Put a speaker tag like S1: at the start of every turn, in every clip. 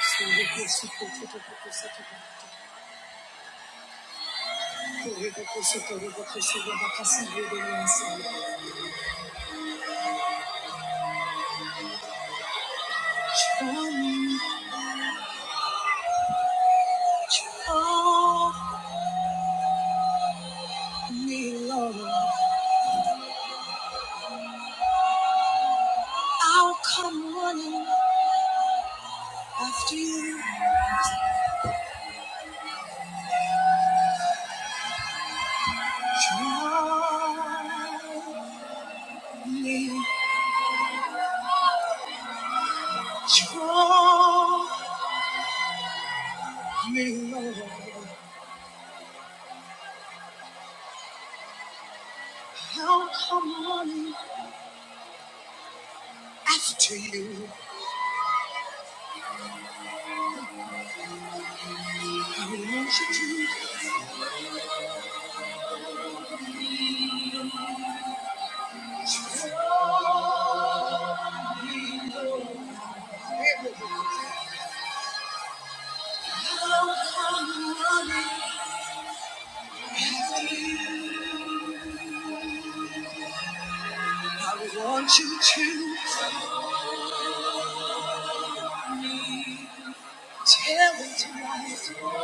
S1: Draw me, Lord. I'll come running after you. Draw me, draw me, Lord. I'll come running after you. I want you to draw me, Lord. I want you to tell me tonight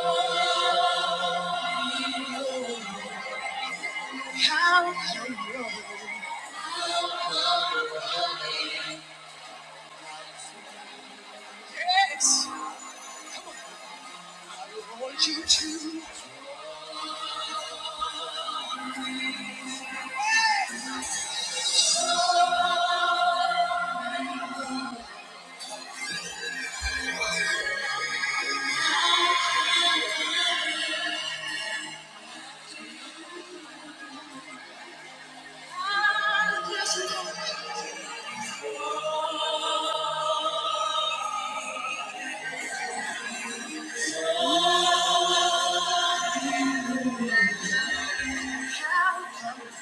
S1: how come you are me. Yes, I want you to.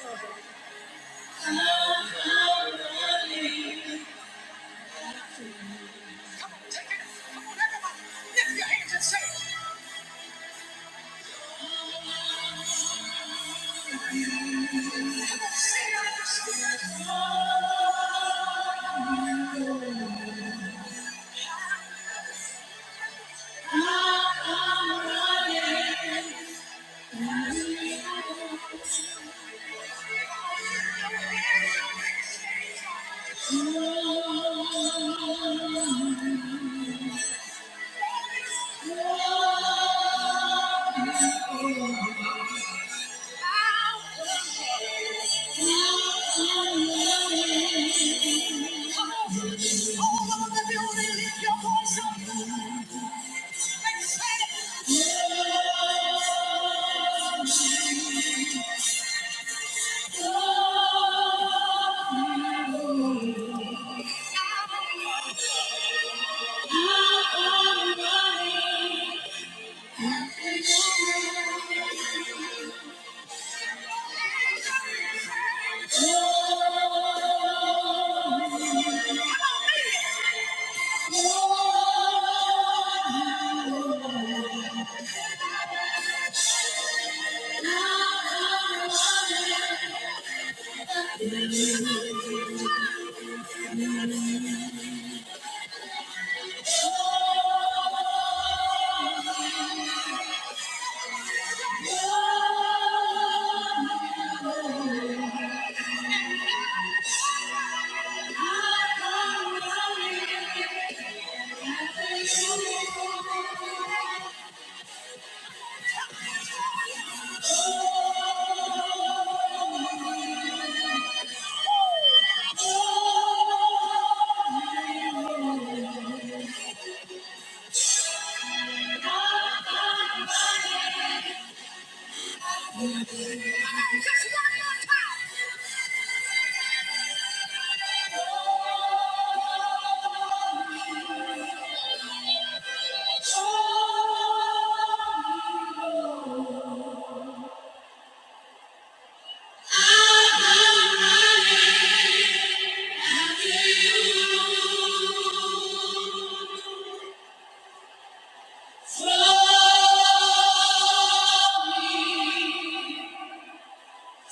S1: Come on, take it. Come on, everybody. Lift your hands and say it. Come on, say it like it's good. All over the building, lift your voice up and say it. I love you. Oh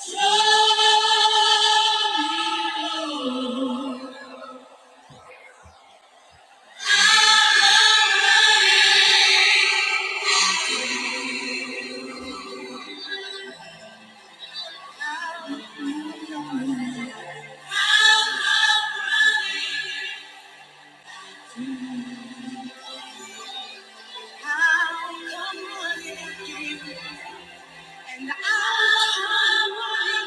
S1: Thank you, Jesus.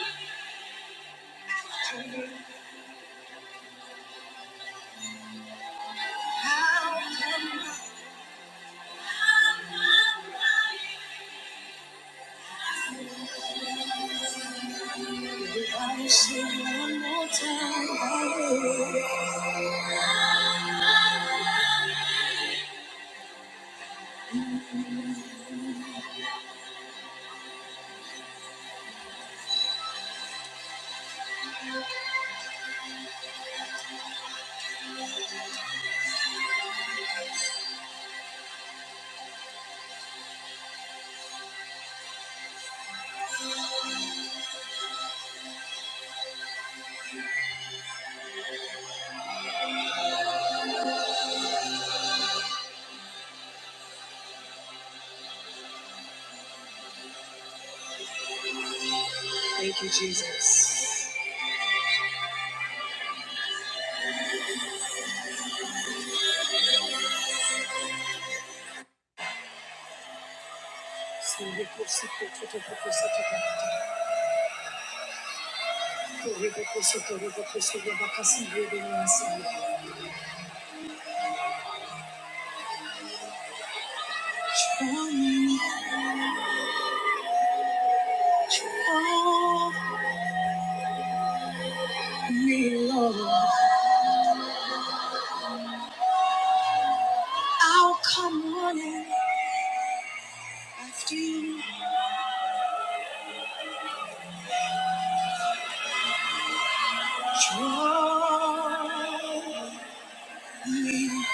S1: Draw me, draw me, Lord. I'll come running after you. Draw me,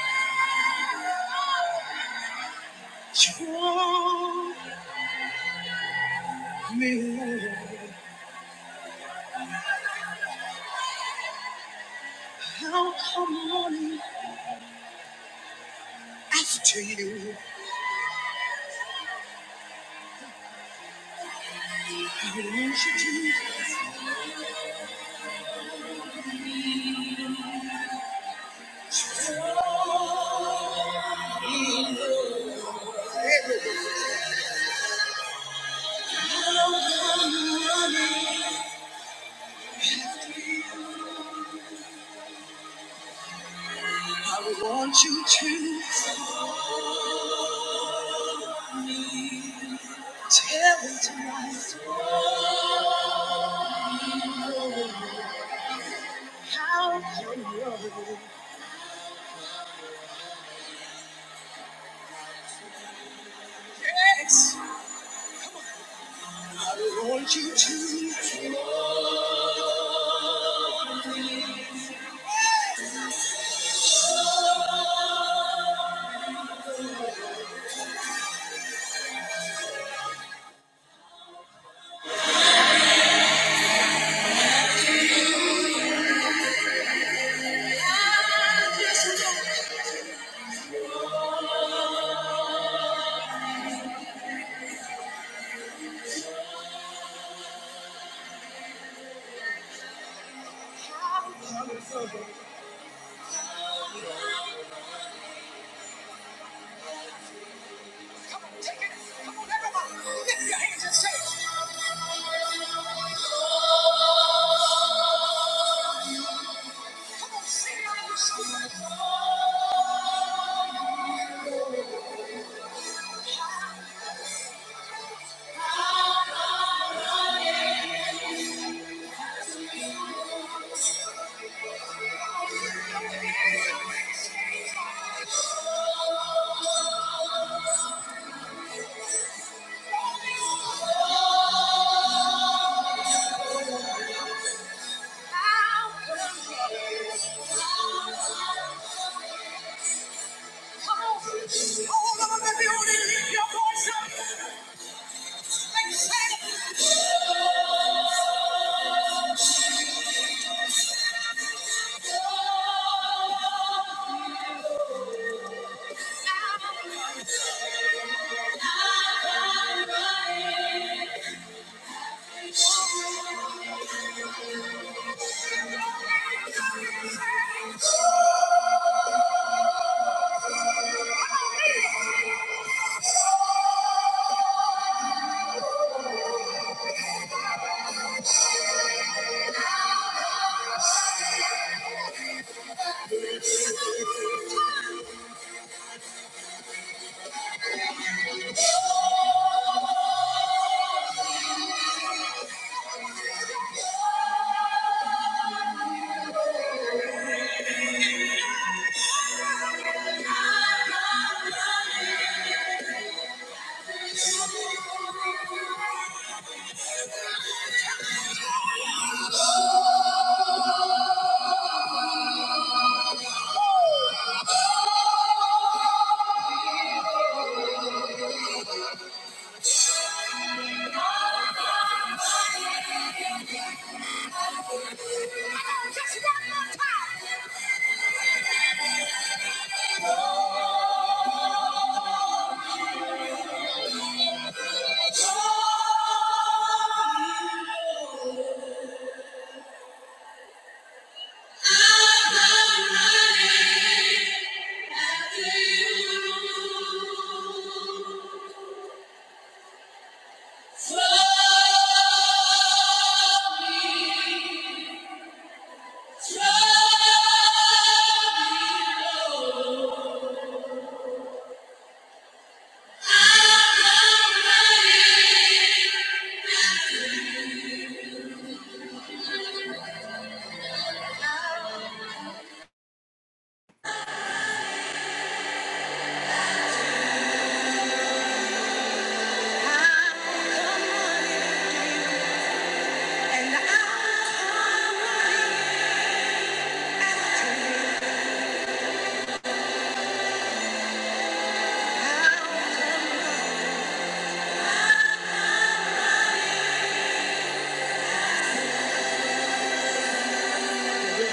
S1: draw me. Lord. I'll come running after you. I want you to. everywhere. I'll come running after you. I want you to tell me tonight how come running. Yes, I want you to. tell me how come running. Just one more time. Thank you. I want you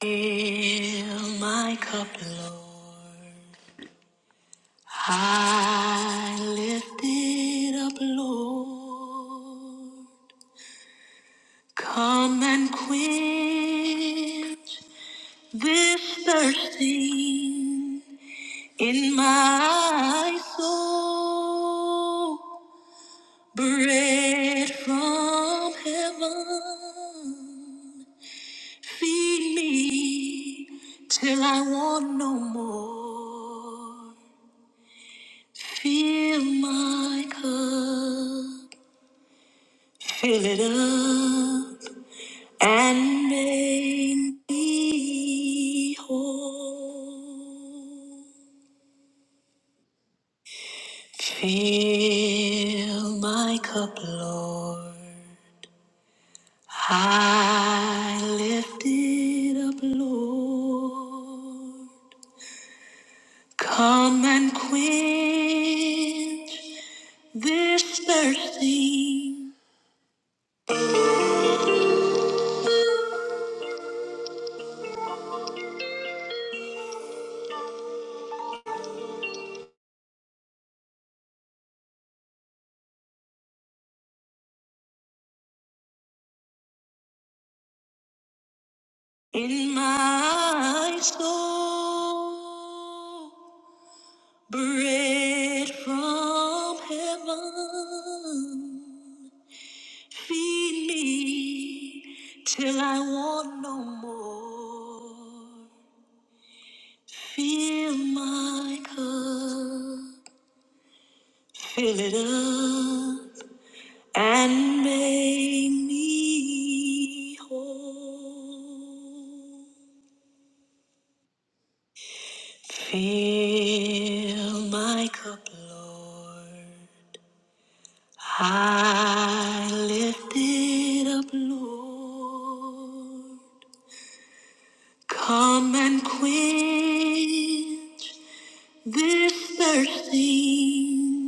S1: Fill my cup, Lord. I lift it up, Lord. Come and quench this thirsting. In my soul, bread from heaven, feed me till I want no more. Fill my cup, fill it up, and make me whole. Fill my cup, Lord. I lift it up, Lord. Come and quench this thirsting in my soul. Bread from heaven, feed me till I want no more. Fill my cup, fill it up, and make me whole. Fill my cup, Lord. I lift it up, Lord. Come and quench this thirsting.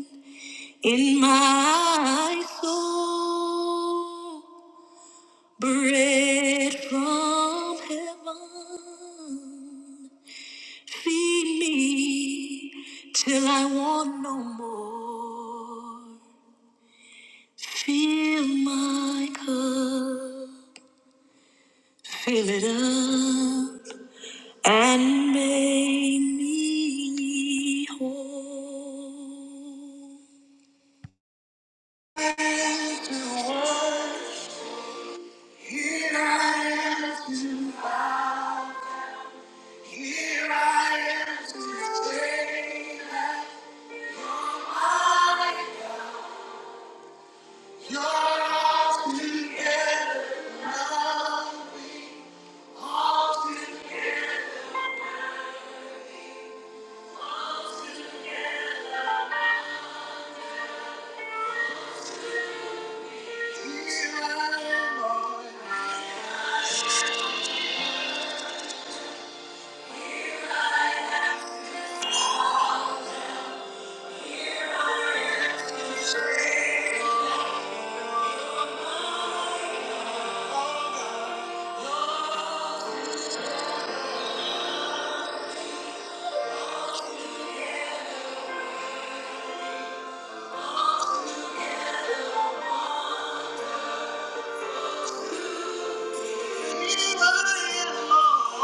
S1: In my soul, bread from heaven, feed me till I want no more. Fill my cup, fill it up, and make me whole. Your house is here I am, Lord. Here I am, Lord.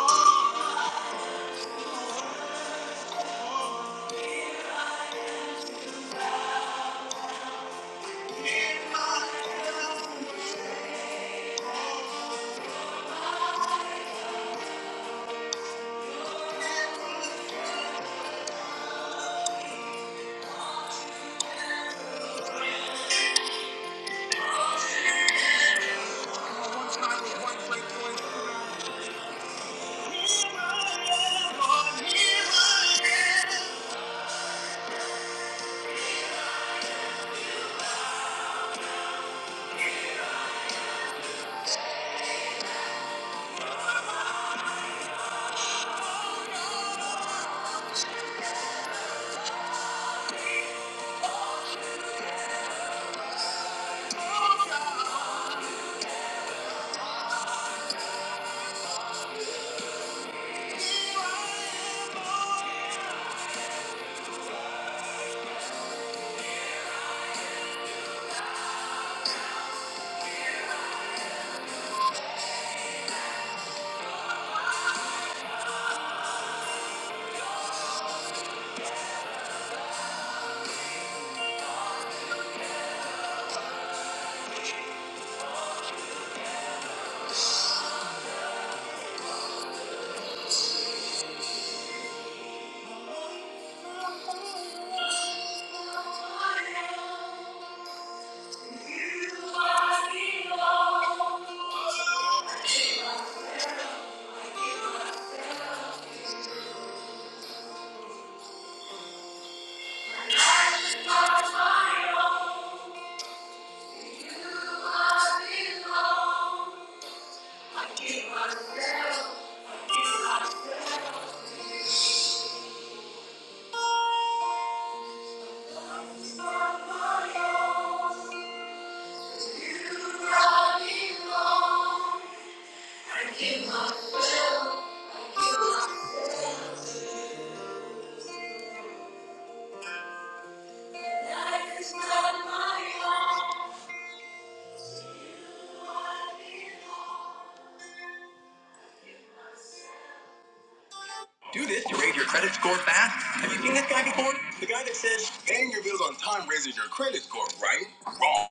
S1: Do this to raise your credit score fast. Have you seen this guy before? The guy that says, paying your bills on time raises your credit score, right? Wrong.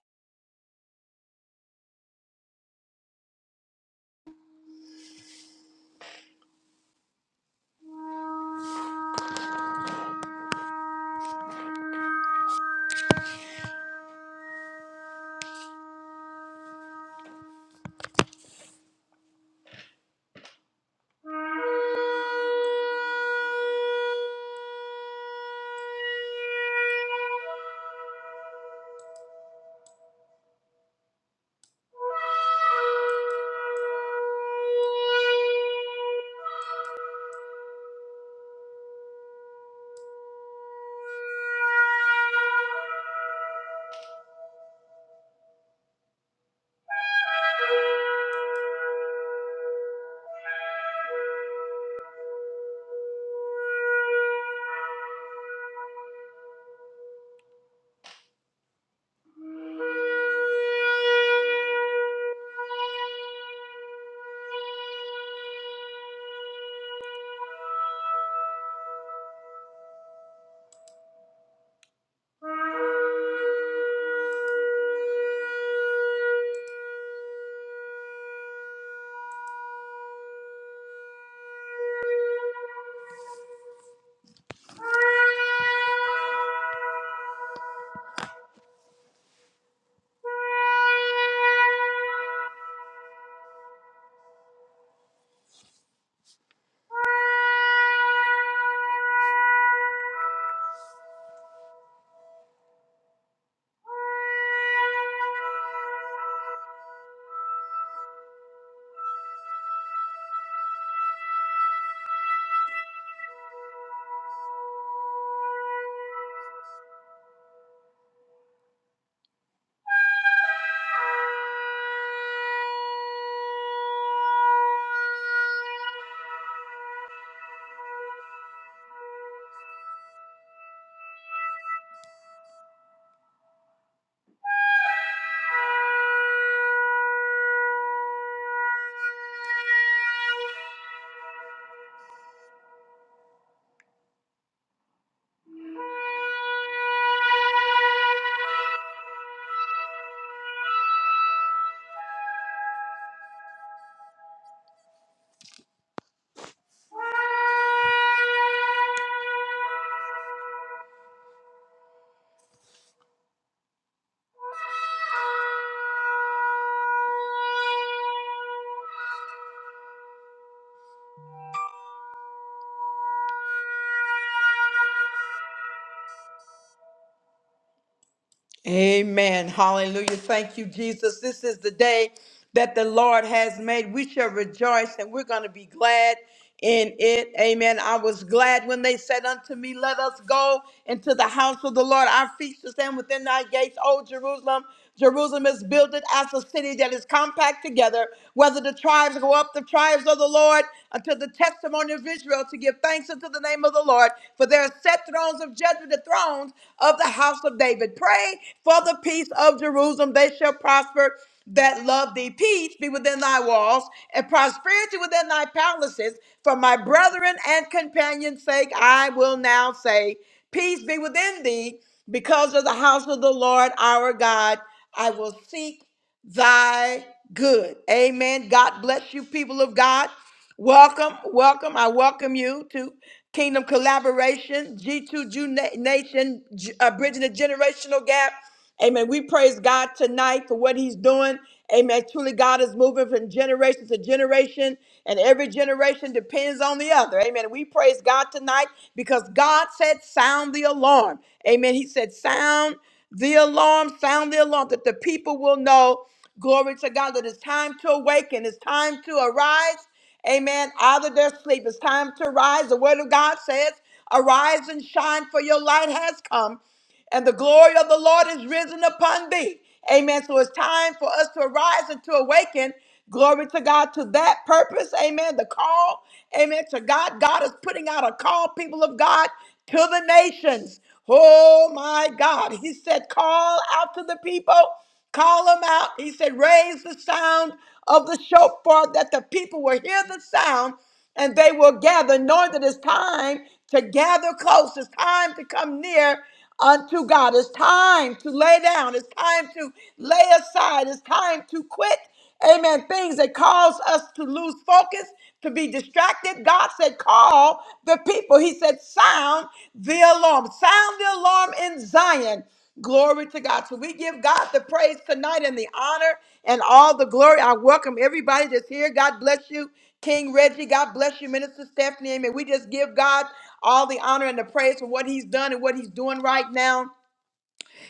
S1: Amen. Hallelujah. Thank you, Jesus. This is the day that the Lord has made. We shall rejoice and we're going to be glad in it. Amen. I was glad when they said unto me, Let us go into the house of the Lord. Our feet shall stand within thy gates, O Jerusalem. Jerusalem is built as a city that is compact together. Whether the tribes go up, the tribes of the Lord, until the testimony of Israel. Israel to give thanks unto the name of the Lord, for there are set thrones of judgment, the thrones of the house of David. Pray for the peace of Jerusalem, they shall prosper that love thee. Peace be within thy walls, and prosperity within thy palaces. For my brethren and companions' sake, I will now say, Peace be within thee, because of the house of the Lord our God. I will seek thy good. Amen. God bless you, people of God. Welcome, welcome. I welcome you to Kingdom Collaboration, G2G Nation, G- uh, Bridging the Generational Gap. Amen. We praise God tonight for what He's doing. Amen. Truly, God is moving from generation to generation, and every generation depends on the other. Amen. We praise God tonight because God said, Sound the alarm. Amen. He said, Sound the alarm, sound the alarm that the people will know. Glory to God that it's time to awaken, it's time to arise. Amen. Out of their sleep, it's time to rise. The word of God says, Arise and shine, for your light has come, and the glory of the Lord is risen upon thee. Amen. So it's time for us to arise and to awaken. Glory to God to that purpose. Amen. The call. Amen. To God. God is putting out a call, people of God, to the nations. Oh my God. He said, Call out to the people. Call them out. He said, Raise the sound of the shofar that the people will hear the sound and they will gather, knowing that it's time to gather close. It's time to come near unto God. It's time to lay down. It's time to lay aside. It's time to quit. Amen. Things that cause us to lose focus, to be distracted. God said, call the people. He said, sound the alarm. Sound the alarm in Zion. Glory to God. So we give God the praise tonight and the honor and all the glory. I welcome everybody that's here. God bless you, King Reggie. God bless you, Minister Stephanie. Amen. We just give God all the honor and the praise for what he's done and what he's doing right now.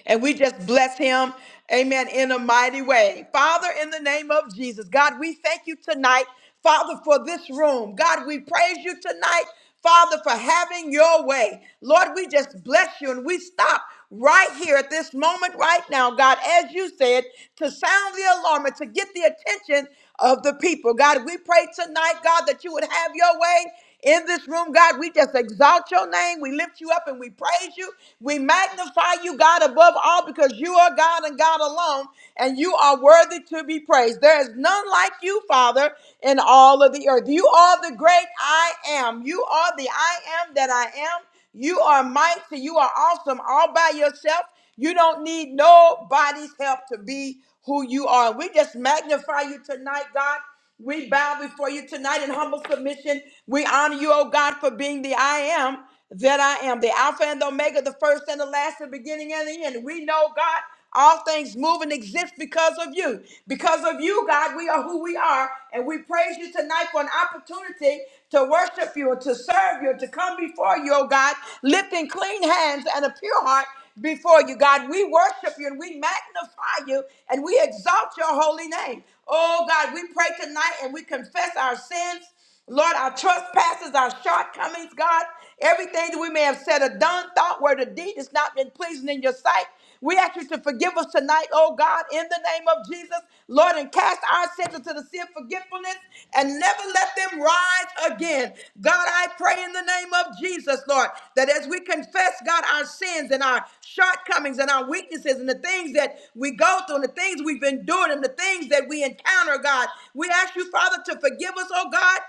S1: And we just bless him, amen, in a mighty way. Father, in the name of Jesus, God, we thank you tonight, Father, for this room. God, we praise you tonight, Father, for having your way. Lord, we just bless you and we stop right here at this moment, right now, God, as you said, to sound the alarm and to get the attention of the people. God, we pray tonight, God, that you would have your way in this room, God. We just exalt your name. We lift you up and we praise you. We magnify you, God, above all because you are God and God alone, and you are worthy to be praised. There is none like you, Father, in all of the earth. You are the great I am. You are the I am that I am. You are mighty. You are awesome all by yourself. You don't need nobody's help to be who you are. We just magnify you tonight, God. We bow before you tonight in humble submission. We honor you, oh God, for being the I am that I am, the Alpha and the Omega, the first and the last, the beginning and the end. We know, God, all things move and exist because of you. Because of you, God, we are who we are. And we praise you tonight for an opportunity to worship you and to serve you and to come before you, oh God, lifting clean hands and a pure heart before you, God. We worship you and we magnify you and we exalt your holy name. Oh God, we pray tonight and we confess our sins. Lord, our trespasses, our shortcomings, God, everything that we may have said or done, thought, word, or deed that's not been pleasing in your sight. We ask you to forgive us tonight, oh God, in the name of Jesus, Lord, and cast our sins into the sea of forgetfulness and never let them rise again. God, I pray in the name of Jesus, Lord, that as we confess, God, our sins and our shortcomings and our weaknesses and the things that we go through and the things we've endured and the things that we encounter, God, we ask you, Father, to forgive us, oh oh God,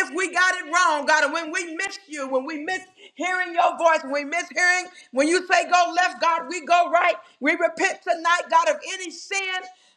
S1: if we got it wrong, God, and when we miss you, when we miss hearing your voice, when we miss hearing, when you say go left, God, we go right. We repent tonight, God, of any sin,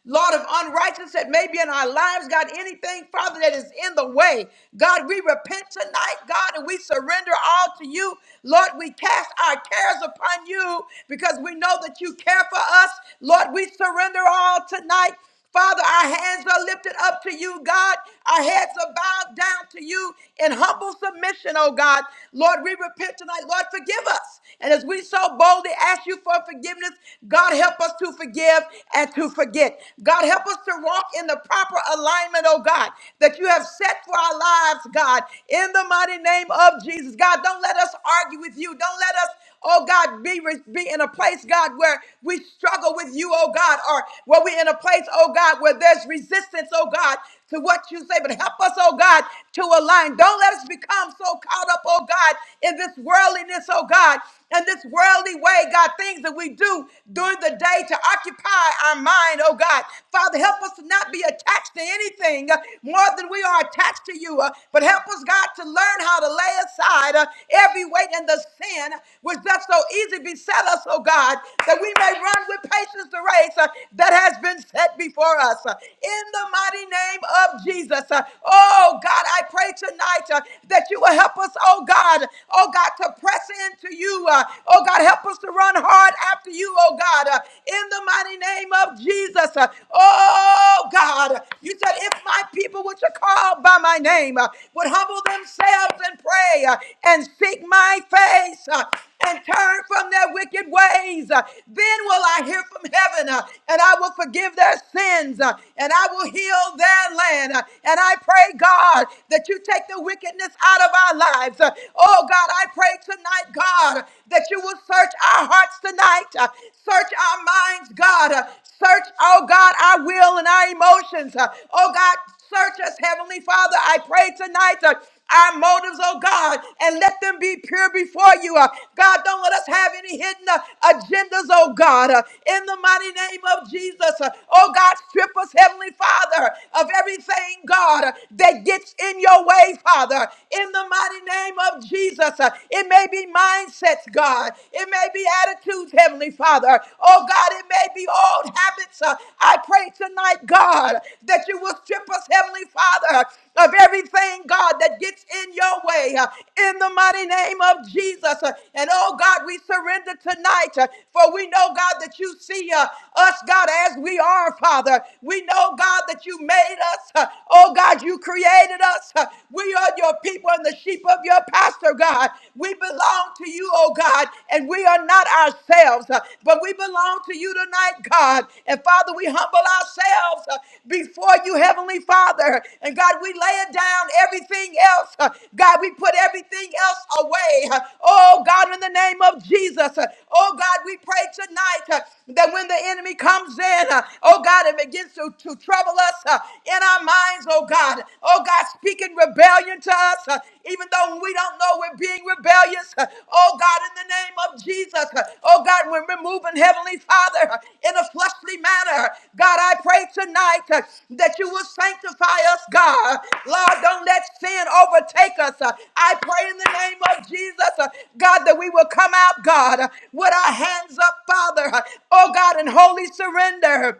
S1: Lord, of unrighteousness that may be in our lives, God, anything, Father, that is in the way. God, we repent tonight, God, and we surrender all to you. Lord, we cast our cares upon you because we know that you care for us. Lord, we surrender all tonight. Father, our hands are lifted up to you, God. Our heads are bowed down to you in humble submission, oh God. Lord, we repent tonight. Lord, forgive us. And as we so boldly ask you for forgiveness, God, help us to forgive and to forget. God, help us to walk in the proper alignment, oh God, that you have set for our lives, God, in the mighty name of Jesus. God, don't let us argue with you. Don't let us Oh God, be, re- be in a place, God, where we struggle with you, oh God, or where we're in a place, oh God, where there's resistance, oh God, to what you say. But help us, oh God, to align. Don't let us become so caught up, oh God, in this worldliness, oh God, and this worldly way, God, things that we do during the day to occupy our mind, oh God. Father, help us to not be attached to anything uh, more than we are attached to you, uh, but help us, God, to learn, learn how to lay aside uh, every weight and the sin which does so easily beset us, oh God, that we may run with patience the race uh, that has been set before us. Uh, in the mighty name of Jesus, uh, oh God, I pray tonight uh, that you will help us, oh God, oh God, to press into you. Uh, oh God, help us to run hard after you, oh God, uh, in the mighty name of Jesus. Uh, oh God, you said if if my people, which are called by my name, uh, would humble themselves and pray uh, and seek my face uh, and turn from their wicked ways, uh, then will I hear from heaven uh, and I will forgive their sins uh, and I will heal their land. Uh, and I pray, God, that you take the wickedness out of our lives. Uh, oh, God, I pray tonight, God, that you will search our hearts tonight. uh, search our minds, God. Uh, Search, oh God, our will and our emotions. Uh, Oh God, search us, Heavenly Father. I pray tonight. uh, our motives, oh God, and let them be pure before you. Uh, God, don't let us have any hidden uh, agendas, oh God. Uh, in the mighty name of Jesus, uh, oh God, strip us, Heavenly Father, of everything, God, uh, that gets in your way, Father. In the mighty name of Jesus, uh, it may be mindsets, God. It may be attitudes, Heavenly Father. Oh God, it may be old habits. Uh, I pray tonight, God, that you will strip us, Heavenly Father, of everything, God, that gets in your way. uh, in the mighty name of Jesus. Uh, and oh God, we surrender tonight. uh, for we know, God, that you see uh, us, God, as we are, Father. We know, God, that you made us. uh, oh God, you created us. uh, we are your people and the sheep of your your pastor, God. We belong to you, oh God, and we are not ourselves, uh, but we belong to you tonight, God. And Father, we humble ourselves uh, before you, Heavenly Father. And God, we lay it down everything else. uh, God, we put everything else away. uh, Oh God, in the name of Jesus. uh, Oh God, we pray tonight uh, that when the enemy comes in, uh, oh God, it begins to, to trouble us uh, in our minds, oh God. Oh God, speaking rebellion to us. uh, even though we don't know we're being rebellious. uh, Oh God, in the name of Jesus. uh, Oh God, when we're moving, Heavenly Father, uh, in a fleshly manner. God, I pray tonight uh, that you will sanctify us, God. Lord, don't let sin overtake us. uh, I pray in the name of Jesus, uh, God, that we will come out, God, uh, with our hands up, Father. uh, Oh God, in holy surrender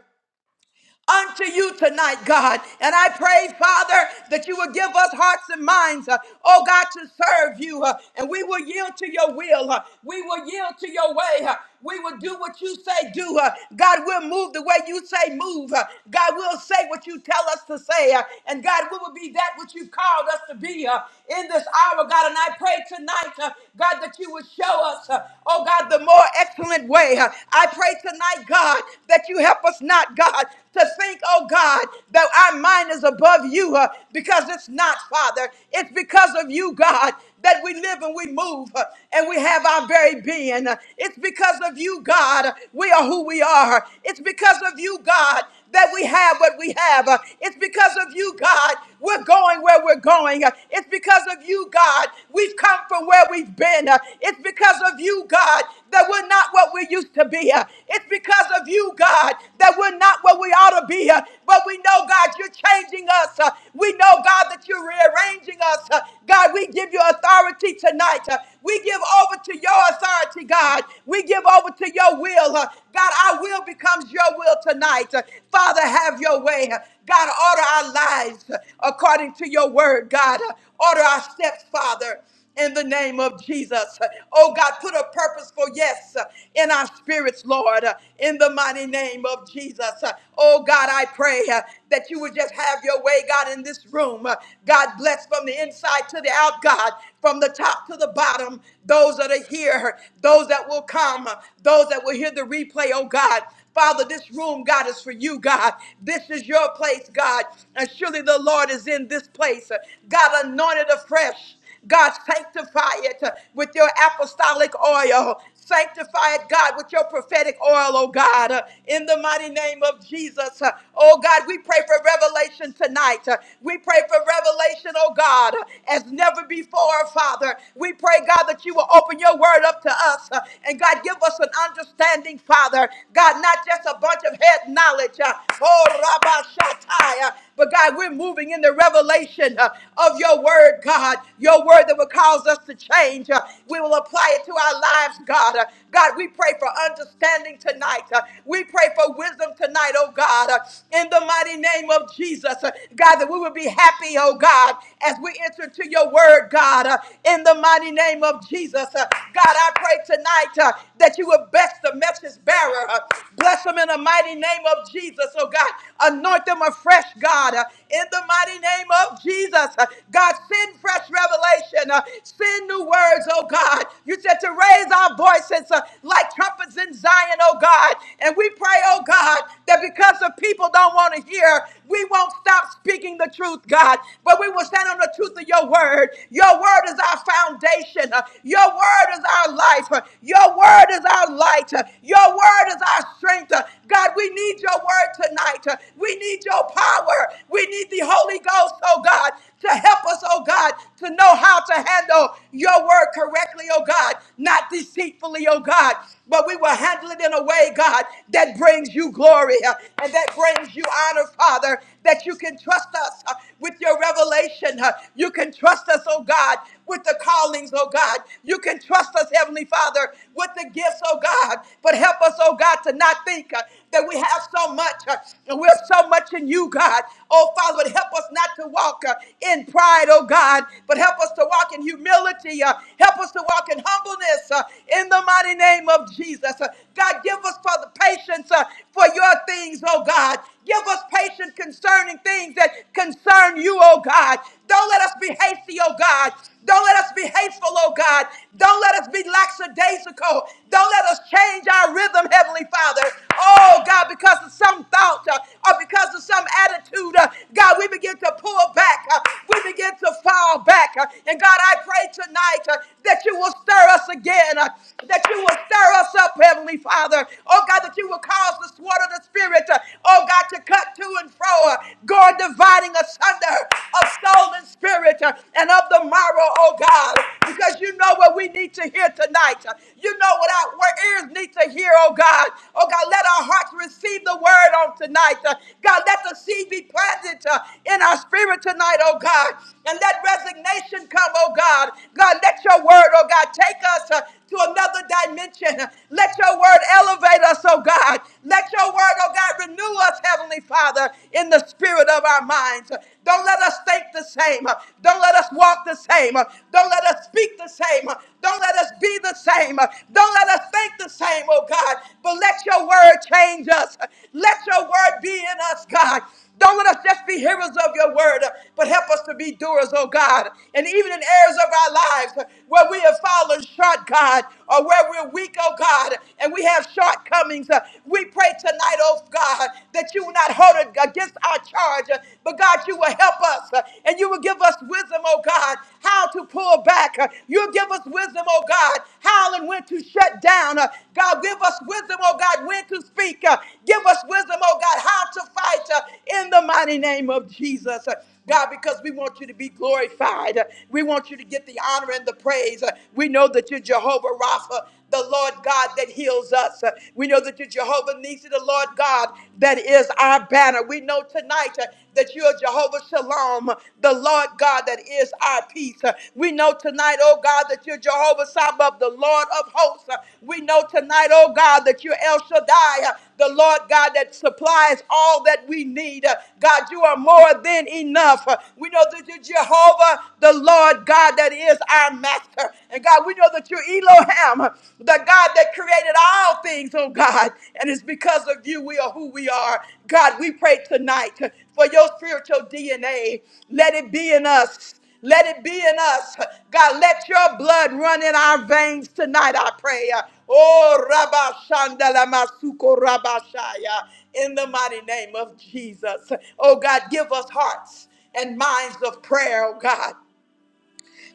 S1: unto you tonight, God. And I pray, Father, that you will give us hearts and minds, uh, oh God, to serve you. uh, and we will yield to your will. uh, we will yield to your way. uh, we will do what you say do. uh, God, we'll move the way you say move. uh, God, we'll say what you tell us to say. uh, and God, we will be that which you've called us to be uh, in this hour, God. And I pray tonight, uh, God, that you would show us, uh, oh God, the more excellent way. uh, I pray tonight, God, that you help us not, God. God, to think, oh God, that our mind is above you uh, because it's not, Father. It's because of you, God, that we live and we move uh, and we have our very being. Uh, It's because of you, God, we are who we are. It's because of you, God, that we have what we have. Uh, It's because of you, God, we're going where we're going. Uh, It's because of you, God, we've come from where we've been. Uh, It's because of you, God, that we're not what we used to be. Uh, It's because of you, God, that we're not what we ought to be. Uh, But we know, God, you're changing us. Uh, We know, God, that you're rearranging us. Uh, God, we give you authority tonight. Uh, We give over to your authority, God. We give over to your will. Uh, God, I will will becomes your will tonight. Father, have your way. God, order our lives according to your word, God. Order our steps, Father in the name of Jesus. Oh God, put a purposeful yes in our spirits, Lord, in the mighty name of Jesus. Oh God, I pray uh, that you would just have your way, God, in this room. Uh, God, bless from the inside to the out, God, from the top to the bottom, those that are here, those that will come, those those that will hear the replay, oh God. Father, this room, God, is for you, God. This is your place, God. And surely the Lord is in this place. God, anoint it afresh. God, sanctify it uh, with your apostolic oil. Sanctify it, God, with your prophetic oil, oh God, uh, in the mighty name of Jesus. Uh, Oh God, we pray for revelation tonight. Uh, We pray for revelation, oh God, uh, as never before, Father. We pray, God, that you will open your word up up to us. Uh, And God, give us an understanding, Father. God, not just a bunch of head knowledge. uh, Oh, Rabba Shatai. uh, But God, we're moving in the revelation uh, of your word, God. Your word that will cause us to change. Uh, We will apply it to our lives, God. Uh, God, we pray for understanding tonight. Uh, We pray for wisdom tonight, oh God, uh, in the mighty name of Jesus. Uh, God, that we will be happy, oh God, as we enter to your word, God, uh, in the mighty name of Jesus. Uh, God, I pray tonight uh, that you will bless the message bearer. Uh, Bless them in the mighty name of Jesus, oh God. Anoint them afresh, God, uh, in the mighty name of Jesus. Uh, God, send fresh revelation. Uh, Send new words, oh God. You said to raise our voices uh, like trumpets in Zion, oh God. And we pray, oh God, that because the people don't want to hear, we won't stop speaking the truth, God. But we will stand on the truth of your word. Your word is our foundation. Uh, Your word is our life. Uh, Your word is our light. Uh, Your word is our strength. Uh, God, we need your your word tonight. Uh, We need your power. We need the Holy Ghost, oh God, to help us, oh God, to know how to handle your word correctly, oh God, not deceitfully, oh God, but we will handle it in a way, God, that brings you glory uh, and that brings you honor, Father, that you can trust us uh, with your revelation. uh, You can trust us, oh God, with the callings, oh God. You can trust us, Heavenly Father, with the gifts, oh God. But help us, oh God, to not think uh, that we have so much uh, and we're so much in you, God. Oh Father, but help us not to walk uh, in pride, oh God, but help us to walk in humility. uh, help us to walk in humbleness uh, in the mighty name of Jesus. Uh, God, give us, Father, patience uh, for your things, oh God. Give us patience concerning things that concern you, oh God. Don't let us be hasty, oh God. Don't let us be hateful, oh God. Don't let us be lackadaisical. Don't let us change our rhythm, Heavenly Father. Oh, God, because of some thought uh, or because of some attitude, uh, God, we begin to pull back. uh, we begin to fall back. uh, and God, I pray tonight uh, that you will stir us again, uh, that you will stir us up, Heavenly Father. Oh, God, that you will cause the sword of the Spirit, uh, oh, God, to cut to and fro, uh, God, dividing asunder of soul and spirit. Uh, and of the morrow, oh God, because you know what we need to hear tonight. You know what our what ears need to hear, oh God. Oh God, let our hearts receive the word on tonight. Uh, God, let the seed be planted uh, in our spirit tonight, oh God. And let resignation come, oh God. God, let your word, oh God, take us uh, to another dimension. Let your word elevate us, oh God. Let your word, oh God, renew us, Heavenly Father, in the spirit of our our minds. Don't let us think the same. Don't let us walk the same. Don't let us speak the same. Don't let us be the same. Don't let us think the same, oh God. But let your word change us. Let your word be in us, God. Don't let us just be hearers of your word, but help us to be doers, oh God. And even in areas of our lives where we have fallen short, God, or where we're weak, oh God, and we have shortcomings, uh, we pray tonight, oh God, that you will not hold it against our charge, uh, but God, you will help us uh, and you will give us wisdom, oh God, how to pull back. uh, You'll give us wisdom, oh God, how and when to shut down. uh, God, give us wisdom, oh God, when to speak. uh, Give us wisdom, oh God, how to fight uh, in the mighty name of Jesus. Uh, God, because we want you to be glorified. We want you to get the honor and the praise. We know that you're Jehovah Rapha the Lord God that heals us. Uh, We know that you're Jehovah Nisi, the Lord God that is our banner. We know tonight uh, that you are Jehovah Shalom, the Lord God that is our peace. Uh, We know tonight, oh God, that you're Jehovah Sabbath, the Lord of hosts. Uh, We know tonight, oh God, that you're El Shaddai, uh, the Lord God that supplies all that we need. Uh, God, you are more than enough. Uh, We know that you're Jehovah, the Lord God that is our master. And God, we know that you're Elohim, the God that created all things, oh God. And it's because of you we are who we are. God, we pray tonight for your spiritual DNA. Let it be in us. Let it be in us. God, let your blood run in our veins tonight, I pray. Oh, Rabba Shandala Masuko Rabba Shaya, in the mighty name of Jesus. Oh, God, give us hearts and minds of prayer, oh God.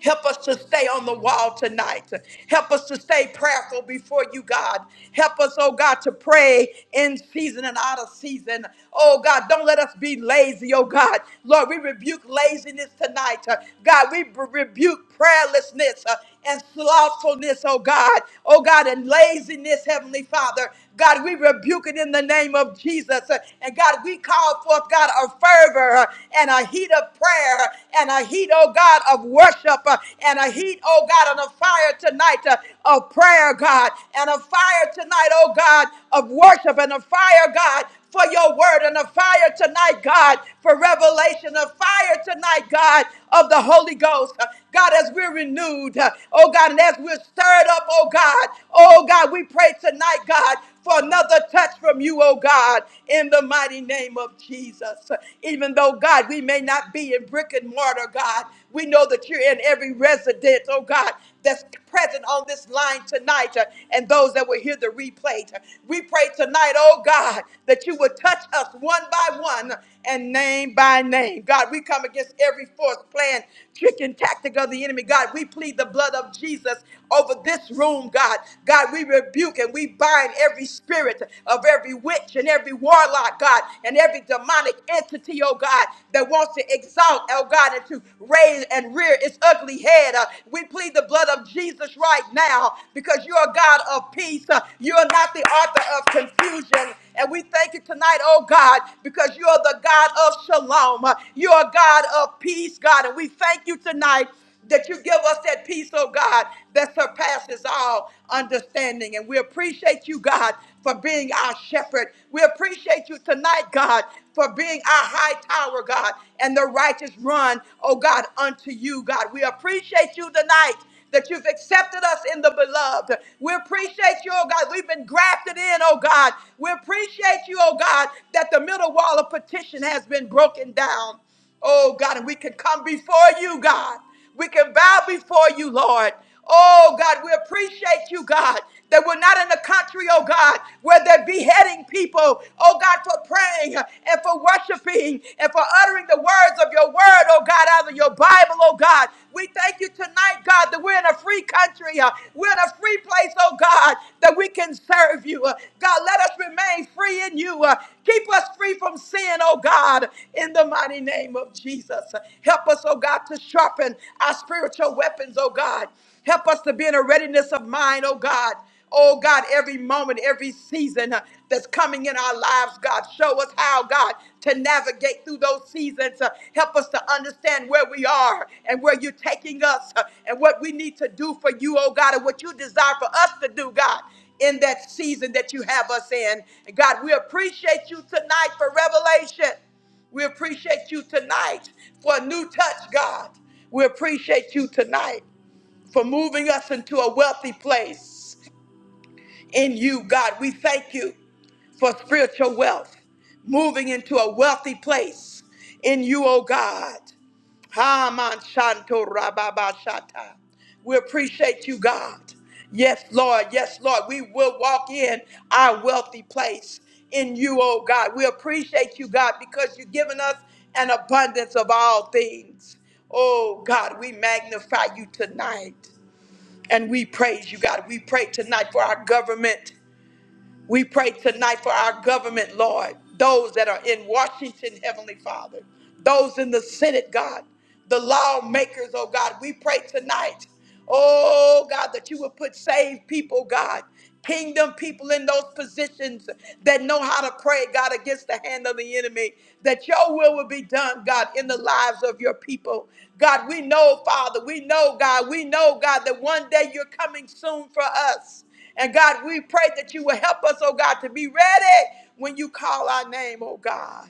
S1: Help us to stay on the wall tonight. Help us to stay prayerful before you, God. Help us, oh God, to pray in season and out of season. Oh God, don't let us be lazy, oh God. Lord, we rebuke laziness tonight. Uh, God, we b- rebuke prayerlessness uh, and slothfulness, oh God. Oh God, and laziness, Heavenly Father. God, we rebuke it in the name of Jesus. Uh, And God, we call forth, God, a fervor uh, and a heat of prayer and a heat, oh God, of worship uh, and a heat, oh God, and a fire tonight uh, of prayer, God, and a fire tonight, oh God, of worship and a fire, God, for your word and a fire tonight, God, for revelation, a fire tonight, God, of the Holy Ghost. Uh, God, as we're renewed, uh, oh God, and as we're stirred up, oh God, oh God, we pray tonight, God, for another touch from you, oh God, in the mighty name of Jesus. Even though, God, we may not be in brick and mortar, God, we know that you're in every residence, oh God, that's present on this line tonight uh, and those that will hear the replay. We pray tonight, oh God, that you would touch us one by one and name by name. God, we come against every force, plan, trick, and tactic of the enemy. God, we plead the blood of Jesus over this room, God. God, we rebuke and and we bind every spirit of every witch and every warlock, God, and every demonic entity, oh God, that wants to exalt, oh God, and to raise and rear its ugly head. Uh, we plead the blood of Jesus right now because you're a God of peace. Uh, you're not the author of confusion. And we thank you tonight, oh God, because you're the God of shalom. Uh, You're a God of peace, God. And we thank you tonight that you give us that peace, oh God, that surpasses all understanding. And we appreciate you, God, for being our shepherd. We appreciate you tonight, God, for being our high tower, God, and the righteous run, oh God, unto you, God. We appreciate you tonight that you've accepted us in the beloved. We appreciate you, oh God. We've been grafted in, oh God. We appreciate you, oh God, that the middle wall of petition has been broken down. Oh God, and we can come before you, God. We can bow before you, Lord. Oh God, we appreciate you, God, that we're not in a country, oh God, where they're beheading people, oh God, for praying and for worshiping and for uttering the words of your word, oh God, out of your Bible, oh God. We thank you tonight, God, that we're in a free country. uh, We're in a us free place, oh God, that we can serve you. Uh, God, let us remain free in you. Uh, Keep us free from sin, oh God, in the mighty name of Jesus. Uh, Help us, oh God, to sharpen our spiritual weapons, oh God. Help us to be in a readiness of mind, oh God. Oh God, every moment, every season uh, that's coming in our lives, God, show us how, God, to navigate through those seasons. uh, help us to understand where we are and where you're taking us uh, and what we need to do for you, oh God, and what you desire for us to do, God, in that season that you have us in. And God, we appreciate you tonight for revelation. We appreciate you tonight for a new touch, God. We appreciate you tonight for moving us into a wealthy place in you, God. We thank you for spiritual wealth, moving into a wealthy place in you, oh God. Haman Shanto Rababa Shata. We appreciate you, God. Yes, Lord. Yes, Lord. We will walk in our wealthy place in you, oh God. We appreciate you, God, because you've given us an abundance of all things. Oh God, we magnify you tonight and we praise you, God. We pray tonight for our government. We pray tonight for our government, Lord, those that are in Washington, Heavenly Father, those in the Senate, God, the lawmakers, oh God. We pray tonight, oh God, that you would put saved people, God, kingdom people in those positions that know how to pray, God, against the hand of the enemy, that your will will be done, God, in the lives of your people. God, we know, Father, we know, God, we know, God, that one day you're coming soon for us. And God, we pray that you will help us, oh God, to be ready when you call our name, oh God,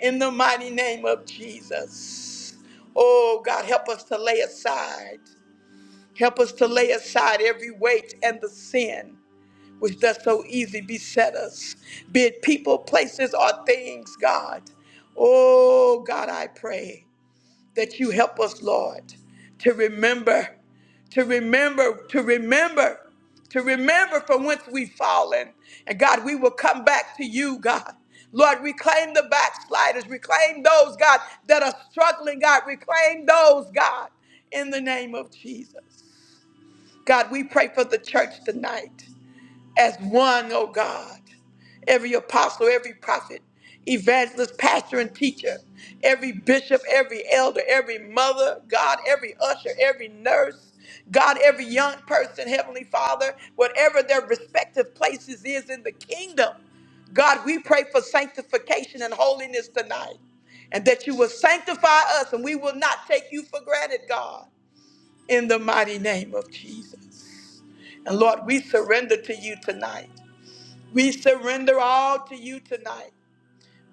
S1: in the mighty name of Jesus. Oh God, help us to lay aside. Help us to lay aside every weight and the sin which does so easily beset us, be it people, places, or things, God. Oh God, I pray that you help us, Lord, to remember, to remember, to remember, to remember from whence we've fallen. And God, we will come back to you, God. Lord, reclaim the backsliders, reclaim those, God, that are struggling, God, reclaim those, God, in the name of Jesus. God, we pray for the church tonight as one, oh God. Every apostle, every prophet, evangelist, pastor, and teacher, every bishop, every elder, every mother, God, every usher, every nurse, God, every young person, Heavenly Father, whatever their respective places is in the kingdom. God, we pray for sanctification and holiness tonight, and that you will sanctify us and we will not take you for granted, God, in the mighty name of Jesus. And Lord, we surrender to you tonight. We surrender all to you tonight.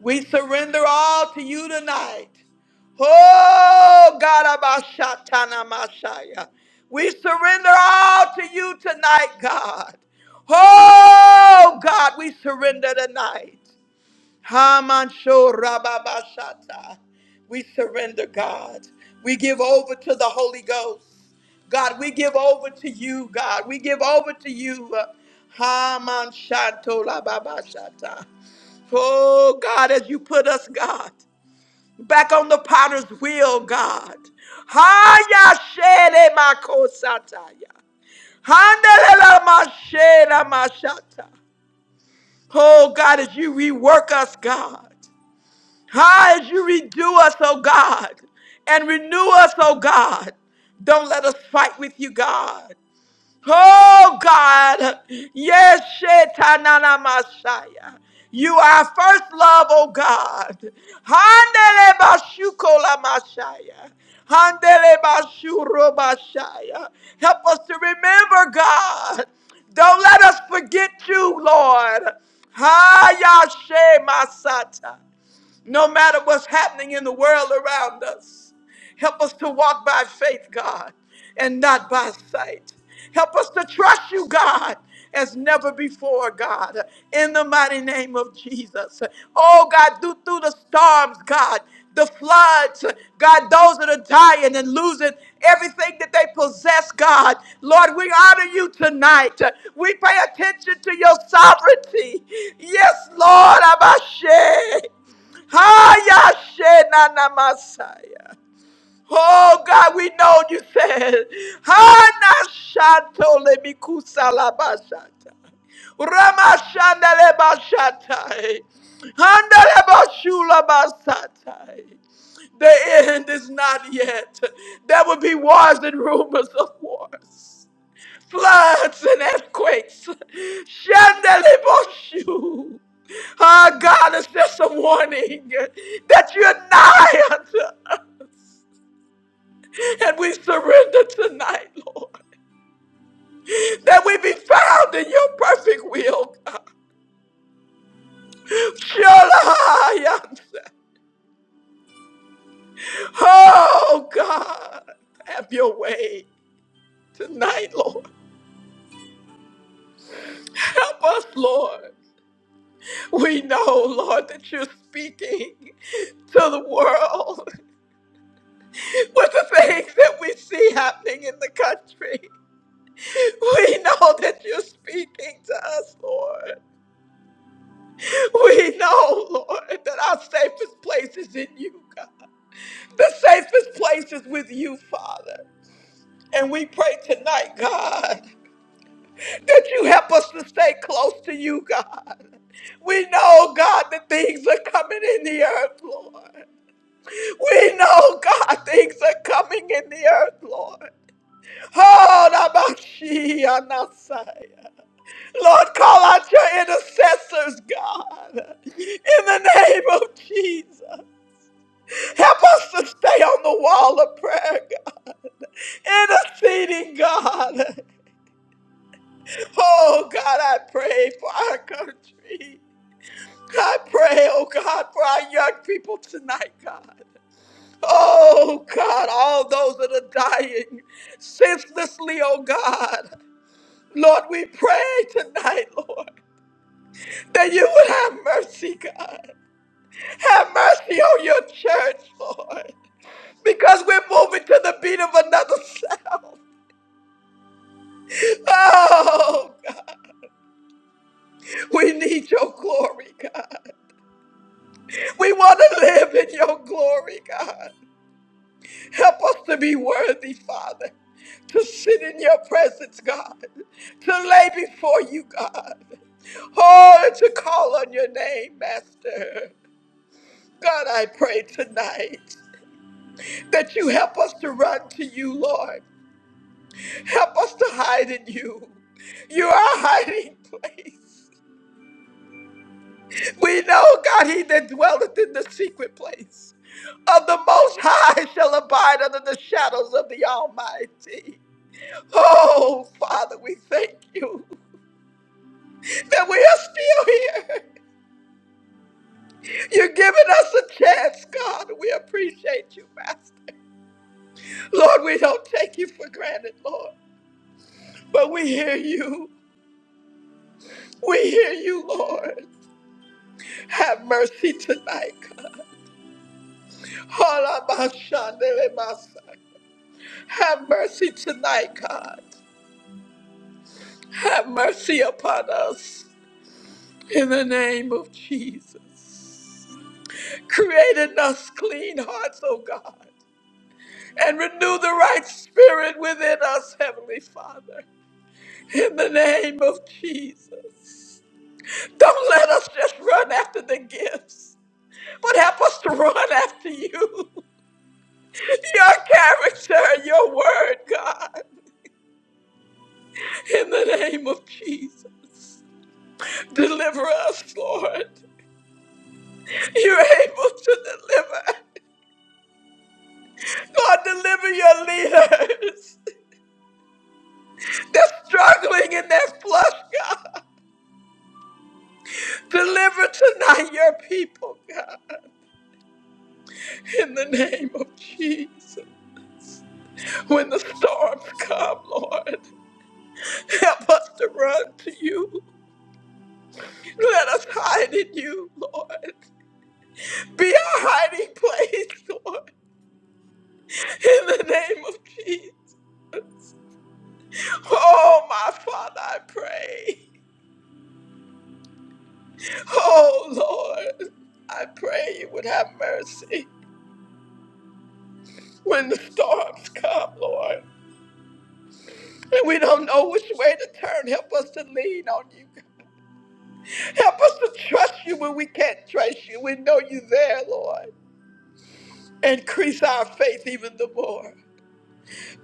S1: We surrender all to you tonight. Oh, God, Abashatana Mashaya. We surrender all to you tonight, God. Oh, God, we surrender tonight. Hamansho Rababashata. We surrender, God. We give over to the Holy Ghost. God, we give over to you, God. We give over to you. uh, Haman Shanto La Baba Shata. Oh, God, as you put us, God, back on the potter's wheel, God. Haya Shere Makosataya. Handelela Mashera Mashata. Oh, God, as you rework us, God. How as you redo us, oh God, and renew us, oh God. Don't let us fight with you, God. Oh God, yes, Shetanana Messiah. You are first love, oh God. Handele bashukola Messiah. Handele bashuro Messiah. Help us to remember, God. Don't let us forget you, Lord. Hayashe Masata no matter what's happening in the world around us. Help us to walk by faith, God, and not by sight. Help us to trust you, God, as never before, God, in the mighty name of Jesus. Oh, God, do through the storms, God, the floods, God, those that are dying and losing everything that they possess, God. Lord, we honor you tonight. We pay attention to your sovereignty. Yes, Lord, Abashe. Hayashenanamasaya. Oh God, we know you said, Hanashato lebikusalabashata. Ramashandalebashatai. Handalebashulabasatai. The end is not yet. There will be wars and rumors of wars floods and earthquakes. Shandeliboshu. Ah, God, is just a warning that you're nigh unto us. And we surrender tonight, Lord, that we be found in your perfect will, God. Shalom. Oh, God, have your way tonight, Lord. Help us, Lord. We know, Lord, that you're speaking to the world. with the things that we see happening in the country. We know that you're speaking to us, Lord. We know, Lord, that our safest place is in you, God. The safest place is with you, Father. And we pray tonight, God, that you help us to stay close to you, God. We know, God, that things are coming in the earth, Lord. We know, God, things are coming in the earth, Lord. Oh, Nabashi, Anasai. Lord, call out your intercessors, God, in the name of Jesus. Help us to stay on the wall of prayer, God, interceding, God. Oh, God, I pray for our country. I pray, oh God, for our young people tonight, God. Oh God, all those that are dying senselessly, oh God. Lord, we pray tonight, Lord, that you would have mercy, God. Have mercy on your church, Lord, because we're moving to the beat of another sound. Oh, God, we need your glory, God. We want to live in your glory, God. Help us to be worthy, Father, to sit in your presence, God, to lay before you, God. Oh, and to call on your name, Master. God, I pray tonight that you help us to run to you, Lord. Help us to hide in you. You are our hiding place. We know, God, he that dwelleth in the secret place of the Most High shall abide under the shadows of the Almighty. Oh, Father, we thank you that we are still here. You're giving us a chance, God. We appreciate you, Master. Lord, we don't take it. We, Lord. mercy tonight. God. Halabashandelemasa. Have mercy tonight, God. Have mercy upon us in the name of Jesus. Create in us clean hearts, O God, and renew the right spirit within us, Heavenly Father, in the name of Jesus. Don't let us just run after the gifts, but help us to run after you, your character, your word, God, in the name of Jesus. Deliver us, Lord. You're able to deliver. God, deliver your leaders. They're struggling in their flesh, God. Deliver tonight your people, God. In the name of Jesus. When the storms come, Lord, help us to run to you. Let us hide in you, Lord. Be our hiding place, Lord. In the name of Jesus. Oh, my Father, I pray. Oh, Lord, I pray you would have mercy when the storms come, Lord. And we don't know which way to turn. Help us to lean on you. Help us to trust you when we can't trust you. We know you there, Lord. Increase our faith even the more.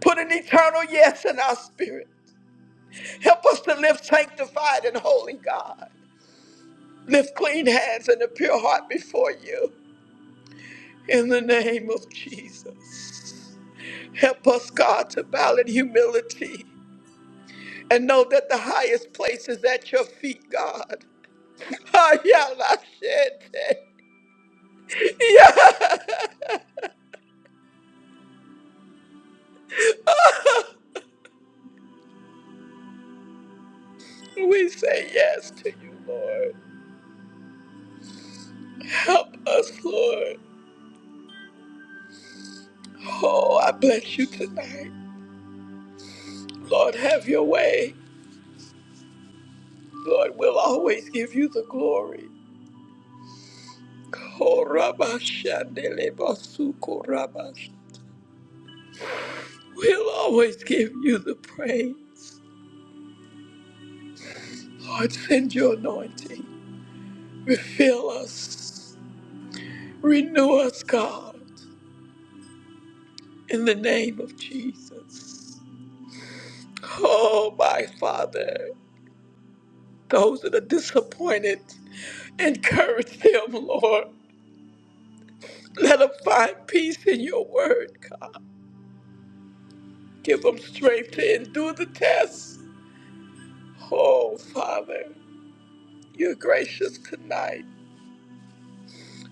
S1: Put an eternal yes in our spirit. Help us to live sanctified and holy, God. Lift clean hands and a pure heart before you. in the name of Jesus. Help us, God, to bow in humility and know that the highest place is at your feet, God. Ayalashiete. We say yes to you, Lord. Help us, Lord. Oh,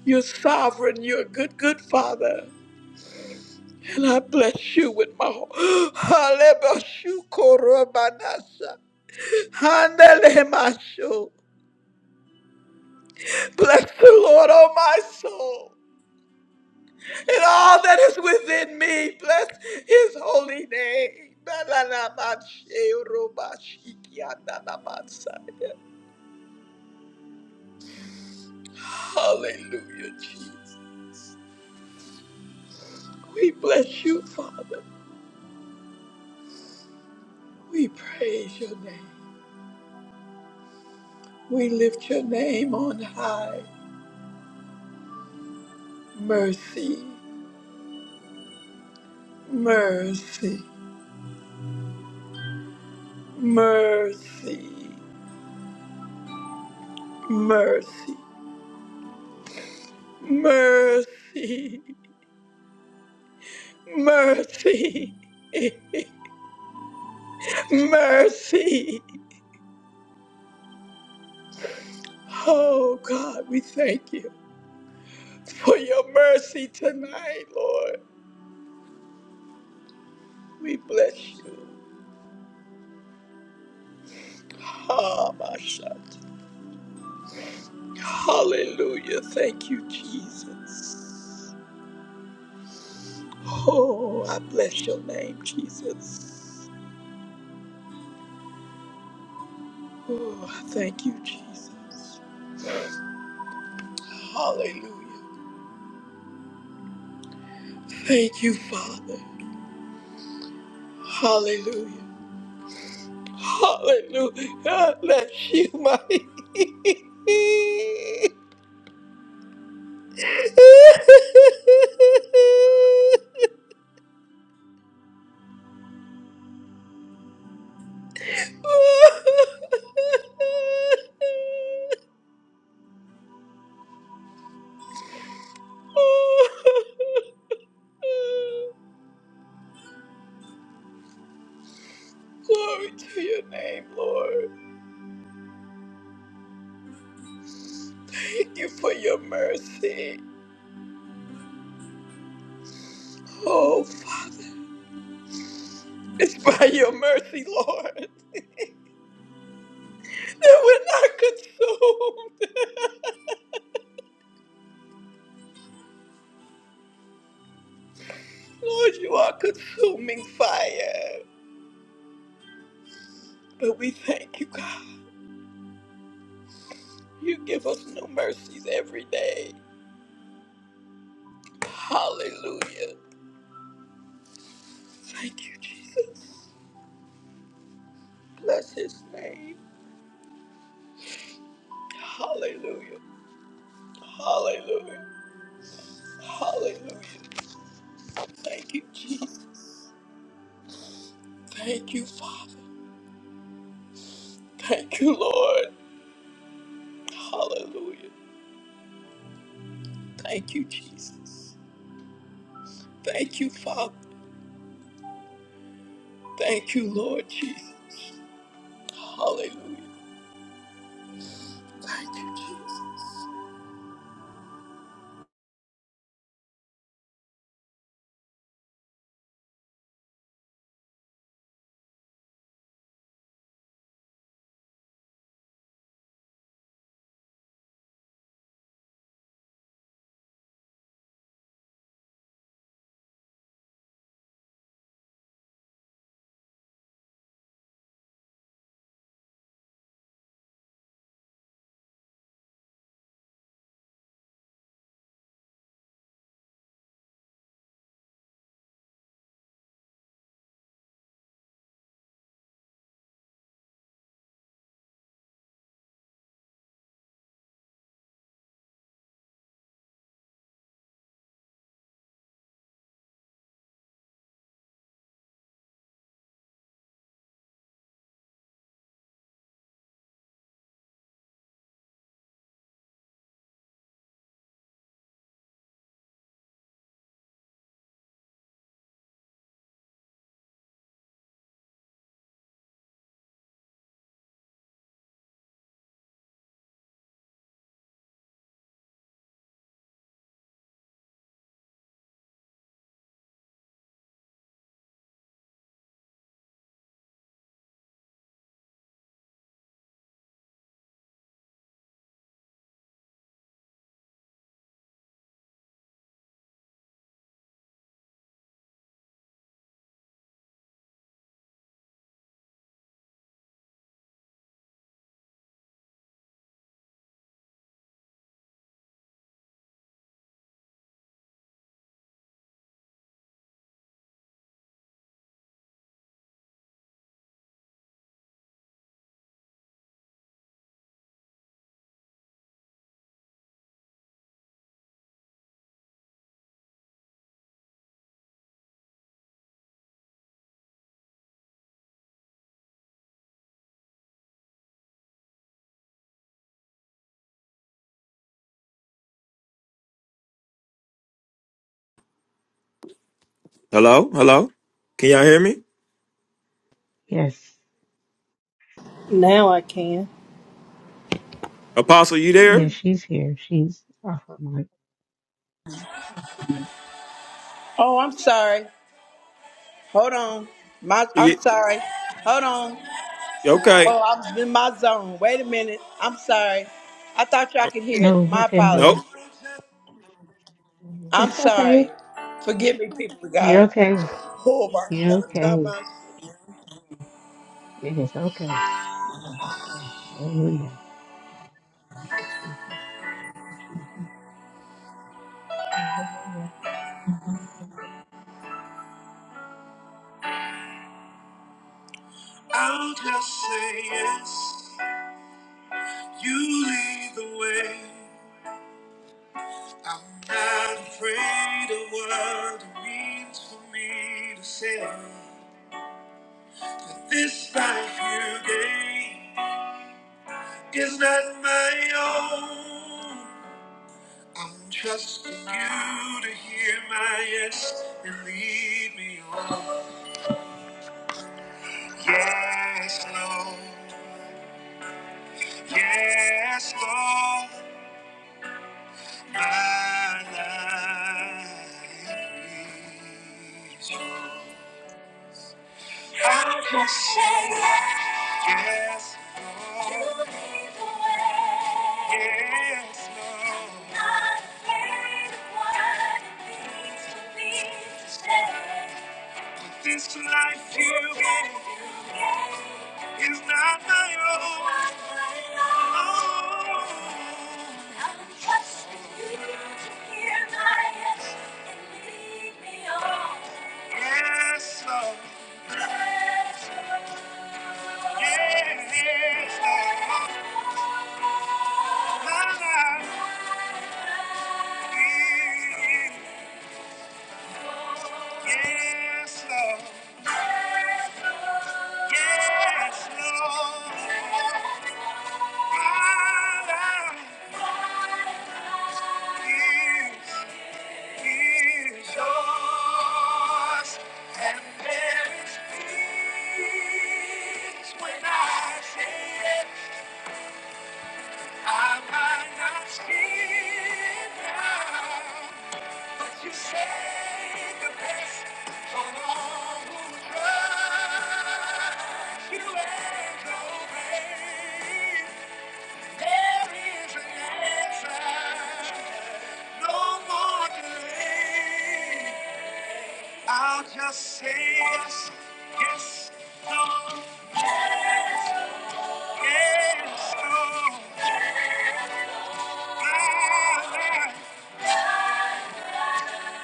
S1: you're sovereign. You're a good, good Father. And I bless you with my heart. Bless the Lord, oh my soul and all that is within me. Bless his holy name. Mercy, mercy, mercy, mercy, mercy. Oh God, we thank you for your mercy tonight, Lord. We bless you. Ah, my shot. Hallelujah. Thank you, Jesus. Oh, I bless your name, Jesus. Oh, I thank you, Jesus. Hallelujah. Thank you, Father. Hallelujah. Hallelujah. I bless you, my. Glory to your name. Thank you for your mercy. Oh, Father. It's by your mercy, Lord, that we're not consumed. His name. Hallelujah. Hallelujah. Hallelujah. Thank you, Jesus. Thank you, Father. Thank you, Lord. Hallelujah. Thank you, Jesus. Thank you, Father. Thank you, Lord Jesus. Hallelujah. Thank you, Jesus.
S2: Hello? Hello? Can y'all hear me?
S3: Yes.
S4: Now I can.
S2: Apostle, you
S3: Yeah,
S2: there?
S3: she's here. She's off her mic.
S1: Oh, I'm sorry. Hold on. My, I'm
S2: Ye-
S1: sorry. Hold on.
S2: Okay.
S1: Oh, I was in my zone. Wait a minute. I'm sorry. I thought y'all could hear it.
S3: No, we
S1: My
S3: couldn't
S1: apologies.
S3: hear.
S2: Nope.
S1: I'm
S3: It's okay.
S1: sorry. Forgive me, people of
S3: You're
S1: God.
S3: okay.
S1: Oh, my
S3: You're
S1: God. Time
S3: okay.
S1: out.
S3: It is okay. Hallelujah. Thank you, Jesus. Hallelujah.
S1: I'll just say yes. You lead the way. I'm not afraid of what it means for me to say that this life you gave is not my own. I'm trusting you to hear my yes and lead me on. Yes, Lord. Yes, Lord. My life is yours. I'll just say yes. Yes, Lord. Not afraid of what it means to be This life you gave is not my own. Oh. I'm trusting you to hear my yes and lead me on. Yes, Lord. Yes, Lord. Yes, Lord. Yes, Lord. Yes, Lord. My life. You saved the best from all who trust you and obey. There is an answer, no more delay. I'll just say yes, yes, no, yes, no.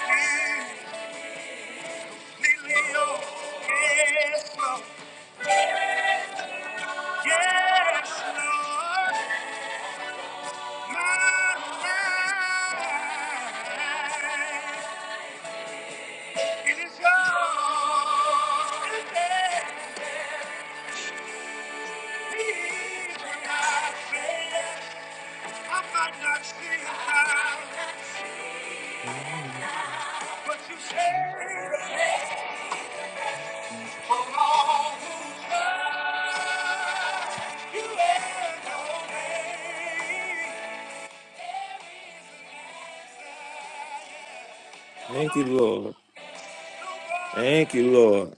S1: I am Lily, oh, yes, no, yes, no.
S2: Mhm.
S1: But you say, for all who trust, you and obey. No,
S2: Thank you, Lord.
S1: no
S2: Thank you, Lord.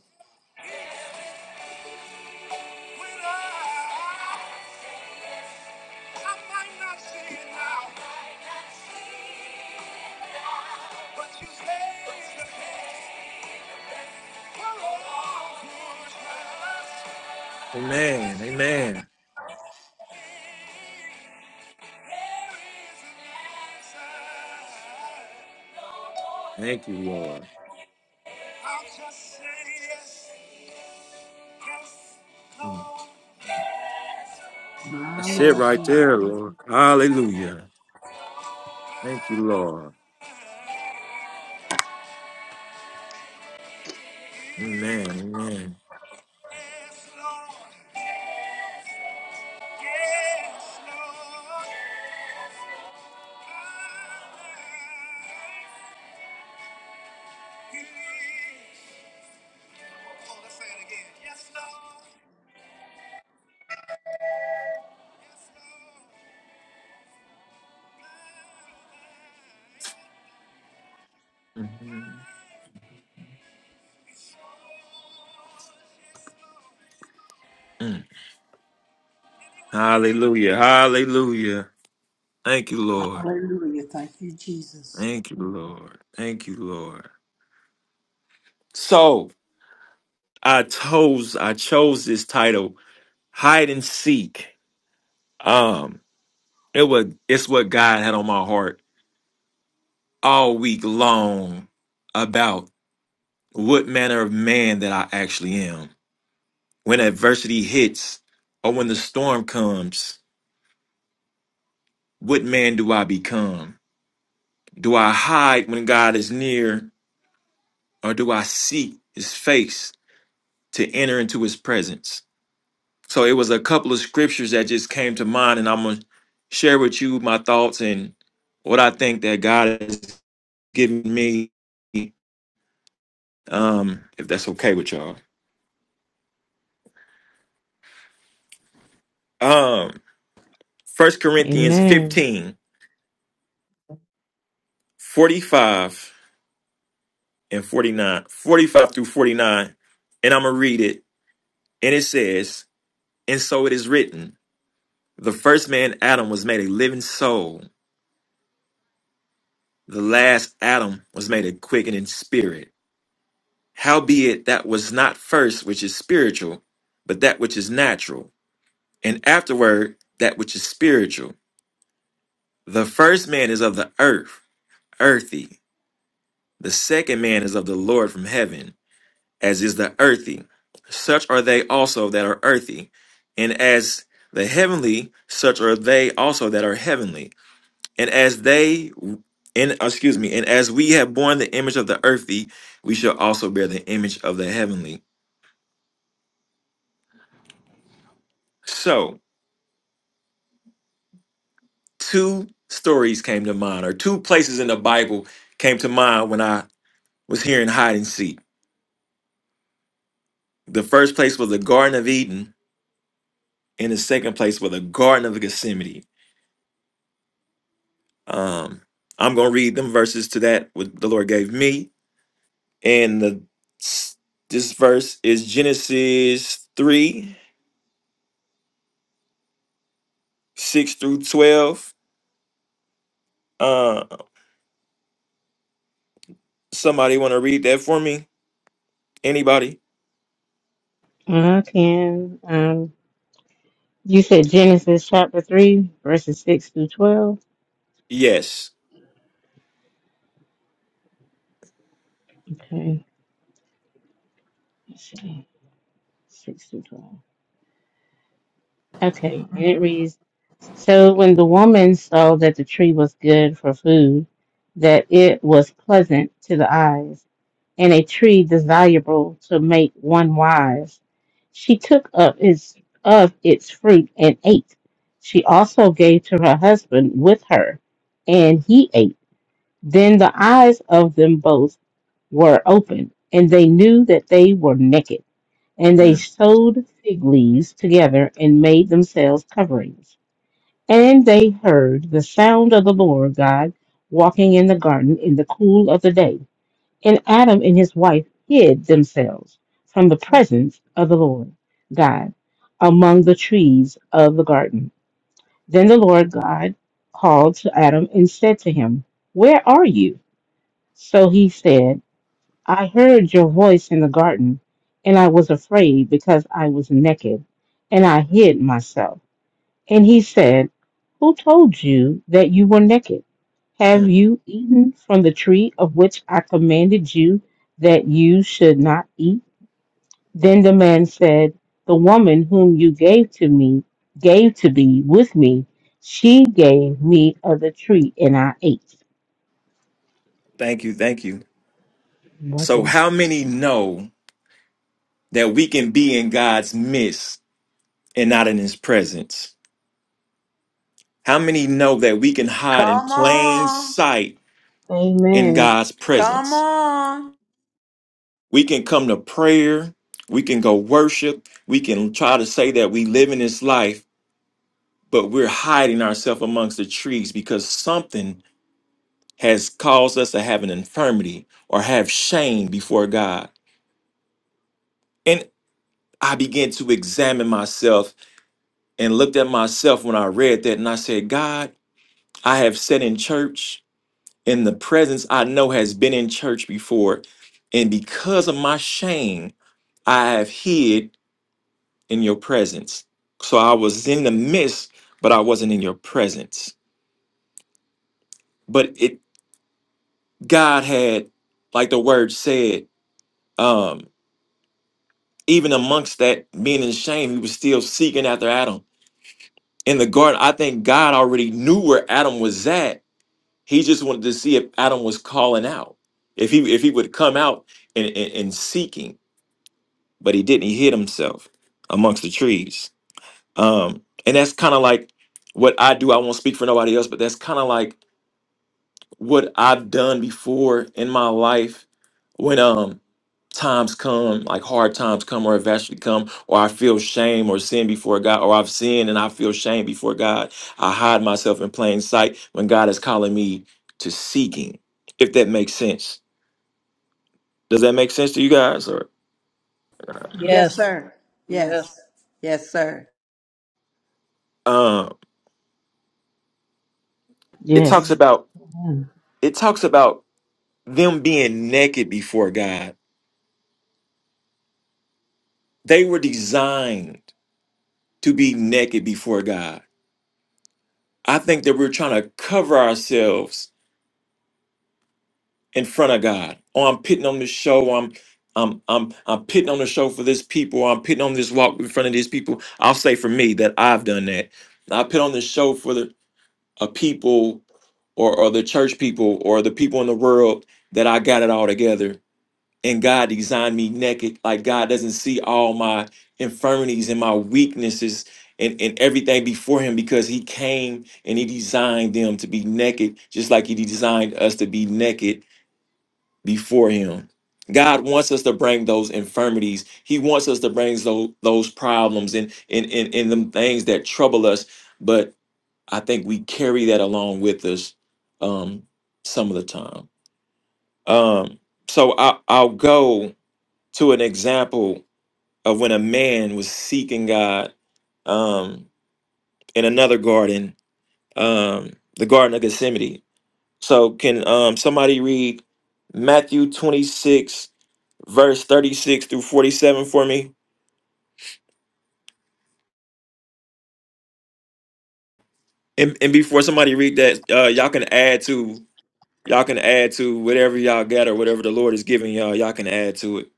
S1: I might not see it now, but you stay the pain. We're all good friends.
S2: Amen.
S1: Trust you and
S2: Amen.
S1: me. There is an answer.
S2: Thank you, Lord.
S1: I'll just say yes, yes,
S2: Mm.
S1: Lord,
S2: That's it right there, Lord. Hallelujah. Thank you, Lord. Amen. Amen.
S1: yes, Lord, yes, yes, Lord. My life is- Come on, let's say it again. Yes, Lord. Yes,
S2: Mhm. Mm. Hallelujah. Hallelujah. Thank you, Lord. Thank you, Lord. Thank you, Lord. So I chose I chose this title, Hide and Seek. Um, it was it's what God had on my heart all week long about what manner of man that I actually am. When adversity hits or when the storm comes, what man do I become? Do I hide when God is near or do I seek his face to enter into his presence? So it was a couple of scriptures that just came to mind and I'm going to share with you my thoughts and what I think that God has given me um, if that's okay with y'all. Um, First Corinthians
S3: Amen.
S2: 15 45 and forty-nine, forty-five through 49, and I'm gonna read it. And it says, And so it is written, the first man Adam was made a living soul, the last Adam was made a quickening spirit. Howbeit that was not first which is spiritual, but that which is natural, and afterward that which is spiritual. The first man is of the earth, earthy The second man is of the Lord from heaven, as is the earthy. Such are they also that are earthy. And as the heavenly, such are they also that are heavenly. And as they, and excuse me, and as we have borne the image of the earthy, we shall also bear the image of the heavenly. So, two stories came to mind, or two places in the Bible came to mind when I was hearing hide and seek. The first place was the Garden of Eden, and the second place was the Garden of Gethsemane. Um, I'm gonna read them verses to that what the Lord gave me, and the this verse is Genesis three six through twelve. Uh, somebody want to read that for me? Anybody?
S3: I can. Um, you said Genesis chapter 3, verses 6 through 12.
S2: Yes.
S3: Okay. Let's see. 6 through 12. Okay. And it reads So when the woman saw that the tree was good for food, that it was pleasant to the eyes and a tree desirable to make one wise. She took up its of its fruit and ate. She also gave to her husband with her, and he ate. Then the eyes of them both were opened, and they knew that they were naked, and they sewed fig leaves together and made themselves coverings. And they heard the sound of the Lord God walking in the garden in the cool of the day and Adam and his wife hid themselves from the presence of the Lord God among the trees of the garden. Then the Lord God called to Adam and said to him, Where are you? So he said, I heard your voice in the garden, and I was afraid because I was naked, and I hid myself. And he said, Who told you that you were naked? Have
S2: Mhm.
S3: you eaten from the tree of which I commanded you that you should not eat? Then the man said, The woman whom you gave to me, gave to be with me, she gave me of the tree and I ate.
S2: Thank you, thank you. So,
S3: Welcome.
S2: how many know that we can be in God's midst and not in His presence? How many know that we can hide in plain sight in
S3: Amen.
S2: God's presence? We can come to prayer. We can go worship. We can try to say that we live in this life, but we're hiding ourselves amongst the trees because something has caused us to have an infirmity or have shame before God. And I began to examine myself and looked at myself when I read that and I said, God, I have sat in church in the presence I know has been in church before. And because of my shame, I have hid in your presence. So I was in the midst, but I wasn't in your presence. But it God had, like the word said, um, even amongst that being in shame, he was still seeking after Adam. In the garden, I think God already knew where Adam was at. He just wanted to see if Adam was calling out. If he if he would come out and, and, and seeking, but he didn't. He hid himself amongst the trees. Um, and that's kind of like what I do. I won't speak for nobody else, but that's kind of like what I've done before in my life when um times come, like hard times come or eventually come, or I feel shame or sin before God, or I've sinned and I feel shame before God. I hide myself in plain sight when God is calling me to seeking, if that makes sense. Does that make sense to you guys? Or
S4: Yes, yes.
S2: um it talks
S3: Yes.
S2: about it talks about them being naked before God. They were designed to be naked before God I think that we're trying to cover ourselves in front of God. Oh, I'm pitting on this show. I'm I'm I'm I'm pitting on the show for this people. I'm pitting on this walk in front of these people. I'll say for me that I've done that. I put on the show for the a people or or the church people or the people in the world that I got it all together and God designed me naked. Like God doesn't see all my infirmities and my weaknesses and, and everything before him because he came and he designed them to be naked, just like he designed us to be naked before him. God wants us to bring those infirmities. He wants us to bring those, those problems and, and, and, and the things that trouble us. But I think we carry that along with us um, some of the time. Um, so I, I'll go to an example of when a man was seeking God um, in another garden, um, the Garden of Gethsemane. So, can um, somebody read Matthew 26, verse 36 through 47 for me? And, and before somebody read that, uh, y'all can add to y'all can add to whatever y'all got or whatever the Lord is giving y'all. Y'all can add to it.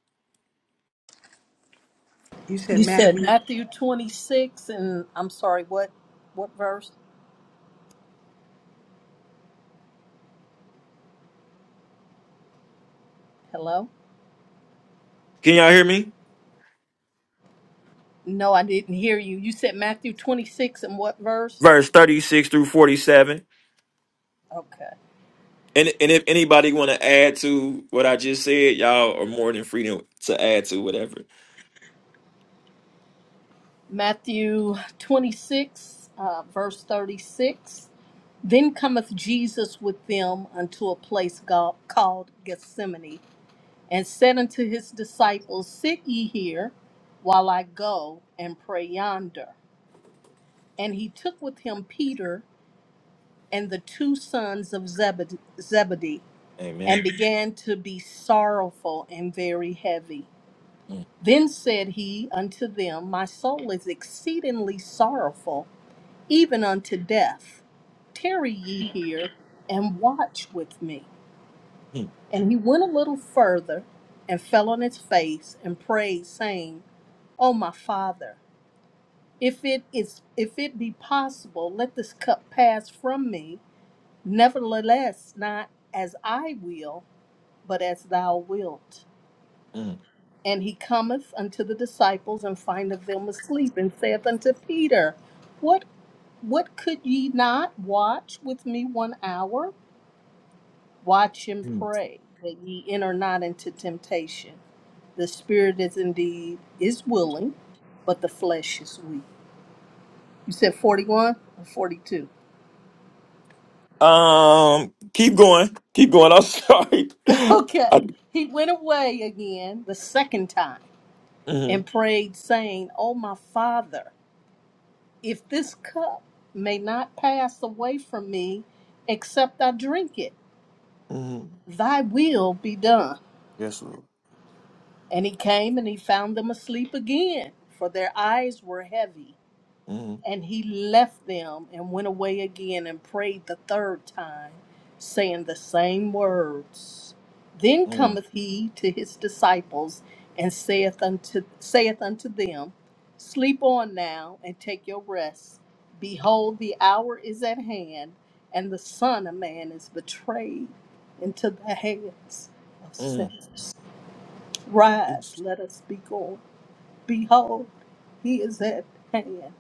S4: You said Matthew 26 and I'm sorry, what what verse? Hello?
S2: Can y'all hear me?
S4: No, I didn't hear you. You said Matthew 26 and what verse?
S2: Verse 36 through 47.
S4: Okay.
S2: And and if anybody want to add to what I just said, y'all are more than free to to add to whatever.
S4: Matthew 26, uh, verse 36. Then cometh Jesus with them unto a place go- called Gethsemane, and said unto his disciples, Sit ye here while I go and pray yonder. And he took with him Peter and the two sons of Zebed- Zebedee, and
S2: Amen.
S4: began to be sorrowful and very heavy.
S2: Mm,
S4: Then said he unto them, My soul is exceedingly sorrowful, even unto death. Tarry ye here and watch with me.
S2: mm,
S4: And he went a little further and fell on his face and prayed, saying, O my father, if it is if it be possible, let this cup pass from me Nevertheless, not as I will, but as thou wilt.
S2: mm,
S4: And he cometh unto the disciples and findeth them asleep, and saith unto Peter, What what could ye not watch with me one hour? Watch and
S2: mm.
S4: pray that ye enter not into temptation. The spirit is indeed is willing, but the flesh is weak. You said 41 or 42.
S2: Um, keep going, keep going. I'm sorry.
S4: Okay.
S2: I,
S4: He went away again the second time and
S2: mhm,
S4: prayed, saying, O my Father, if this cup may not pass away from me, except I drink it,
S2: mhm.
S4: thy will be done.
S2: Yes, Lord.
S4: And he came and he found them asleep again, for their eyes were heavy.
S2: Mhm,
S4: And he left them and went away again and prayed the third time, saying the same words. Then
S2: mhm,
S4: cometh he to his disciples and saith unto, saith unto them, Sleep on now and take your rest. Behold, the hour is at hand, and the Son of Man is betrayed into the hands of
S2: mhm.
S4: sinners. Rise,
S2: Yes.
S4: let us be going. Behold, he is at hand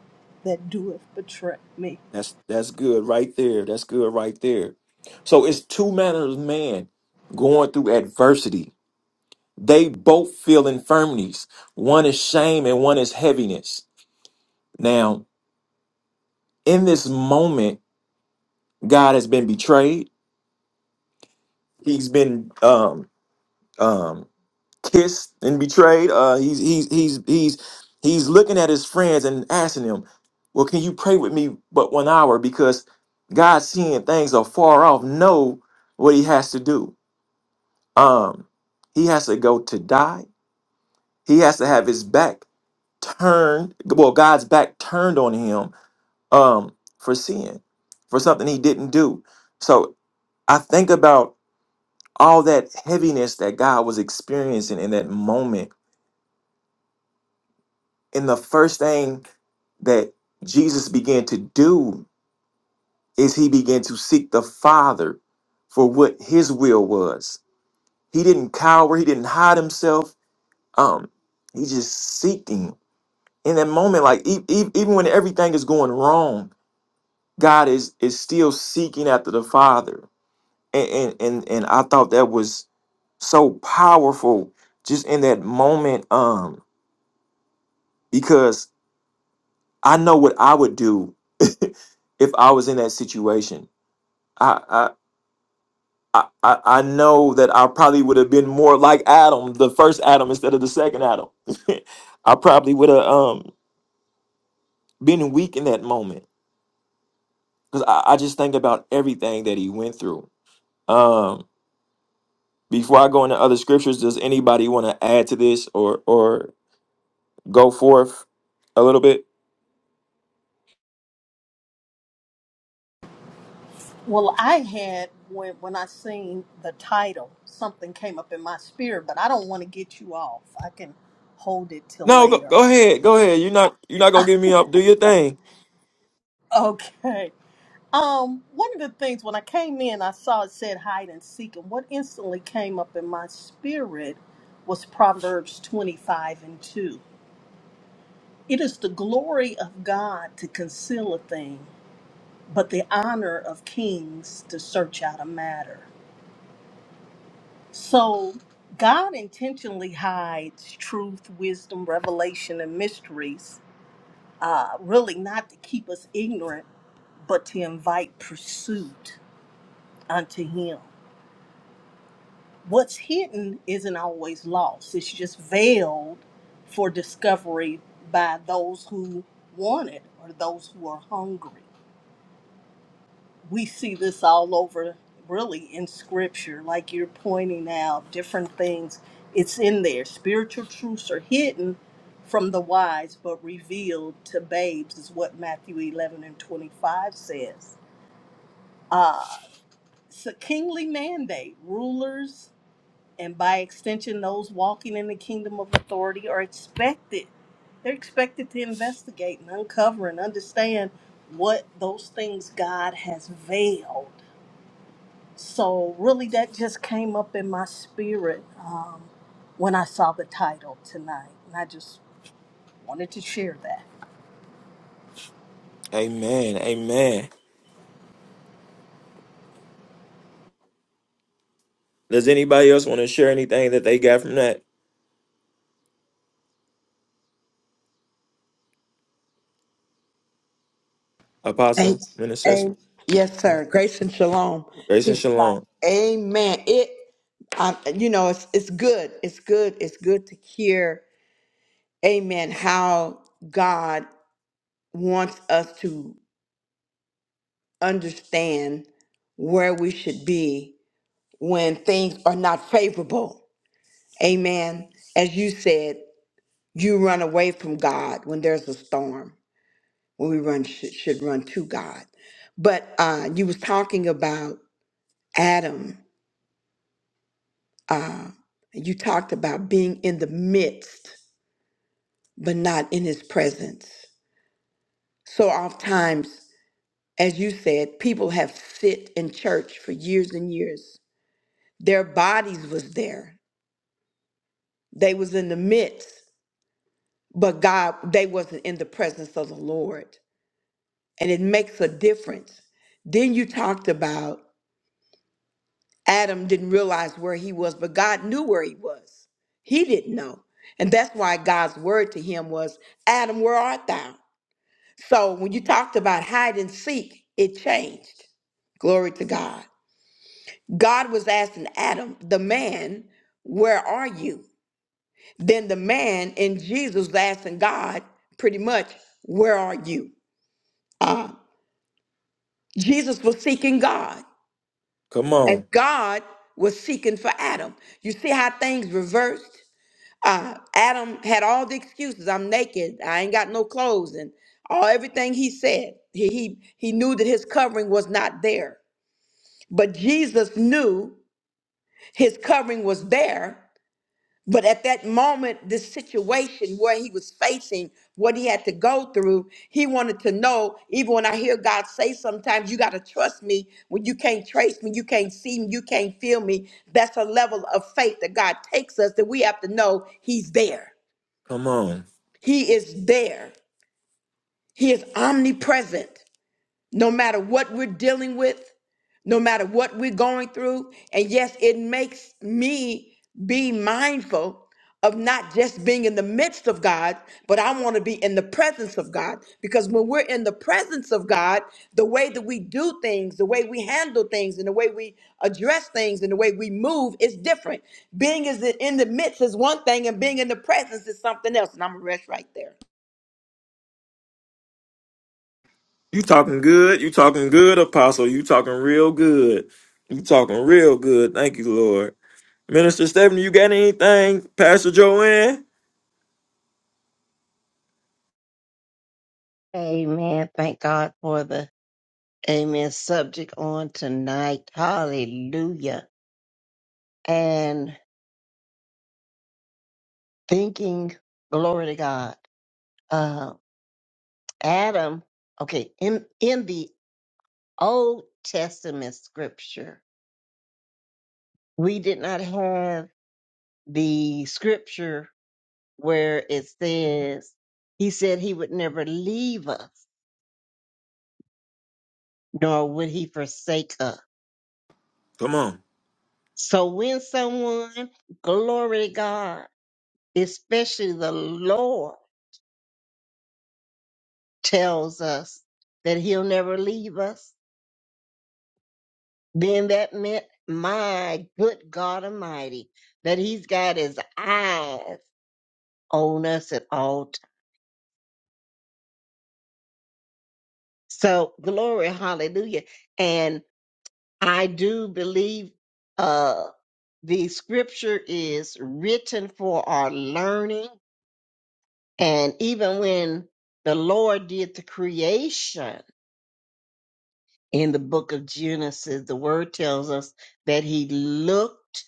S4: that doeth betray me.
S2: That's that's good right there. That's good right there. So it's two manners of man going through adversity. They both feel infirmities. One is shame and one is heaviness. Now in this moment, God has been betrayed. He's been um, um, kissed and betrayed. Uh, he's he's he's he's he's looking at his friends and asking them, "Well, can you pray with me but one hour?" Because God, seeing things are far off, know what He has to do. Um, he has to go to die. He has to have his back turned. Well, God's back turned on him um, for sin, for something he didn't do. So I think about all that heaviness that God was experiencing in that moment. And the first thing that Jesus began to do is he began to seek the Father for what his will was. He didn't cower, he didn't hide himself. Um, he just seeking in that moment, like e- e- even when everything is going wrong, God is is still seeking after the Father. And and and, and I thought that was so powerful just in that moment. Um, because I know what I would do if I was in that situation. I I I, I I know that I probably would have been more like Adam, the first Adam instead of the second Adam. I probably would have um been weak in that moment because I, I just think about everything that he went through. Um, before I go into other scriptures, does anybody want to add to this or or go forth a little bit?
S4: Well, I had when when I seen the title, something came up in my spirit, but I don't want to get you off. I can hold it till
S2: No, go,
S4: later.
S2: go ahead, go ahead. You're not you're not gonna get me up. Do your thing.
S4: Okay. Um, one of the things when I came in, I saw it said hide and seek, and what instantly came up in my spirit was Proverbs 25 and 2. It is the glory of God to conceal a thing, but the honor of kings to search out a matter. So God intentionally hides truth, wisdom, revelation, and mysteries, uh, really not to keep us ignorant, but to invite pursuit unto Him. What's hidden isn't always lost, it's just veiled for discovery by those who want it or those who are hungry. we see this all over really in scripture like you're pointing out different things it's in there spiritual truths are hidden from the wise but revealed to babes is what matthew 11 and 25 says uh it's a kingly mandate rulers and by extension those walking in the kingdom of authority are expected they're expected to investigate and uncover and understand what those things god has veiled so, really, that just came up in my spirit um, when I saw the title tonight. And I just wanted to share that.
S2: Amen. Amen. Does anybody else want to share anything that they got from that apostle
S1: Thank
S2: Minister,
S1: the Lord.
S2: Grace and shalom.
S1: Man, I, you know, it's, it's good. It's good. It's good to hear, amen, how God wants us to understand where we should be when things are not favorable. Amen. As you said, you run away from God when there's a storm. when we run should, should run to God. But uh, you was talking about Adam. You talked about being in the midst, but not in his presence. So oftentimes, as you said, people have sit in church for years and years. Their bodies was there. They was in the midst, but God, they wasn't in the presence of the Lord. And it makes a difference. Then you talked about Adam didn't realize where he was, but God knew where he was. He didn't know. And that's why God's word to him was, Adam, where art thou? So when you talked about hide and seek, it changed. Glory to God. God was asking Adam, the man, where are you? Then the man in Jesus was asking God, pretty much, where are you? Uh, Jesus was seeking God,
S2: Come
S1: and
S2: on.
S1: God was seeking for Adam. You see how things reversed? uh, Adam had all the excuses. I'm naked. I ain't got no clothes, and all everything he said. He he he knew that his covering was not there. But Jesus knew his covering was there. But at that moment, this situation where he was facing, what he had to go through, he wanted to know. Even when I hear God say, sometimes you got to trust me when you can't trace me, you can't see me, you can't feel me. That's a level of faith that God takes us that we have to know he's there.
S2: Come on.
S1: He is there. He is omnipresent no matter what we're dealing with, no matter what we're going through. And yes, it makes me be mindful of not just being in the midst of God, but I want to be in the presence of God. Because when we're in the presence of God, the way that we do things, the way we handle things, and the way we address things, and the way we move is different. Being is in the midst is one thing, and being in the presence is something else. And I'm going to rest right there.
S2: You talking good. You talking good, apostle. You talking real good. You talking real good. Thank you, Lord. Minister Stephanie, you got anything? Pastor Joanne?
S5: Amen. Thank God for the amen subject on tonight. Hallelujah. And thinking, glory to God. Uh, Adam, okay, in, in the Old Testament scripture, we did not have the scripture where it says, He said He would never leave us, nor would He forsake us.
S2: Come on.
S5: So when someone, glory to God, especially the Lord tells us that he'll never leave us, then that meant, my good God Almighty, that he's got his eyes on us at all times. So glory, hallelujah. And I do believe uh the scripture is written for our learning. And even when the Lord did the creation, in the book of Genesis, the word tells us that he looked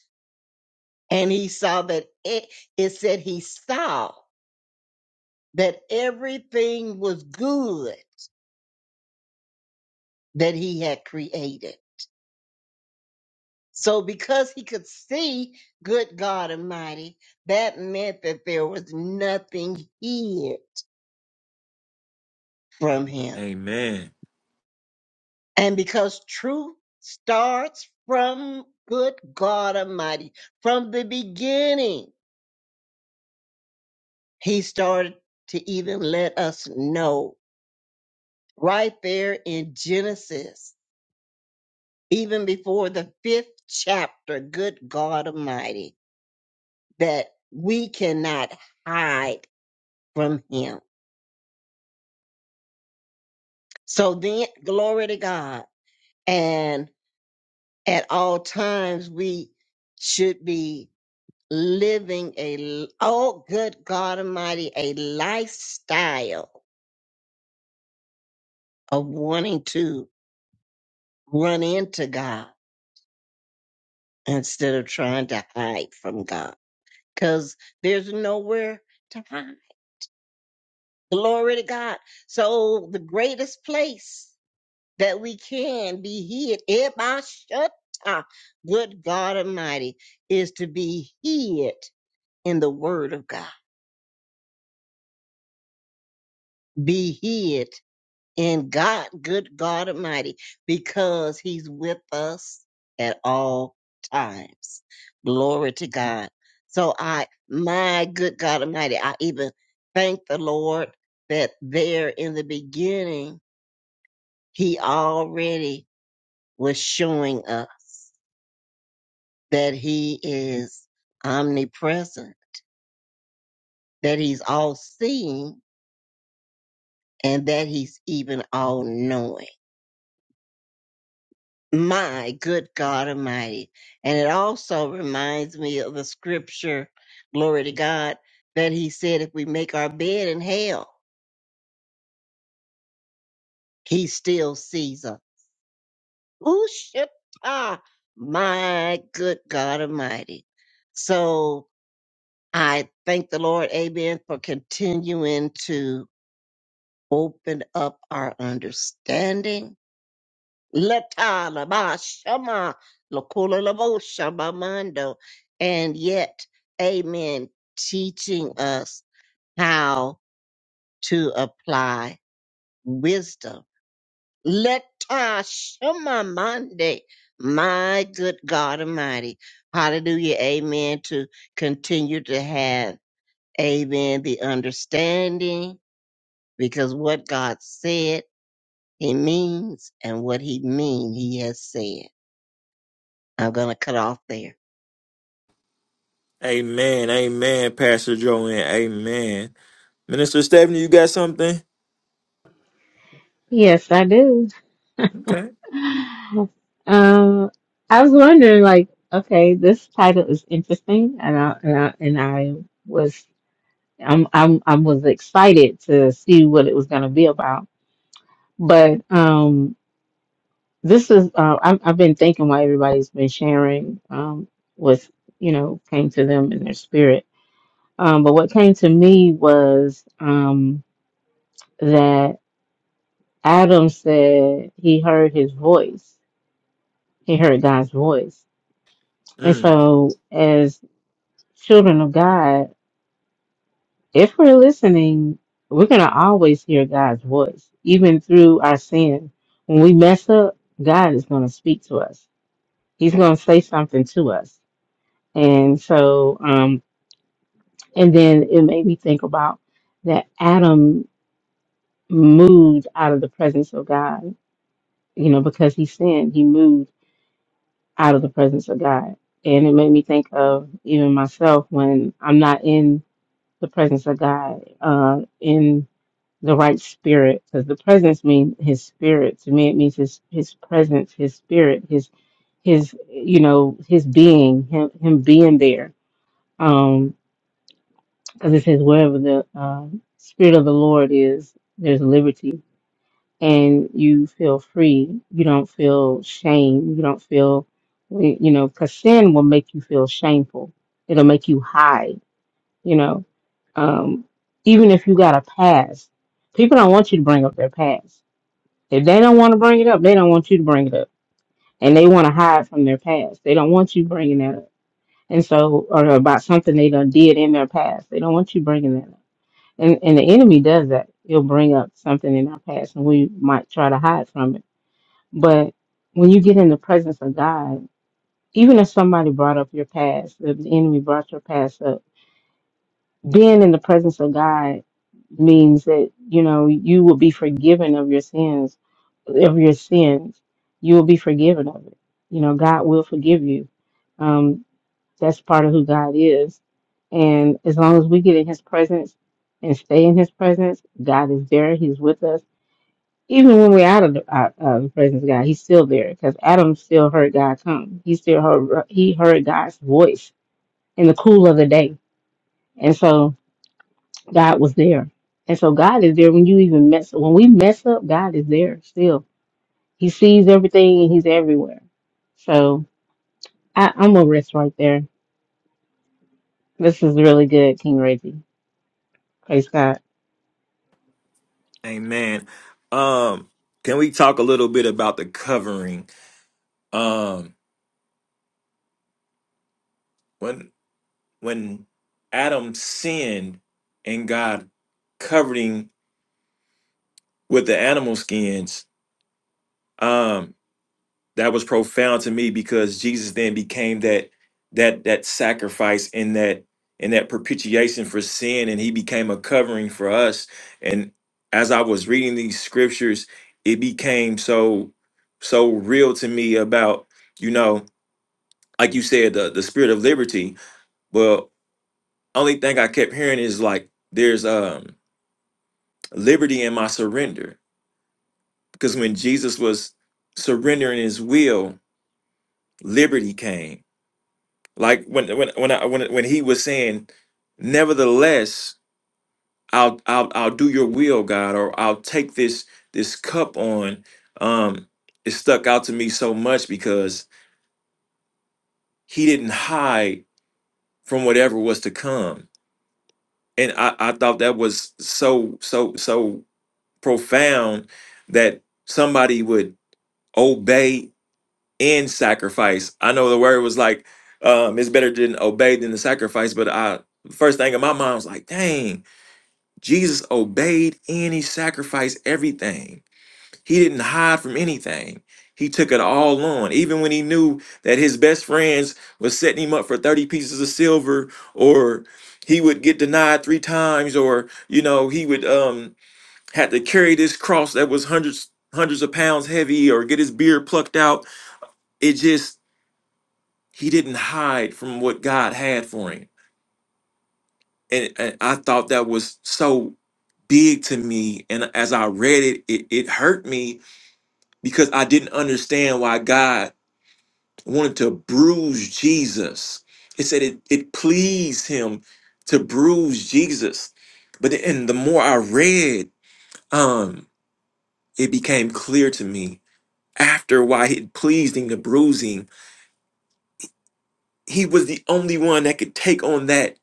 S5: and he saw that it, it said he saw that everything was good that he had created. So because he could see good God Almighty, that meant that there was nothing hid from him.
S2: Amen.
S5: And because truth starts from good God Almighty, from the beginning, He started to even let us know right there in Genesis, even before the fifth chapter, good God Almighty, that we cannot hide from Him. So then, glory to God. And at all times, we should be living a, oh, good God Almighty, a lifestyle of wanting to run into God instead of trying to hide from God because there's nowhere to hide. Glory to God. So the greatest place that we can be hid, Ebashata, good God Almighty, is to be hid in the Word of God. Be hid in God, good God Almighty, because He's with us at all times. Glory to God. So I, my good God Almighty, I even thank the Lord that there in the beginning, He already was showing us that He is omnipresent, that He's all seeing, and that He's even all knowing. My good God Almighty. And it also reminds me of the scripture, glory to God, that he said, if we make our bed in hell, he still sees us. Ooh, shit. Ah, my good God Almighty. So I thank the Lord, amen, for continuing to open up our understanding Latala ba shama lakula labo shama mando. And yet, amen, teaching us how to apply wisdom. Leta shama mande. My good God Almighty. Hallelujah. Amen. To continue to have, amen, the understanding because what God said, he means, and what he mean, he has said. I'm going to cut off there.
S2: Amen. Amen, Pastor Joanne. Amen. Minister Stephanie, you got something?
S3: Yes, I do.
S2: Okay.
S3: Um, I was wondering, like, okay, this title is interesting, and I and I, and I was I'm I'm I was excited to see what it was going to be about. But um, this is uh, I've I've been thinking why everybody's been sharing um what you know came to them in their spirit. Um, but what came to me was um that Adam said he heard his voice. He heard God's voice. And
S2: Mm.
S3: so, as children of God, if we're listening, we're going to always hear God's voice, even through our sin. When we mess up, God is going to speak to us, He's going to say something to us. And so, um, and then it made me think about that Adam moved out of the presence of God, you know, because he sinned, he moved out of the presence of God. And it made me think of even myself when I'm not in the presence of God. Uh, in the right spirit because the presence means his spirit to me it means his his presence his spirit his his you know his being him him being there um because it says wherever the um spirit of the lord is there's liberty and you feel free you don't feel shame you don't feel you know because sin will make you feel shameful it'll make you hide you know um even if you got a past people don't want you to bring up their past if they don't want to bring it up, they don't want you to bring it up. And they want to hide from their past. They don't want you bringing that up. And so, or about something they done did in their past. They don't want you bringing that up. And, and the enemy does that. He'll bring up something in our past and we might try to hide from it. But when you get in the presence of God, even if somebody brought up your past, if the enemy brought your past up, being in the presence of God means that you know you will be forgiven of your sins of your sins you will be forgiven of it you know God will forgive you um that's part of who God is and as long as we get in his presence and stay in his presence God is there he's with us even when we're out of the out of the presence of God he's still there because Adam still heard God come he still heard he heard God's voice in the cool of the day and so God was there. And so God is there when you even mess when we mess up, God is there still. He sees everything and he's everywhere. So I, I'm gonna rest right there. This is really good, King Reggie. Praise God.
S2: Amen. Um, can we talk a little bit about the covering? um when when adam sinned and god covered him with the animal skins um that was profound to me because jesus then became that that that sacrifice and that and that propitiation for sin and he became a covering for us and as i was reading these scriptures it became so so real to me about you know like you said the, the spirit of liberty only thing I kept hearing is like there's um liberty in my surrender because when Jesus was surrendering his will, liberty came. Like when when when I, when when he was saying, "Nevertheless, I'll I'll I'll do your will, God," or "I'll take this this cup on." Um, it stuck out to me so much because he didn't hide from whatever was to come, and I I thought that was so so so profound that somebody would obey and sacrifice. I know the word was like, um, it's better than obey than the sacrifice, but I first thing in my mind was like, dang, Jesus obeyed and he sacrificed everything. He didn't hide from anything. He took it all on, even when he knew that his best friends was setting him up for 30 pieces of silver, or he would get denied three times, or you know, he would um had to carry this cross that was hundreds hundreds of pounds heavy or get his beard plucked out it just he didn't hide from what god had for him and, and i thought that was so big to me and as i read it, it it hurt me because i didn't understand why god wanted to bruise jesus it said it, it pleased him to bruise jesus but then- and the more i read um it became clear to me after why it pleased him to bruise him. He was the only one that could take on that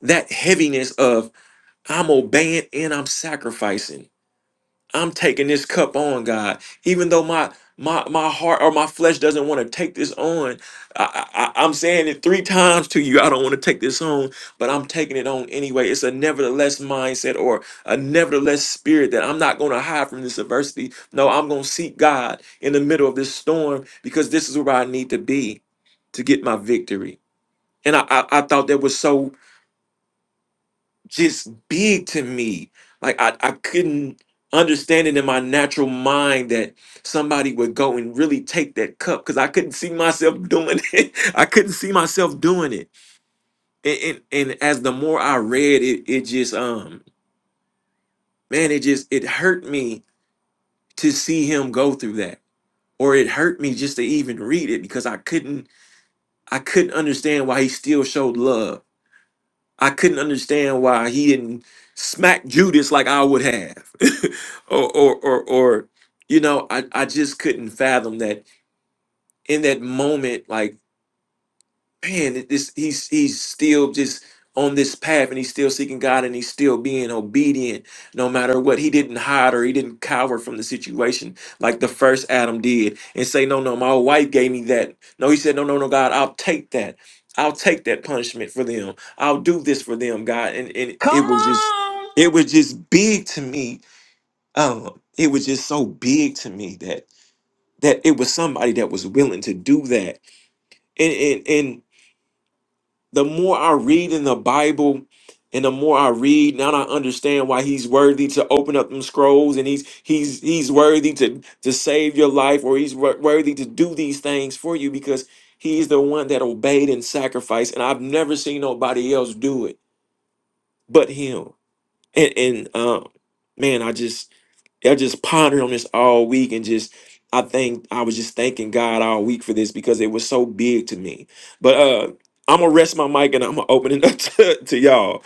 S2: that heaviness of I'm obeying and I'm sacrificing. I'm taking this cup on, God. Even though my my my heart or my flesh doesn't want to take this on, I, I, I- I'm saying it three times to you. I don't want to take this on, but I'm taking it on anyway. It's a nevertheless mindset or a nevertheless spirit that I'm not going to hide from this adversity. No, I'm going to seek God in the middle of this storm because this is where I need to be to get my victory. And I, I, I thought that was so just big to me. Like I, I couldn't understand it in my natural mind that somebody would go and really take that cup because I couldn't see myself doing it. I couldn't see myself doing it. And, and and as the more I read it, it just um man, it just it hurt me to see him go through that. Or it hurt me just to even read it because I couldn't I couldn't understand why he still showed love I couldn't understand why he didn't smack Judas like I would have. or, or or or you know, I, I just couldn't fathom that in that moment, like man, it- this he's he's still just on this path and he's still seeking God and he's still being obedient no matter what. He didn't hide or he didn't cower from the situation like the first Adam did and say, No, no, my wife gave me that. No, he said, No, no, no, God, I'll take that. I'll take that punishment for them. I'll do this for them, God. And and
S1: Come
S2: it was just
S1: on.
S2: it was just big to me. Um, it was just so big to me that that it was somebody that was willing to do that. And and and the more I read in the Bible and the more I read, now I understand why he's worthy to open up them scrolls and he's he's he's worthy to to save your life or he's wor- worthy to do these things for you because he's the one that obeyed and sacrificed and I've never seen nobody else do it but him and and um, man, I just I just pondered on this all week and just I think I was just thanking God all week for this because it was so big to me. But uh I'm gonna rest my mic and I'm gonna open it up to, to y'all.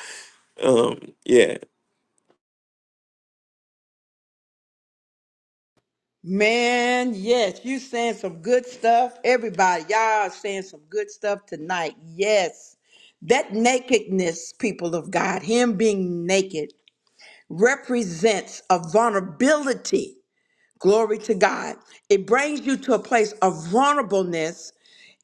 S2: Um, yeah.
S1: Man, yes, you saying some good stuff. Everybody, y'all saying some good stuff tonight. Yes. That nakedness, people of God, him being naked represents a vulnerability. Glory to God. It brings you to a place of vulnerableness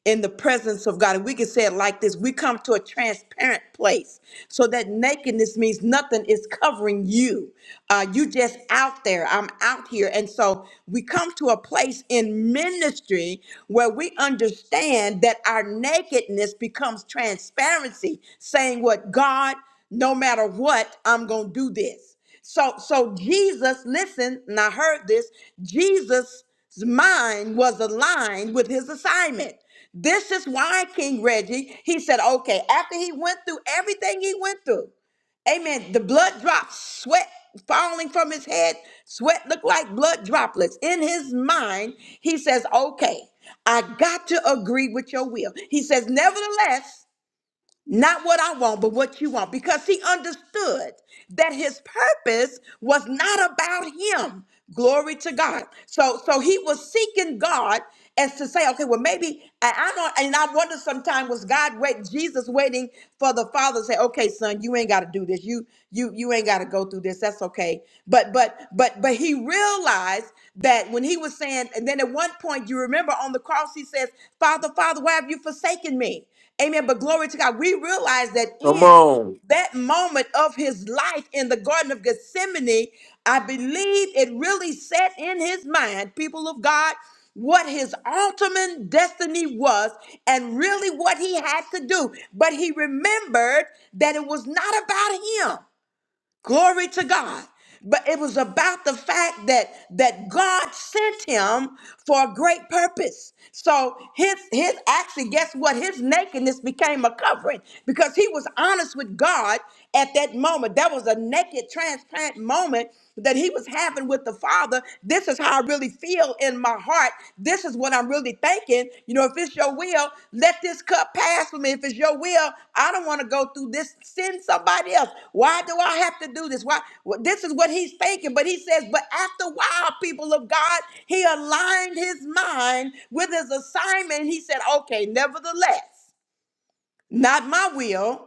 S1: in the presence of God. And we can say it like this we come to a transparent place so that nakedness means nothing is covering you. Uh, you just out there. I'm out here. And so we come to a place in ministry where we understand that our nakedness becomes transparency, saying what God, no matter what, I'm going to do this. So so Jesus, listen, and I heard this, Jesus' mind was aligned with his assignment. This is why King Reggie, he said, okay, after he went through everything he went through, amen, the blood drops, sweat falling from his head, sweat looked like blood droplets. In his mind, he says, okay, I got to agree with your will. He says, nevertheless, not what I want, but what you want. Because he understood that his purpose was not about him. Glory to God. So so he was seeking God as to say, okay, well, maybe I, I don't and I wonder sometimes was God wait Jesus waiting for the father to say, okay, son, you ain't gotta do this. You you you ain't gotta go through this. That's okay. But but but but he realized that when he was saying, and then at one point you remember on the cross he says, Father, Father, why have you forsaken me? Amen. But glory to God, we realize that
S2: Come
S1: in
S2: on,
S1: that moment of his life in the Garden of Gethsemane, I believe it really set in his mind, people of God, what his ultimate destiny was and really what he had to do. But he remembered that it was not about him. Glory to God. But it was about the fact that that God sent him for a great purpose. So his his actually, guess what? His nakedness became a covering because he was honest with God at that moment. That was a naked, transparent moment that he was having with the Father. This is how I really feel in my heart, this is what I'm really thinking. You know, if it's your will, let this cup pass for me. If it's your will, I don't want to go through this. Send somebody else. Why do I have to do this? Why? Well, This is what he's thinking. But he says, but after a while, people of God, he aligned his mind with his assignment. He said, okay, nevertheless, not my will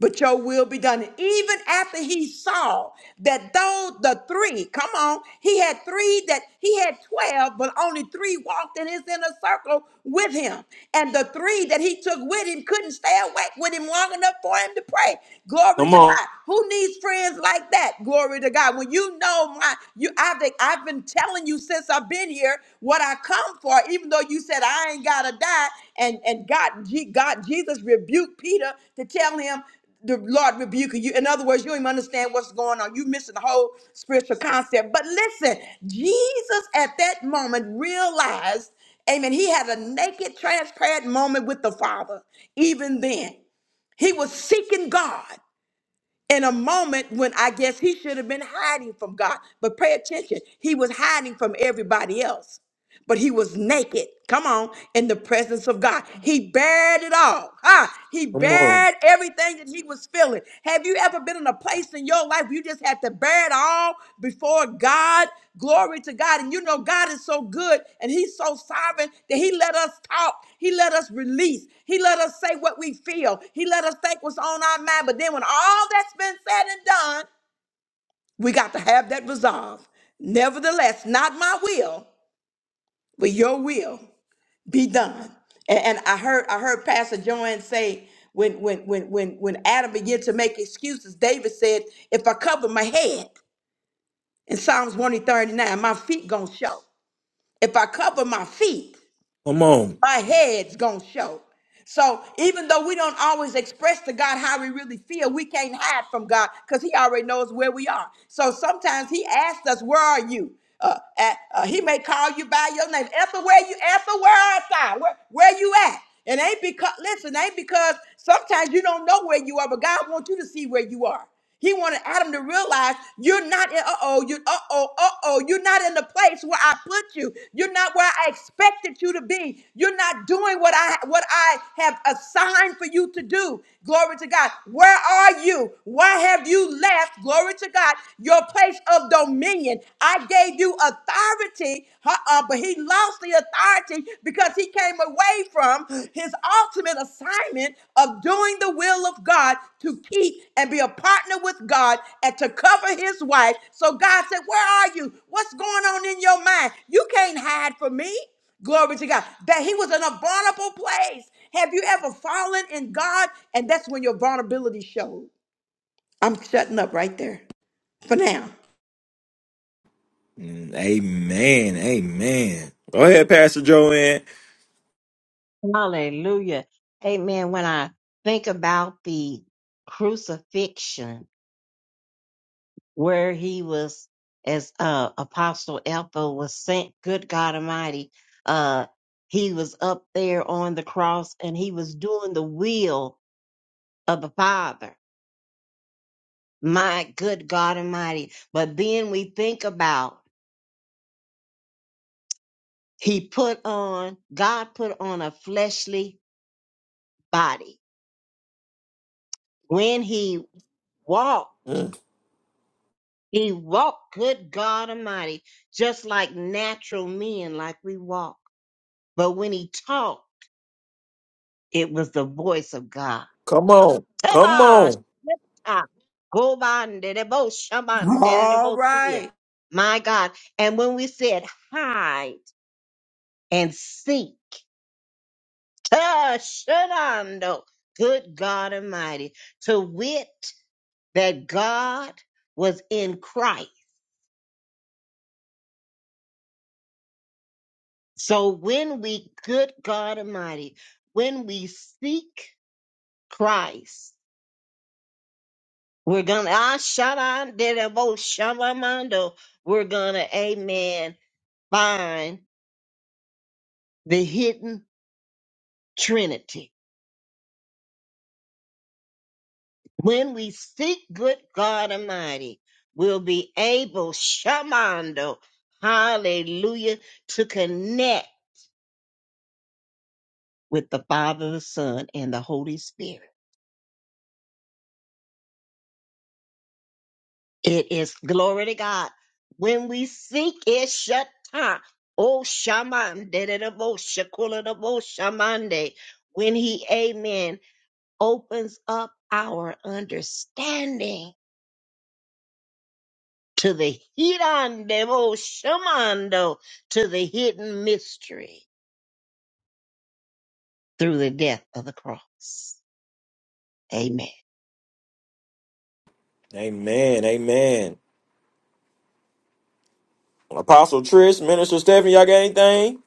S1: but your will be done. And even after he saw that though the three, come on, he had three that he had 12, but only three walked in his inner circle with him. And the three that he took with him couldn't stay awake with him long enough for him to pray. Glory
S2: come
S1: to
S2: on,
S1: God. Who needs friends like that? Glory to God. When you know my you I've been, I've been telling you since I've been here what I come for, even though you said I ain't gotta die. And and God, G- God Jesus rebuked Peter to tell him the Lord rebuking you. In other words, you don't even understand what's going on. You missing the whole spiritual concept. But listen, Jesus at that moment realized, amen, he had a naked, transparent moment with the Father. Even then, he was seeking God in a moment when I guess he should have been hiding from God. But pay attention, he was hiding from everybody else but he was naked. Come on, in the presence of God. He bared it all. Ah, he
S2: come on,
S1: bared everything that he was feeling. Have you ever been in a place in your life where you just had to bear it all before God? Glory to God. And you know, God is so good and he's so sovereign that he let us talk. He let us release. He let us say what we feel. He let us think what's on our mind. But then when all that's been said and done, we got to have that resolve. Nevertheless, not my will, but your will be done. And, and I heard I heard Pastor Joanne say when when when when when Adam began to make excuses, David said, "If I cover my head in Psalms 139, my feet gonna show. If I cover my feet."
S2: come on.
S1: my head's gonna show. So even though we don't always express to God how we really feel, we can't hide from God because He already knows where we are. So sometimes He asks us, "Where are you?" Uh, at, uh, he may call you by your name, Ethel. Where you, Ethel? Where art thou? Where, where you at? It ain't because listen, ain't because sometimes you don't know where you are, but God wants you to see where you are. He wanted Adam to realize you're not in, uh-oh, you uh-oh, uh-oh, you're not in the place where I put you. You're not where I expected you to be. You're not doing what I what I have assigned for you to do. Glory to God. Where are you? Why have you left? Glory to God. Your place of dominion. I gave you authority, uh-uh, but he lost the authority because he came away from his ultimate assignment of doing the will of God to keep and be a partner with God and to cover his wife. So God said, Where are you? What's going on in your mind? You can't hide from me. Glory to God. That he was in a vulnerable place. Have you ever fallen in God? And that's when your vulnerability showed. I'm shutting up right there for now.
S2: Mm, Amen, amen. Go ahead, Pastor Joanne.
S5: Hallelujah. Amen. When I think about the crucifixion where he was, as uh, Apostle Ethel was sent, good God Almighty, uh, he was up there on the cross and he was doing the will of the Father. My good God Almighty. But then we think about he put on, God put on a fleshly body when he walked.
S2: Mm,
S5: He walked, good God Almighty, just like natural men, like we walk. But when he talked, it was the voice of God.
S2: Come on, come
S5: Tabash,
S2: on.
S5: ah, gobanderebo, shabanderebosia. My God. And when we said hide and seek, Tashanando, good God Almighty, to wit that God was in Christ. So when we, good God Almighty, when we seek Christ, we're gonna ah shada dedebo shabamando, we're gonna amen find the hidden Trinity. When we seek good God Almighty, we'll be able shamando, hallelujah, to connect with the Father, the Son, and the Holy Spirit. It is glory to God. When we seek it, Shatta. Oh, shaman, de de de bo, shakula de bo, shamande. When he, amen, opens up our understanding to the hidden de bo, shamando, to the hidden mystery through the death of the cross. Amen.
S2: Amen, amen. Apostle Trish, Minister Stephanie, y'all got anything?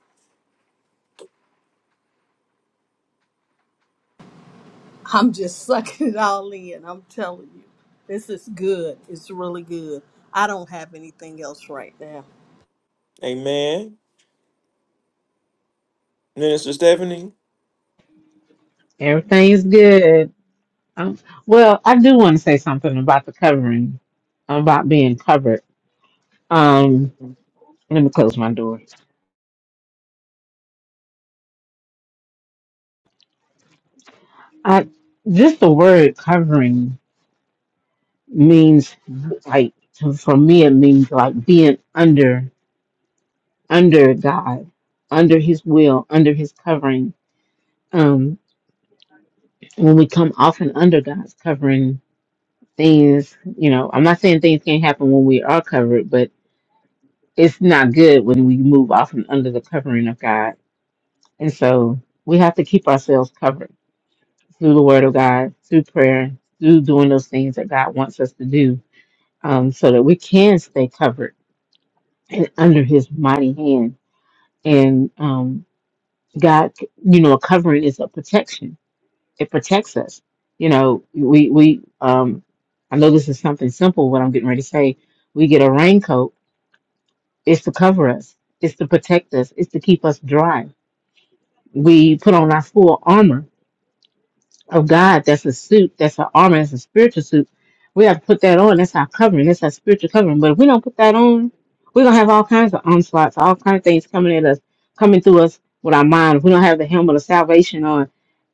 S4: I'm just sucking it all in. I'm telling you, this is good. It's really good. I don't have anything else right now.
S2: Amen. Minister Stephanie?
S3: Everything is good. Um, well, I do want to say something about the covering, about being covered. Um, let me close my door. I just the word covering means like to- for me it means like being under. under God, under His will, under His covering. Um, when we come off and under God's covering, things, you know, I'm not saying things can't happen when we are covered, but it's not good when we move off and under the covering of God. And so we have to keep ourselves covered through the Word of God, through prayer, through doing those things that God wants us to do, um, so that we can stay covered and under His mighty hand. And um, God, you know, a covering is a protection it protects us. You know, we we um I know this is something simple what I'm getting ready to say. We get a raincoat, it's to cover us, it's to protect us, it's to keep us dry. We put on our full armor of God, that's a suit, that's an armor, that's a spiritual suit. We have to put that on, that's our covering, that's our spiritual covering. But if we don't put that on, we're gonna have all kinds of onslaughts, all kinds of things coming at us, coming through us with our mind. If we don't have the helmet of salvation on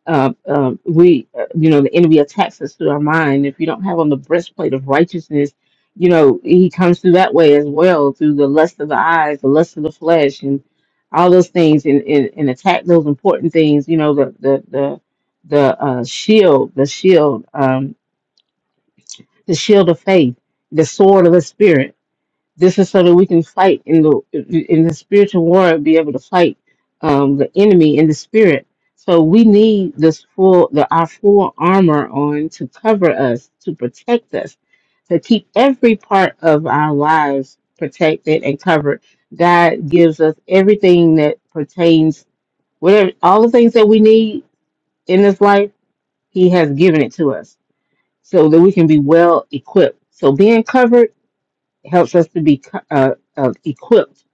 S3: uh, um, we, uh, you know, the enemy attacks us through our mind. If you don't have on the breastplate of righteousness, you know, he comes through that way as well, through the lust of the eyes, the lust of the flesh, and all those things, and, and, and attack those important things. You know, the the the the uh, shield, the shield, um, the shield of faith, the sword of the spirit this is so that we can fight in the in the spiritual war, be able to fight um, the enemy in the spirit. So we need this full the our full armor on to cover us, to protect us, to keep every part of our lives protected and covered. God gives us everything that pertains, whatever all the things that we need in this life, He has given it to us so that we can be well equipped. So being covered helps us to be uh, uh, equipped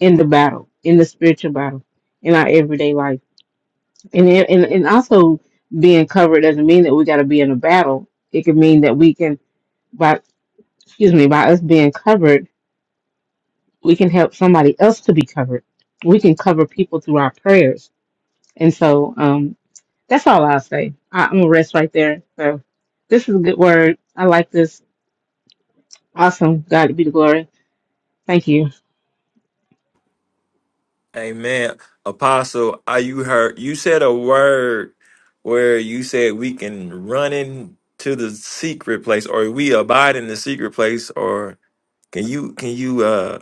S3: in the battle, in the spiritual battle, in our everyday life. And, it- and, and also being covered doesn't mean that we got to be in a battle. It could mean that we can, by, excuse me, by us being covered, we can help somebody else to be covered. We can cover people through our prayers. And so, um, that's all I'll say. I, I'm going to rest right there. So this is a good word. I like this. Awesome. God be the glory. Thank you.
S2: Amen. Apostle, are you heard? You said a word where you said we can run into the secret place or we abide in the secret place or can you can you uh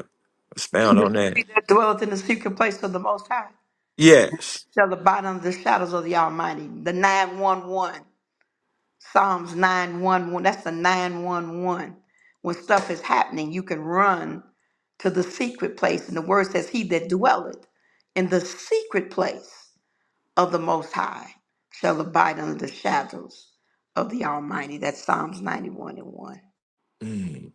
S1: He
S2: expound on that?
S1: that dwelleth in the secret place of the Most High.
S2: Yes.
S1: shall abide under the shadows of the Almighty. The 911, Psalms 911, that's the 911. When stuff is happening, you can run to the secret place. And the word says, He that dwelleth in the secret place of the Most High shall abide under the shadows of the Almighty. That's Psalms 91 and 1.
S2: Mm.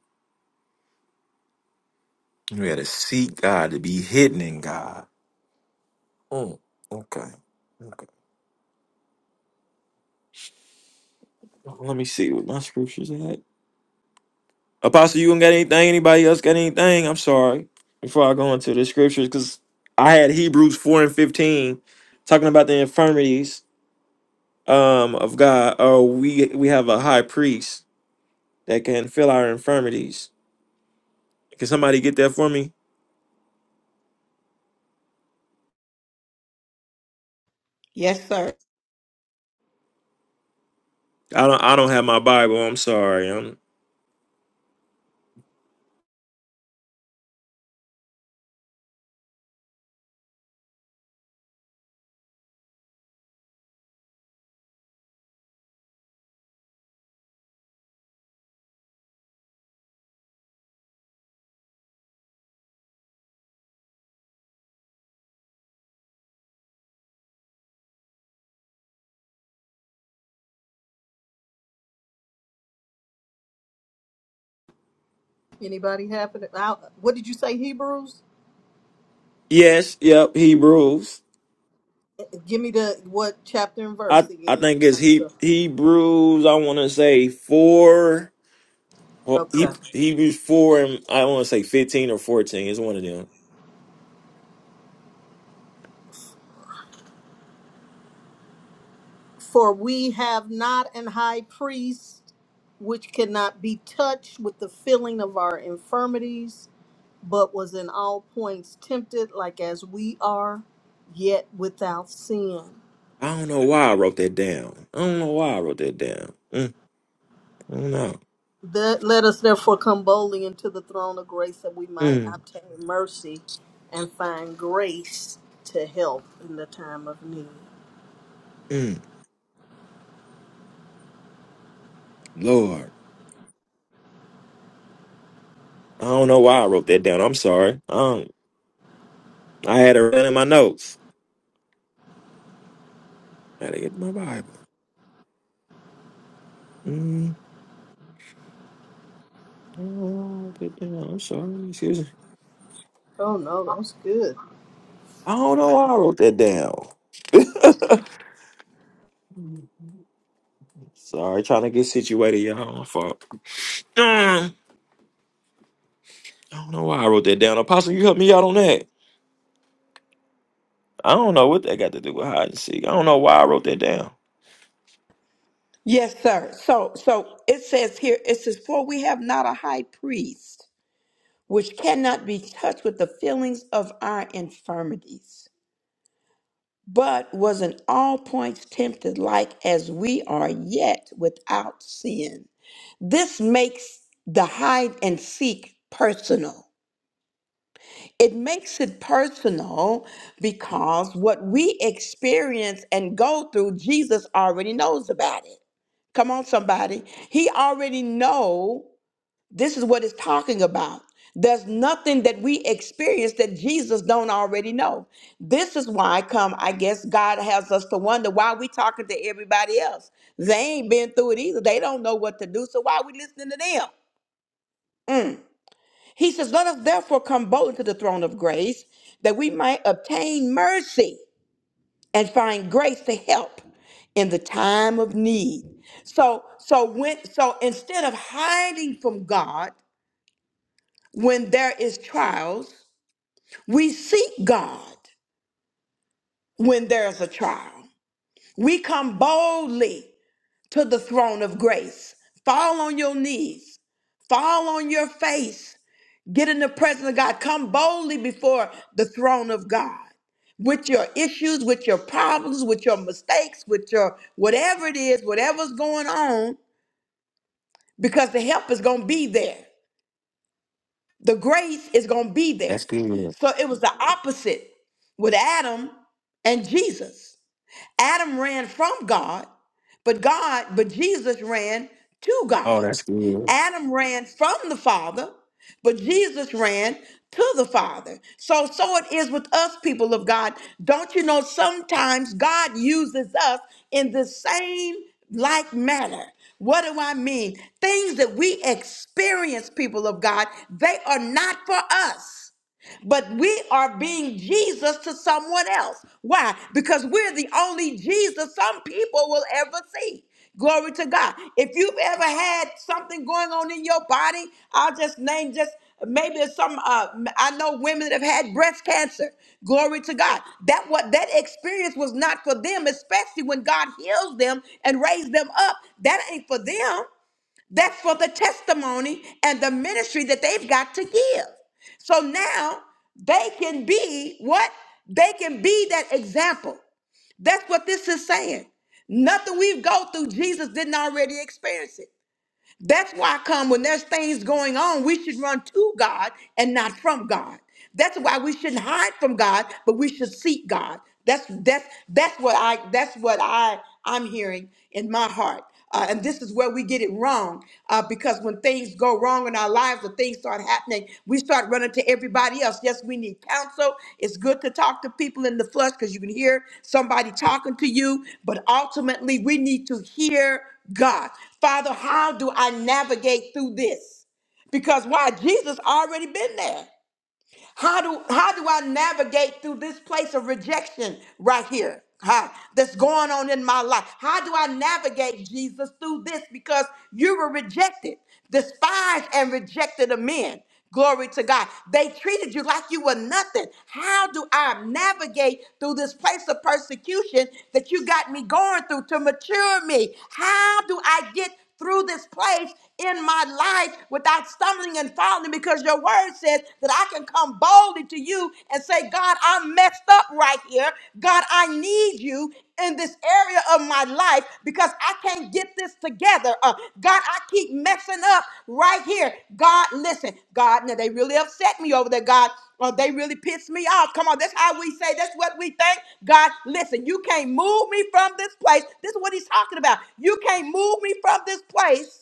S2: We gotta seek God to be hidden in God. Mm. Okay. Okay. Let me see what my scripture's at. Apostle, you don't got anything? Anybody else got anything? I'm sorry. Before I go into the scriptures, because I had Hebrews 4 and 15 talking about the infirmities um of God. Oh, we we have a high priest that can fill our infirmities. Can somebody get that for me?
S1: Yes, sir.
S2: I don't I don't have my Bible. I'm sorry. Um
S4: Anybody have it? I, what did you say, Hebrews?
S2: yes, yep, Hebrews.
S4: Give me the what chapter and
S2: I
S4: verse
S2: I
S4: again.
S2: think it's
S4: I'm
S2: he
S4: sorry.
S2: Hebrews, I wanna say four well, he,
S4: Okay.
S2: Hebrews four and I wanna say fifteen or fourteen. It's one of them
S4: For we have not an high priest which cannot be touched with the feeling of our infirmities, but was in all points tempted like as we are, yet without sin.
S2: I don't know why I wrote that down. I don't know why I wrote that down. Mm, I don't know.
S4: That, let us therefore come boldly into the throne of grace that we might
S2: Mm,
S4: obtain mercy and find grace to help in the time of need.
S2: mm, Lord, I don't know why I wrote that down. I'm sorry. Um, I had it written in my notes. I had to get my Bible. Mm, I don't know why I wrote that down. I'm sorry. Excuse me.
S4: Oh no, that's good.
S2: I don't know why I wrote that down. Sorry, trying to get situated, y'all. My fault. Mm, I don't know why I wrote that down. Apostle, you help me out on that. I don't know what that got to do with hide and seek. I don't know why I wrote that down.
S1: Yes, sir. So so it says here, it says, For we have not a high priest. which cannot be touched with the feelings of our infirmities, but was in all points tempted like as we are, yet without sin. This makes the hide and seek personal. It makes it personal because what we experience and go through, Jesus already knows about it. Come on, somebody. He already know This is what it's talking about. There's nothing that we experience that Jesus don't already know. This is why I come, I guess God has us to wonder why we talking to everybody else. They ain't been through it either. They don't know what to do. So why are we listening to them? He says, Let us therefore come boldly to the throne of grace that we might obtain mercy and find grace to help in the time of need. So, so when, so instead of trials, God, when throne of grace. Fall on your knees. Fall on your face in the prayer. God, Come boldly before the throne of God with your issues, with your problems, with your mistakes, with your whatever it is, whatever's going on, because the help is going to be there. The grace is going to be there.
S2: That's good.
S1: So it was the opposite with Adam and Jesus. Adam ran from God, but God, but Jesus ran to
S2: Oh,
S1: God.
S2: that's good.
S1: Adam ran from the Father, but Jesus ran to the Father. So so it is with us people of God. Don't you know sometimes God uses us in the same like manner. What do I mean? Things that we experience people of God, they are not for us. But we are being Jesus to someone else. Why? Because we're the only Jesus some people will ever see. Glory to God. If you've ever had something going on in your body, I'll just name just maybe some uh, I know women that have had breast cancer. Glory to God. That what that experience was not for them, especially when God heals them and raised them up. That ain't for them. That's for the testimony and the ministry that they've got to give. So now they can be what? They can be that example. That's what this is saying. Nothing we go through, Jesus didn't already experience it. That's why I come when there's things going on, we should run to God and not from God. That's why we should from God, but we should seek God. That's that's that's what I that's what I I'm hearing in my heart. Uh, and this is where we get it wrong uh, because when things go wrong in our lives or things start happening, we start running to everybody else. Yes, we need counsel. It's good to talk to people in the flesh because you can hear somebody talking to you, but ultimately we need to hear God. Father, how do I navigate through this? Because why? Jesus already been there. How do how do I navigate through this place of rejection right here? huh, that's going on in my life. How do I navigate Jesus through this? Because you were rejected, despised, and rejected of men. Glory to God. They treated you like you were nothing. How do I navigate through this place of persecution that you got me going through to mature me? How do I get through this place in my life without stumbling and falling because your word says that I can come boldly to you and say, God, I'm messed up right here. God, I need you in this area of my life because I can't get this together. Uh, God, I keep messing up right here. God, listen, God, now they really upset me over there, God. Oh, they really piss me off. Come on, that's how we say, that's what we think. God, listen, you can't move me from this place. This is what he's talking about. You can't move me from this place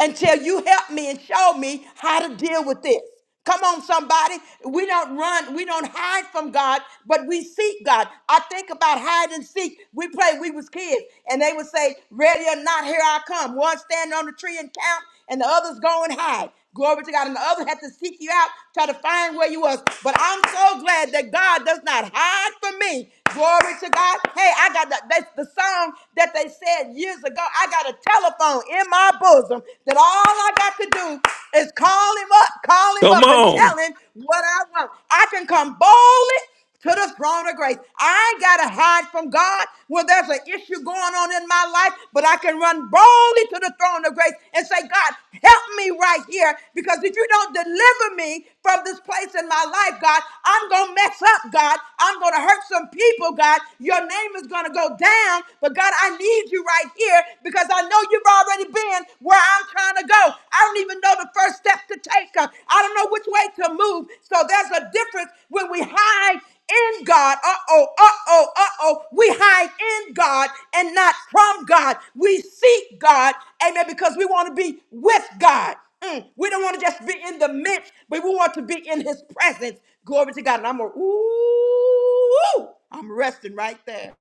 S1: until you help me and show me how to deal with this. Come on, somebody. We don't run, we don't hide from God, but we seek God. I think about hide and seek. We play, we was kids, and they would say, Ready or not, here I come. One standing on the tree and count, and the others go and hide. Glory to God. And the others had to seek you out, try to find where you was. But I'm so glad that God does not hide from me. Glory to God. Hey, I got the, that's the song that they said years ago. I got a telephone in my bosom that all I got to do is call him up, call him
S2: Come
S1: up and
S2: on.
S1: tell him what I want. I can come boldly to the throne of grace. I ain't got to hide from God when there's an issue going on in my life, but I can run boldly to the throne of grace and say, God, help me right here because if you don't deliver me from this place in my life, God, I'm going to mess up, God. I'm going to hurt some people, God. Your name is going to go down, but God, I need you right here because I know you've already been where I'm trying to go. I don't even know the first step to take. Uh, I don't know which way to move. So there's a difference when we hide in God. Uh oh, uh oh, uh oh. We hide in God and not from God. We seek God, amen, because we want to be with God. Mm, We don't want to just be in the midst, but we want to be in His presence. Glory to God. And I'm a, ooh, I'm resting right there.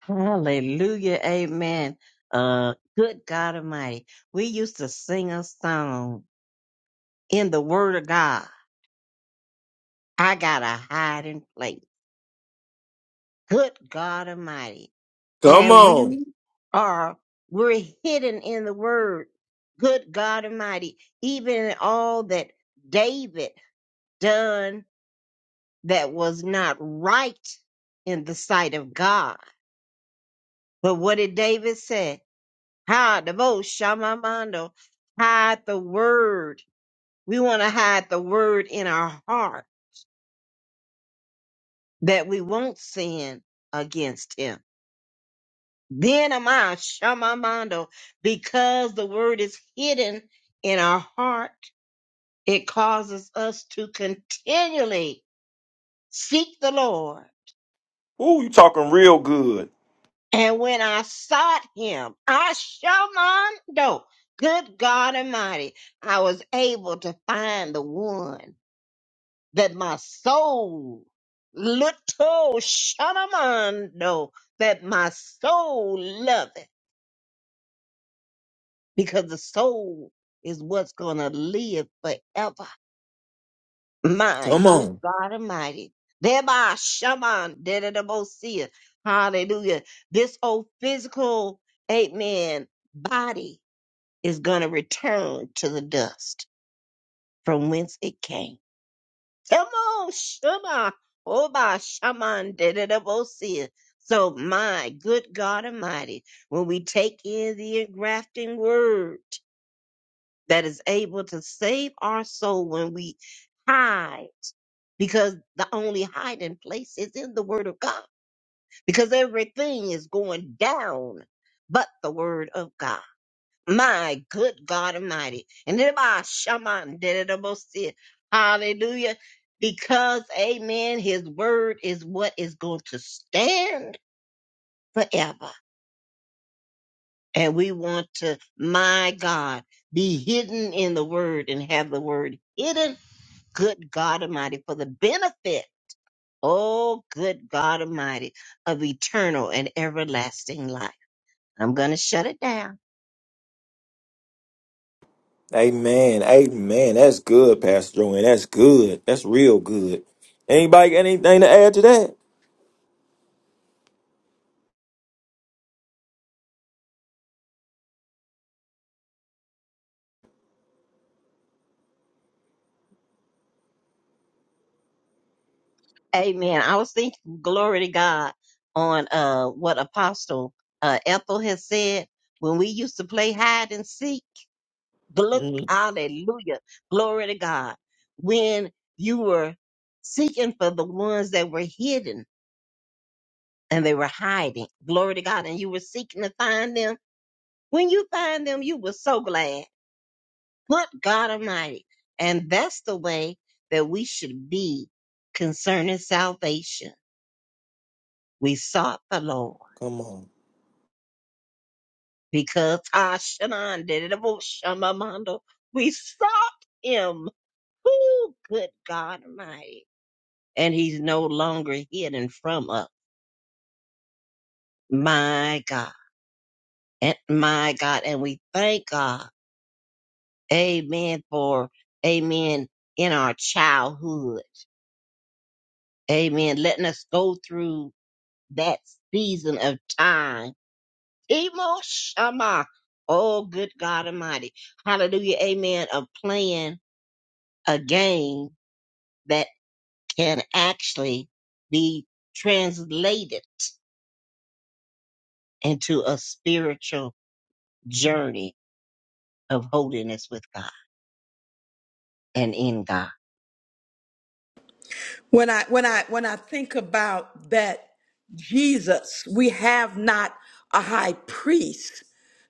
S5: Hallelujah. Amen. Uh, good God Almighty. We used to sing a song in the Word of God I got a hiding place. Good God Almighty.
S2: Come
S5: And we
S2: on.
S5: are, we're hidden in the word. Good God Almighty. Even in all that David done that was not right in the sight of God. But what did David say? Hide the most shamamando. Hide the word. We want to hide the word in our heart that we won't sin against him Then am I shamamando because the word is hidden in our heart. It causes us to continually seek the Lord.
S2: Ooh, you talking real good.
S5: And when I sought him, I shamando, good God Almighty, I was able to find the one that my soul, little shamamando, that my soul loveth. because the soul is what's going to live forever. My
S2: Come
S5: good
S2: on.
S5: God Almighty. Thereby, shaman, dedadabosia. Hallelujah. This old physical, amen, body is going to return to the dust from whence it came. Come on, shaman. Oh, by shaman, dedadabosia. So, my good God Almighty, when we take in the engrafting word, that is able to save our soul when we hide because the only hiding place is in the word of God because everything is going down but the word of God. My good God Almighty. And then my shaman did it almost said, Hallelujah. Because, amen, his word is what is going to stand forever. And we want to, my God, be hidden in the word and have the word hidden good God Almighty, for the benefit, oh, good God Almighty, of eternal and everlasting life. I'm going to shut it down.
S2: Amen. Amen. That's good, Pastor Joanne. That's good. That's real good. Anybody got anything to add to that?
S5: Amen. I was thinking, glory to God, on uh, what Apostle uh, Ethel has said when we used to play hide and seek. Look,
S2: Mm,
S5: hallelujah, glory to God. When you were seeking for the ones that were hidden and they were hiding, glory to God, and you were seeking to find them. When you find them, you were so glad. Good God Almighty. And that's the way that we should be concerning salvation. We sought the Lord
S2: Come on.
S5: because Tashanan did it. Oh, Shamamando. We sought him. Who good God Almighty. And he's no longer hidden from us. My God. And my God. And we thank God. Amen for amen in our childhood. Amen. Letting us go through that season of time. Timo Shama. Oh, good God Almighty. Hallelujah. Amen. Of playing a game that can actually be translated into a spiritual journey of holiness with God and in God.
S1: when i when i when i think about that jesus we have not a high priest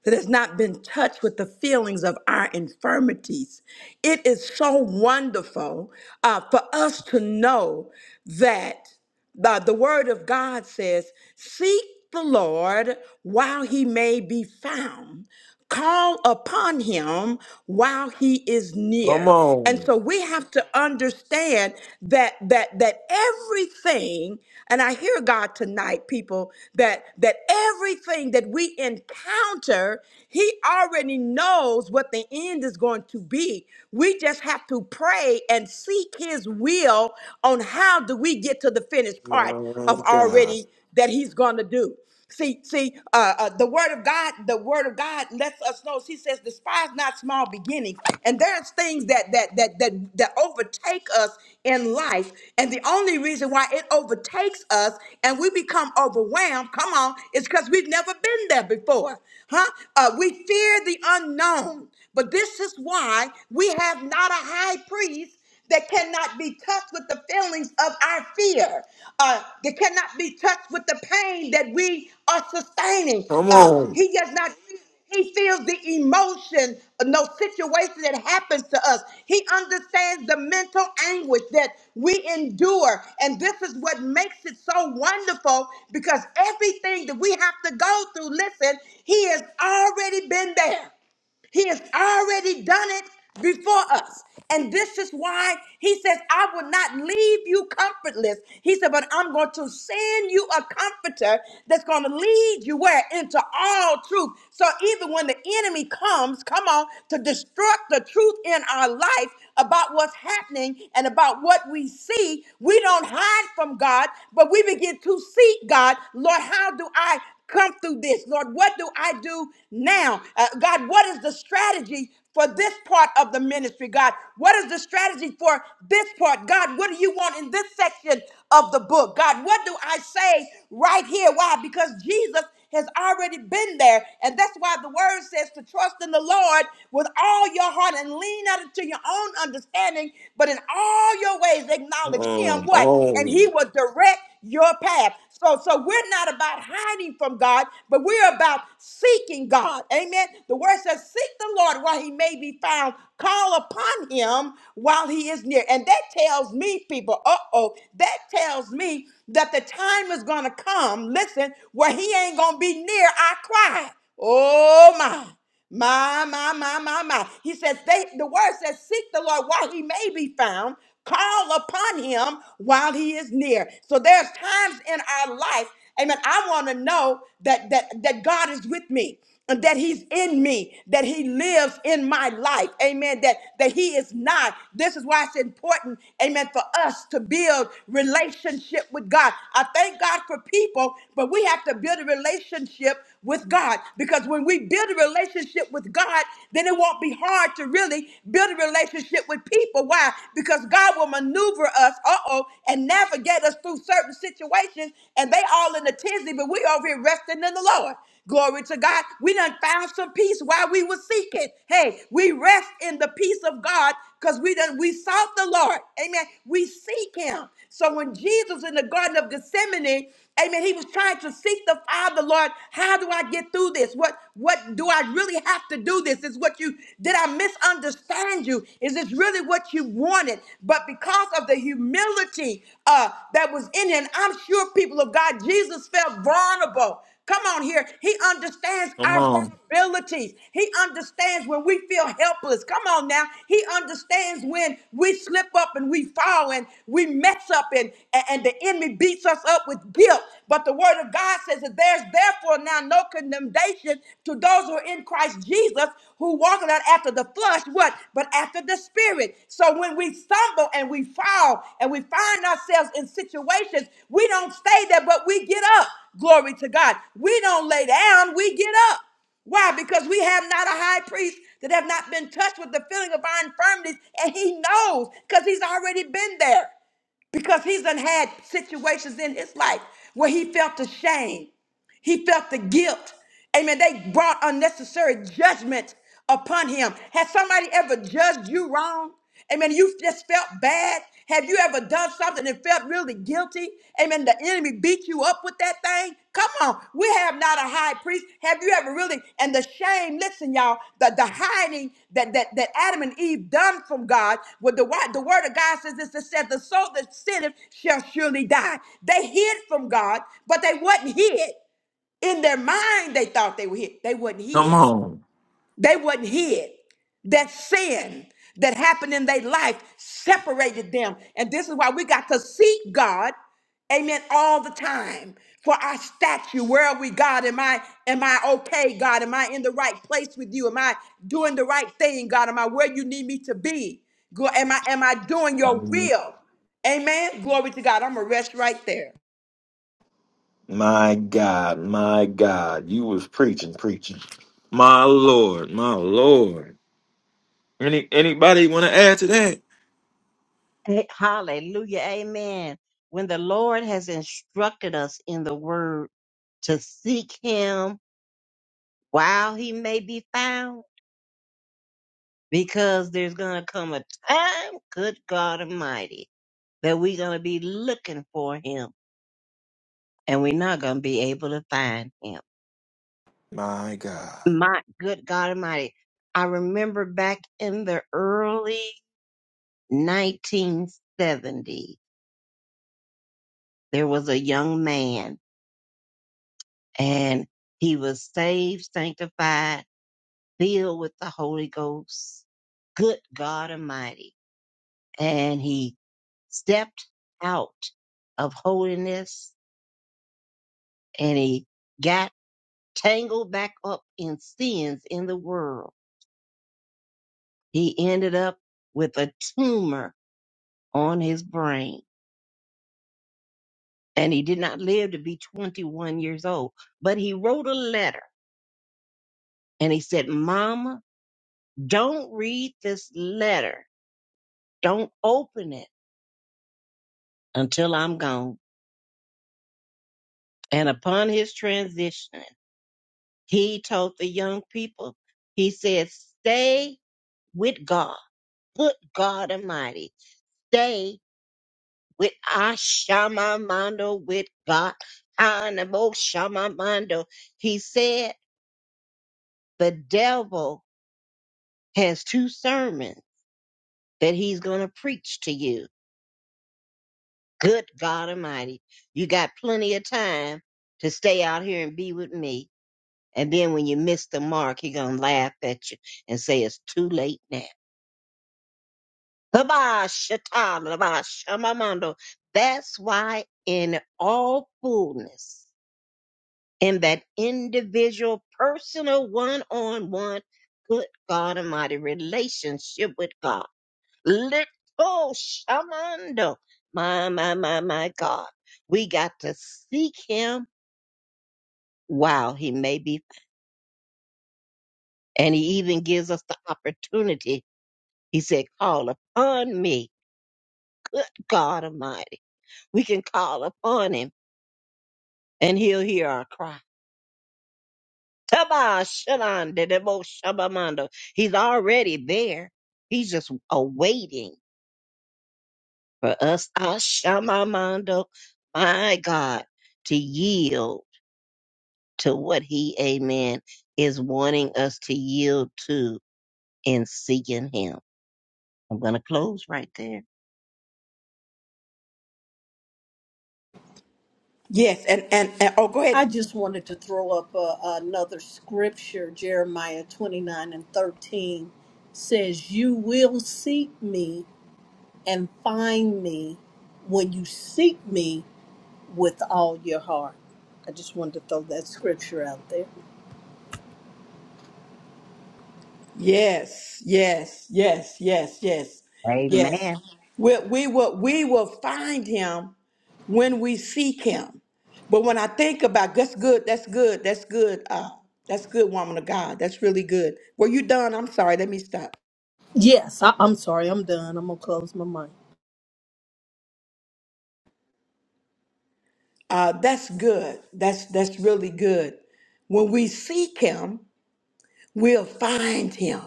S1: that has not been touched with the feelings of our infirmities it is so wonderful uh, for us to know that the, the word of god says seek the lord while he may be found call upon him while he is
S2: Come
S1: near. And
S2: on.
S1: so we have to understand that that that everything and i hear god tonight people that that everything that we encounter he already knows what the end is going to be we just have to pray and seek his will on how do we get to the finished part of
S2: My God.
S1: already that he's going to do see see uh, uh, the word of God, the word of God lets us know. She says, "Despise not small beginnings." And there's things that that that that that overtake us in life, and the only reason why it overtakes us and we become overwhelmed, come on, is because we've never been there before, huh? Uh, we fear the unknown, but this is why we have not a high priest that cannot be touched with the feelings of our fear, uh, that cannot be touched with the pain that we are sustaining.
S2: Come
S1: Uh,
S2: on.
S1: he does not, he feels the, no situation us. He understands mental anger that we endure. This is what makes it so because everything that we have to go through, listen, he has already been there. done it before us. And this is why he says, I will not leave you comfortless. He said, but I'm going to send you a comforter that's going to lead you where? Into all truth. So even when the enemy comes, come on, to destruct the truth in our life about what's happening and about what we see, we don't hide from God, but we begin to seek God. Lord, how do I come through this? Lord, what do I do now? Uh, God, what is the strategy for this part of the ministry, God? What is the strategy for this part? God, what do you want in this section of the book? God, what do I say right here? Why? Because Jesus has already been there. And that's why the word says to trust in the Lord with all your heart and lean not into your own understanding, but in all your ways acknowledge him.
S2: Um,
S1: What? And he
S2: on.
S1: will direct your path. So, so we're not about hiding from God, but we're about seeking God. Amen. The word says, seek the Lord while he may be found. Call upon him while he is near. And that tells me, people, uh-oh, that tells me that the time is gonna come, listen, where he ain't gonna be near our cry. Oh my. My, my, my, my, my. He said, they, the word says, seek the Lord while he may be found, call upon him while he is near. So there's times in our life, amen. I want to know that that that God is with me. And that he's in me, that he lives in my life. Amen. That that he is not. This is why it's important, amen, for us to build relationship with God. I thank God for people, but we have to build a relationship with God. Because when we build a relationship with God, then it won't be hard to really build a relationship with people. Why? Because God will maneuver us, uh oh, and navigate us through certain situations. And they all in the tizzy, but we over here resting in the Lord. Glory to God. We done found some peace while we were seeking. Hey, we rest in the peace of God because we done we sought the Lord. Amen. We seek him. So when Jesus in the Garden of Gethsemane Amen. He was trying to seek the Father, Lord. How do I get through this? What what do I really have to do? This is what you did. I misunderstand you. Is this really what you wanted? But because of the humility uh, that was in him, I'm sure people of God, Jesus felt vulnerable. Come on here. He understands
S2: Come
S1: our
S2: on.
S1: vulnerabilities. He understands when we feel helpless. Come on now. He understands when we slip up and we fall and we mess up and, and and the enemy beats us up with guilt. But the word of God says that there's therefore now no condemnation to those who are in Christ Jesus who walk not after after the flesh, what? But after the spirit. So when we stumble and we fall and we find ourselves in situations, we don't stay there, but we get up. Glory to God. We don't lay down, we get up. Why? Because we have not a high priest that have not been touched with the feeling of our infirmities, and he knows because he's already been there. Because he's done had situations in his life where he felt ashamed, he felt the guilt. Amen. They brought unnecessary judgment upon him. Has somebody ever judged you wrong? Amen. You just felt bad. Have you ever done something and felt really guilty? Amen. The enemy beat you up with that thing. Come on. We have not a high priest. Have you ever really? And the shame, listen, y'all, the, the hiding that, that, that Adam and Eve done from God, with the, wi- the word of God says this, it said, the soul that sinneth shall surely die. They hid from God, but they wasn't hid. In their mind, they thought they were hid. They wasn't
S2: Come
S1: hid.
S2: on.
S1: They wasn't hid. That sin that happened in their life separated them. And this is why we got to seek God, amen, all the time for our statue. Where are we, God? Am I am I okay, God? Am I in the right place with you? Am I doing the right thing, God? Am I where you need me to be? Go- Am I am I doing your
S2: Um,
S1: will? Amen. Glory to God. I'm gonna rest right there.
S2: My God. My God. You was preaching, preaching. My Lord. My Lord. Any anybody wanna add to that?
S5: Eh, Hallelujah. Amen. When the Lord has instructed us in the word to seek him while he may be found because there's gonna come a time, good God Almighty, that we're gonna be looking for him and we're not gonna be able to find him.
S2: My God.
S5: My good God Almighty, I remember back in the early 1970s, there was a young man and he was saved, sanctified, filled with the Holy Ghost. Good God Almighty. And he stepped out of holiness and he got tangled back up in sins in the world. He ended up with a tumor on his brain and he did not live to be 21 years old. But he wrote a letter and he said, Mama, don't read this letter. Don't open it until I'm gone. And upon his transition, he told the young people, he said, stay with God. Good God Almighty, stay with Ashamamando, with God. Anabo Shamamando. He said the devil has two sermons that he's going to preach to you. Good God Almighty. You got plenty of time to stay out here and be with me. And then when you miss the mark, he going to laugh at you and say it's too late now. Baba Shatana, Baba Shamamando. That's why in all fullness. and that individual, personal, one on one, good God Almighty relationship with God. Little Shamando, my, my, my, my God. We got to seek Him while He may be. And He even gives us the opportunity. He said, Call upon me, good God Almighty. We can call upon Him and He'll hear our cry Taba Shalan de Debo Shabamando. He's already there. He's just awaiting for us, Ashamamando, my God, to yield to what he, amen, is wanting us to yield to in seeking him. I'm going to close right there.
S1: Yes, and and, and oh go
S4: I
S1: ahead,
S4: just wanted to throw up a, another scripture. Jeremiah 29 and 13 says, You will seek me and find me when you seek me with all your heart. I just wanted to throw that scripture out there.
S1: Yes, yes, yes, yes, yes, yes.
S5: Amen.
S1: We, we will we will find him when we seek him. But when I think about that's good, that's good, that's good, uh, that's good, woman of God. That's really good. Were you done? I'm sorry, let me stop.
S4: Yes, I, I'm sorry. I'm done. I'm going to close my mic.
S1: Uh, that's good. That's that's really good. When we seek him, we'll find him.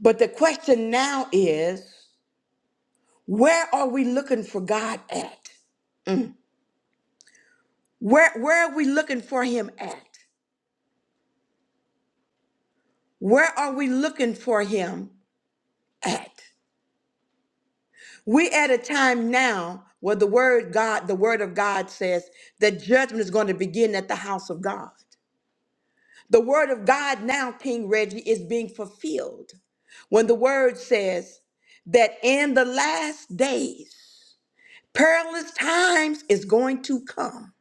S1: But the question now is, where are we looking for God at? Where where are we looking for him at? Where are we looking for him at? We at a time now where the word God, the word of God says that judgment is going to begin at the house of God. The word of God now, King Reggie, is being fulfilled when the word says that in the last days, perilous times is going to come.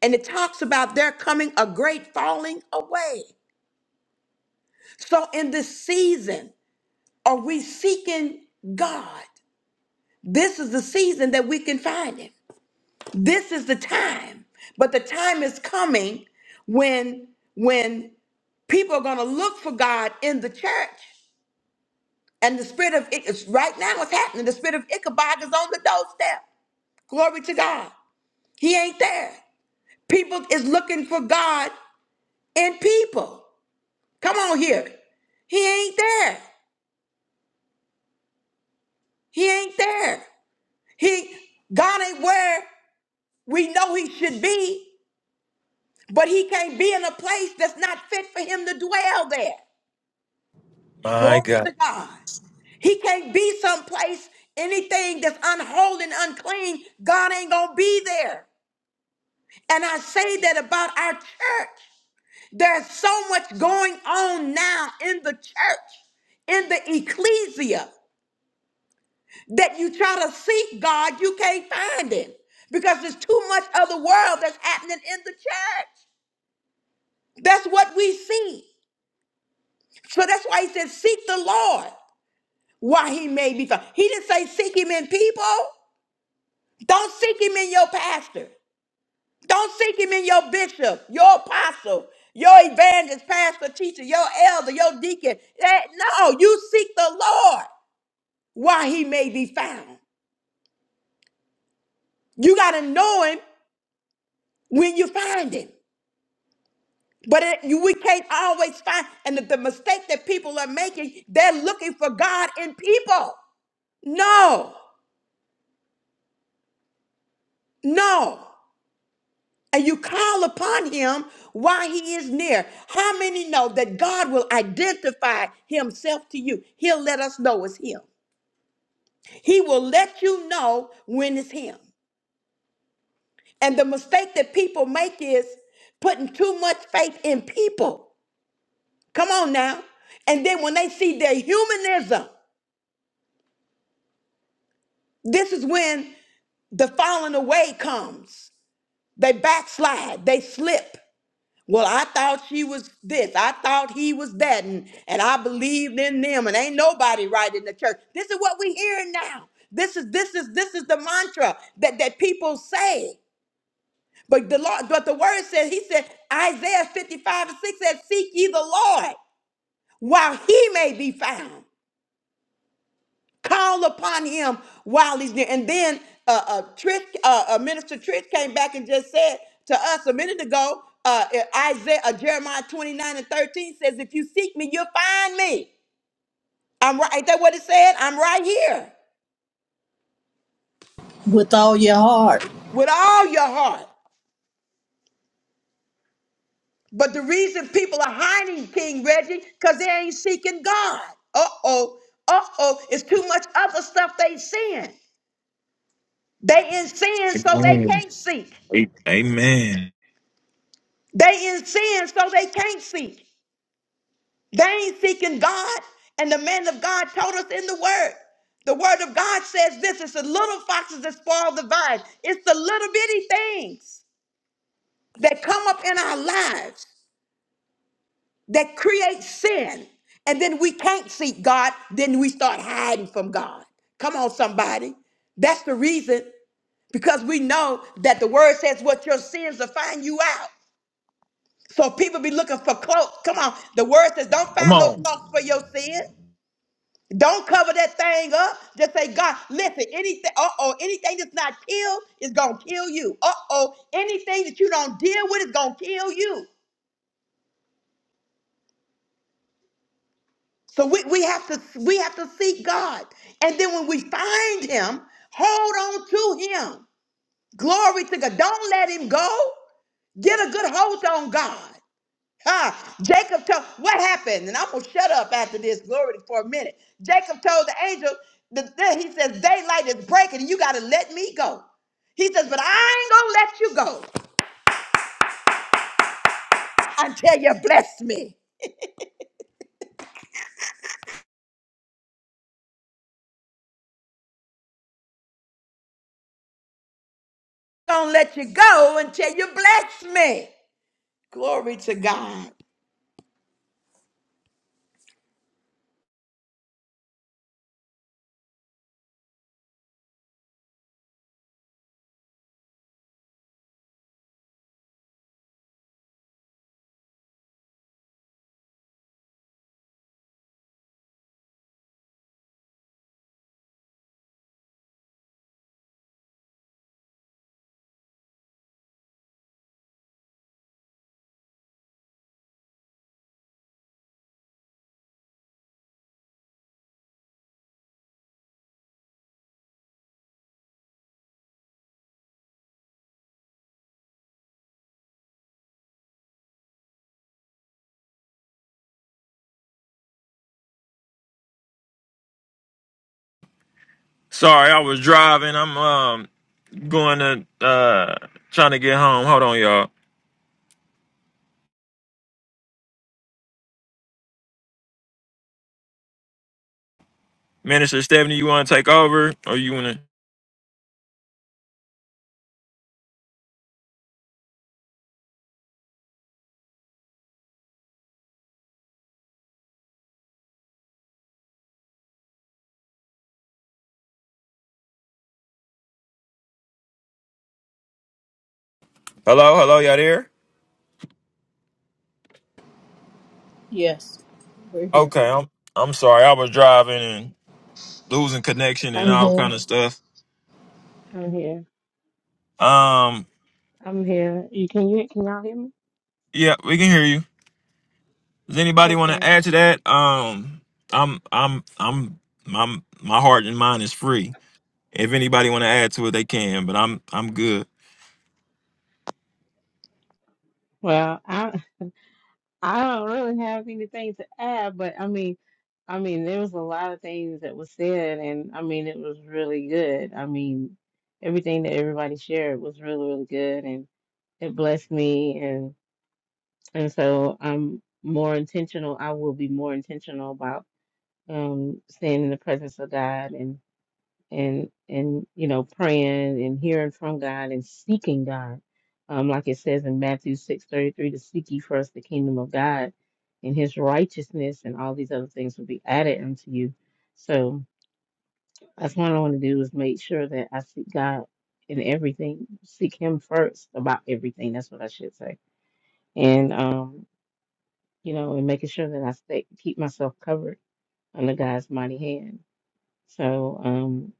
S1: And it talks about there coming a great falling away. So in this season, are we seeking God? This is the season that we can find him. This is the time. But the time is coming when when people are going to look for God in the church. And the spirit of Ich- it's right now it's happening. The spirit of Ichabod is on the doorstep. Glory to God. He ain't there. People is looking for God in people. Come on here. He ain't there. He ain't there. He God ain't where we know he should be, but he can't be in a place that's not fit for him to dwell there.
S2: My
S1: Glory
S2: God.
S1: to God. He can't be someplace, anything that's unholy and unclean, God ain't going to be there. And I say that about our church. There's so much going on now in the church, in the ecclesia, that you try to seek God, you can't find Him because there's too much of the world that's happening in the church. That's what we see. So that's why He said, Seek the Lord while He may be found. He didn't say, Seek Him in people. Don't seek him in your pastor. Don't seek him in your bishop, your apostle, your evangelist, pastor, teacher, your elder, your deacon. That- no, you seek the Lord while he may be found. You got to know him when you find him. But it, you, we can't always find, and the, the mistake that people are making, they're looking for God in people. No, no. and you call upon him while he is near. How many know that God will identify himself to you? He'll let us know it's him. He will let you know when it's him. And the mistake that people make is putting too much faith in people. Come on now. And then when they see their humanism, this is when the falling away comes. They backslide, they slip, Well, I thought she was this. I thought he was that. And, and I believed in them. And ain't nobody right in the church. This is what we hearing now. This is this is this is the mantra that, that people say. But the Lord, but the word says, he said, Isaiah 55 and 6 said, Seek ye the Lord while he may be found. Call upon him while he's near. And then uh, uh, Trish, uh, uh, Minister Trish came back and just said to us a minute ago, uh, uh, Isaiah, uh, Jeremiah 29 and 13 says, if you seek me, you'll find me. I'm right. Ain't that what it said? I'm right here
S4: With all your heart.
S1: with all your heart. But the reason people are hiding King Reggie, because they ain't seeking God. Uh-oh. Uh-oh. It's too much other stuff they seeing. They in sin so they
S2: Amen.
S1: can't seek.
S2: A- Amen.
S1: They in sin so they can't seek. They ain't seeking God. And the man of God told us in the word. The word of God says this it's the little foxes that spoil the vine. It's the little bitty things that come up in our lives that create sin. And then we can't seek God. Then we start hiding from God. Come on, somebody. That's the reason because we know that the word says what your sins will find you out. So people be looking for cloaks. Come on. The word says don't
S2: Come
S1: find no
S2: on.
S1: cloaks for your sins. Don't cover that thing up. Just say, God, listen, anything, uh-oh, anything that's not killed is gonna kill you. Uh-oh, anything that you don't deal with is gonna kill you. So we, we have to we have to seek God. And then when we find him, hold on to him. Glory to God. Don't let him go. Get a good hold on God. Ah, Jacob told what happened, and I'm gonna shut up after this glory for a minute. Jacob told the angel that that- he says daylight is breaking, and you gotta let me go. He says, but I ain't gonna let you go until you bless me. Gonna let you go until you bless me. Glory to God.
S2: Sorry, I was driving. I'm um going to uh trying to get home. Hold on, y'all. Minister Stephanie, you want to take over, or you want to? Hello, hello, y'all there?
S4: Yes, we're here.
S2: Okay, I'm I'm sorry. I was driving and losing connection and
S3: I'm
S2: all kind
S3: here.
S2: of stuff.
S3: I'm here.
S2: Um,
S3: I'm here. You can you can y'all hear me?
S2: yeah, we can hear you. Does anybody want
S3: Okay.
S2: to add to that? Um, I'm I'm I'm my my heart and mind is free. If anybody want to add to it, they can. But I'm I'm good.
S3: Well, I I don't really have anything to add, but I mean, I mean, there was a lot of things that was said, and I mean, it was really good. I mean, everything that everybody shared was really really good, and it blessed me, and and so I'm more intentional. I will be more intentional about um staying in the presence of God and and you know praying and hearing from God and seeking God, um, like it says in Matthew six thirty three, to seek ye first the kingdom of God and His righteousness, and all these other things will be added unto you. So that's what I want to do is make sure that I seek God in everything, seek Him first about everything. That's what I should say, and um, you know, and making sure that I stay keep myself covered under God's mighty hand. So um,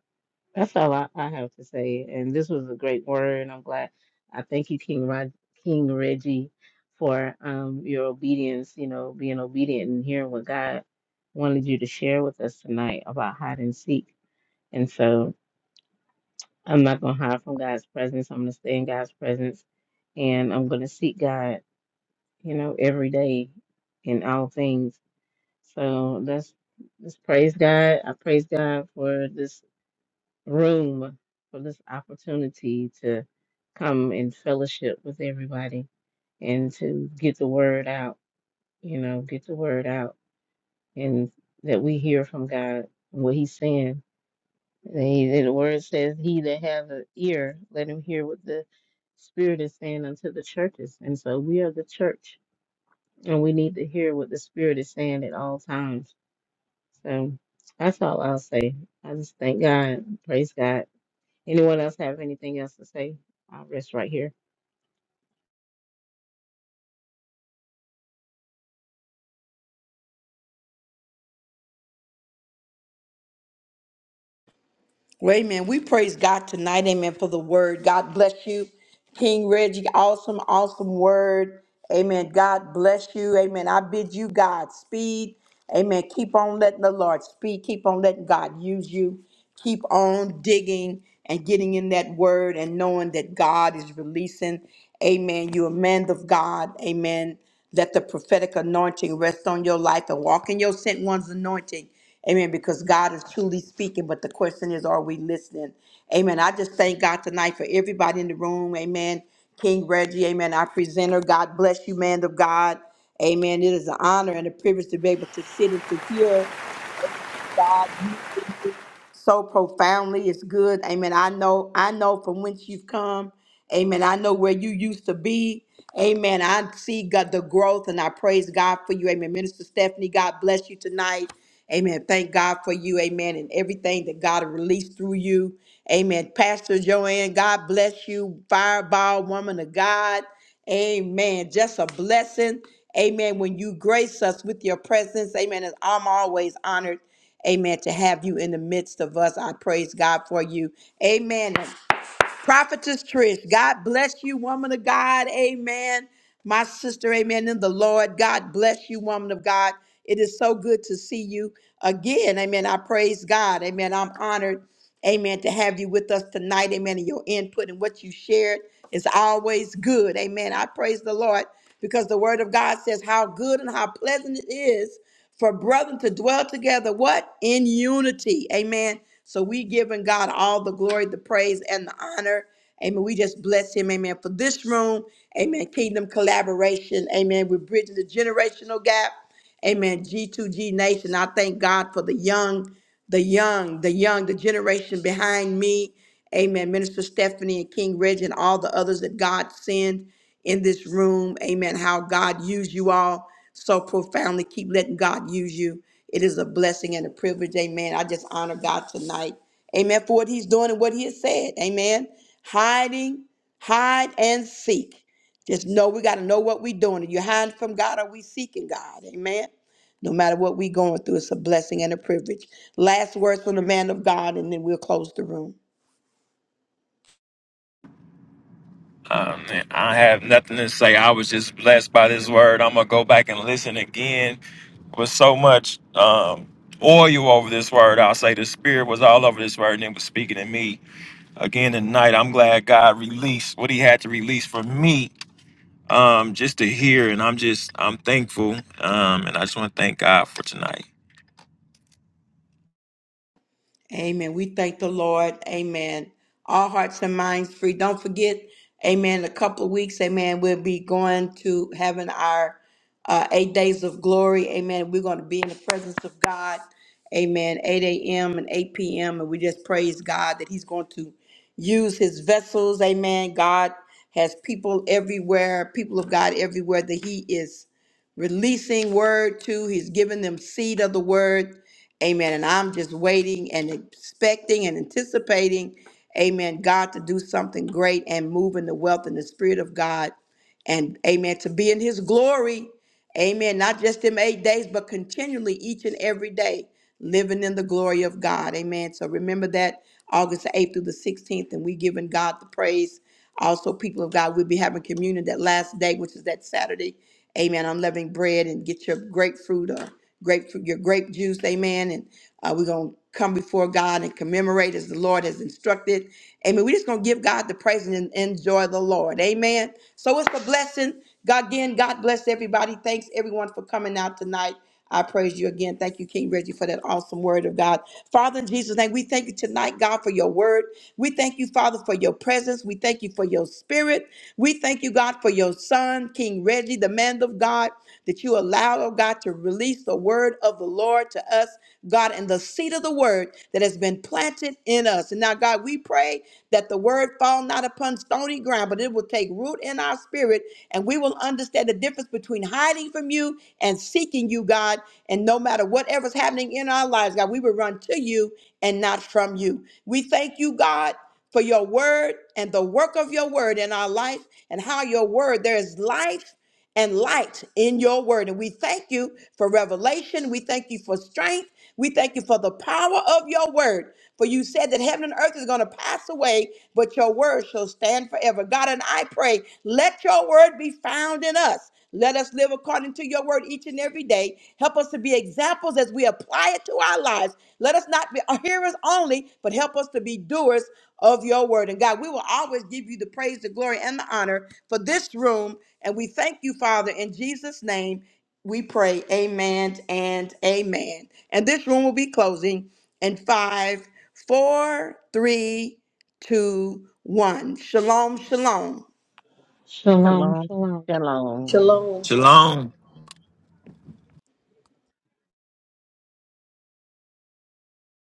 S3: That's all I, I have to say. And this was a great word. I'm glad. I thank you, King Rod, King Reggie, for um your obedience. You know, being obedient and hearing what God wanted you to share with us tonight about hide and seek. And so I'm not gonna hide from God's presence. I'm gonna stay in God's presence, and I'm gonna seek God. You know, every day in all things. So let's let's praise God. I praise God for this room for this opportunity to come and fellowship with everybody and to get the word out, you know, get the word out and that we hear from God and what he's saying. And he, the word says, he that has an ear, let him hear what the spirit is saying unto the churches. And so we are the church and we need to hear what the spirit is saying at all times. So that's all I'll say. I just thank God. Praise God. Anyone else have anything else to say? I'll rest right here.
S1: Well, Amen. We praise God tonight. Amen. For the word. God bless you. King Reggie, awesome, awesome word. Amen. God bless you. Amen. I bid you God speed. Amen. Keep on letting the Lord speak. Keep on letting God use you. Keep on digging and getting in that word and knowing that God is releasing. Amen. You're a man of God. Amen. Let the prophetic anointing rest on your life and walk in your sent one's anointing. Amen. Because God is truly speaking, but the question is, are we listening? Amen. I just thank God tonight for everybody in the room. Amen. King Reggie, amen. Our presenter, God bless you, man of God. Amen. It is an honor and a privilege to be able to sit and to hear so profoundly. It's good. Amen. I know, I know from whence you've come. Amen. I know where you used to be. Amen. I see God the growth and I praise God for you. Amen. Minister Stephanie, God bless you tonight. Amen. Thank God for you. Amen. And everything that God released through you. Amen. Pastor Joanne, God bless you. Fireball woman of God. Amen. Just a blessing. Amen. When you grace us with your presence, amen. And I'm always honored, amen, to have you in the midst of us. I praise God for you. Amen. Prophetess Trish, God bless you, woman of God. Amen. My sister, amen. In the Lord, God bless you, woman of God. It is so good to see you again. Amen. I praise God. Amen. I'm honored, amen, to have you with us tonight. Amen. And your input and what you shared is always good. Amen. I praise the Lord because the word of God says how good and how pleasant it is for brethren to dwell together what in unity amen so we giving god all the glory the praise and the honor amen we just bless him amen for this room amen kingdom collaboration amen we're bridging the generational gap Amen. G2G Nation, I thank God for the young, the young, the young, the generation behind me. Amen. Minister Stephanie and King Reggie and all the others that God send in this room. Amen. How God used you all so profoundly. Keep letting God use you. It is a blessing and a privilege. Amen. I just honor God tonight. Amen. For what he's doing and what he has said. Amen. Hiding, hide and seek. Just know we got to know what we're doing. Are you hiding from God? Are we seeking God? Amen. No matter what we going through, it's a blessing and a privilege. Last words from the man of God, and then we'll close the room.
S2: Um, man, I have nothing to say. I was just blessed by this word. I'm gonna go back and listen again with so much um, oil over this word. I'll say the spirit was all over this word and it was speaking to me again tonight. I'm glad God released what he had to release for me um, just to hear. And I'm just, I'm thankful. Um, and I just want to thank God for tonight.
S1: Amen. We thank the Lord. Amen. All hearts and minds free. Don't forget, amen, a couple of weeks, amen, we'll be going to having our uh, eight days of glory. Amen. We're going to be in the presence of God. Amen. 8 a.m. and 8 p.m. And we just praise God that He's going to use His vessels. Amen. God has people everywhere, people of God everywhere that He is releasing word to. He's giving them seed of the word. Amen. And I'm just waiting and expecting and anticipating, amen, God to do something great and move in the wealth and the spirit of God and amen to be in his glory. Amen. Not just them eight days, but continually each and every day living in the glory of God. Amen. So remember that August 8th through the 16th, and we giving God the praise. Also, people of God, we'll be having communion that last day, which is that Saturday. Amen. Unleavened bread and get your grapefruit or grapefruit, your grape juice. Amen. And uh, we're going to come before God and commemorate as the Lord has instructed. Amen. We're just going to give God the praise and en- enjoy the Lord. Amen. So it's a blessing. God again, God bless everybody. Thanks everyone for coming out tonight. I praise you again. Thank you, King Reggie, for that awesome word of God. Father, in Jesus' name, we thank you tonight, God, for your word. We thank you, Father, for your presence. We thank you for your spirit. We thank you, God, for your son, King Reggie, the man of God, that you allowed, oh God, to release the word of the Lord to us. God, and the seed of the word that has been planted in us. And now, God, we pray that the word fall not upon stony ground, but it will take root in our spirit, and we will understand the difference between hiding from you and seeking you, God. And no matter whatever's happening in our lives, God, we will run to you and not from you. We thank you, God for your word and the work of your word in our life and how your word there is life and light in your word. And we thank you for revelation. We thank you for strength. We thank you for the power of your word. For you said that heaven and earth is going to pass away, but your word shall stand forever. God, and I pray, let your word be found in us. Let us live according to your word each and every day. Help us to be examples as we apply it to our lives. Let us not be hearers only, but help us to be doers of your word. And God, we will always give you the praise, the glory, and the honor for this room. And we thank you, Father, in Jesus' name. We pray, amen and amen. And this room will be closing in five, four, three, two, one. Shalom, shalom.
S3: Shalom,
S5: Shalom.
S3: shalom.
S5: Shalom.
S4: Shalom.
S2: Shalom.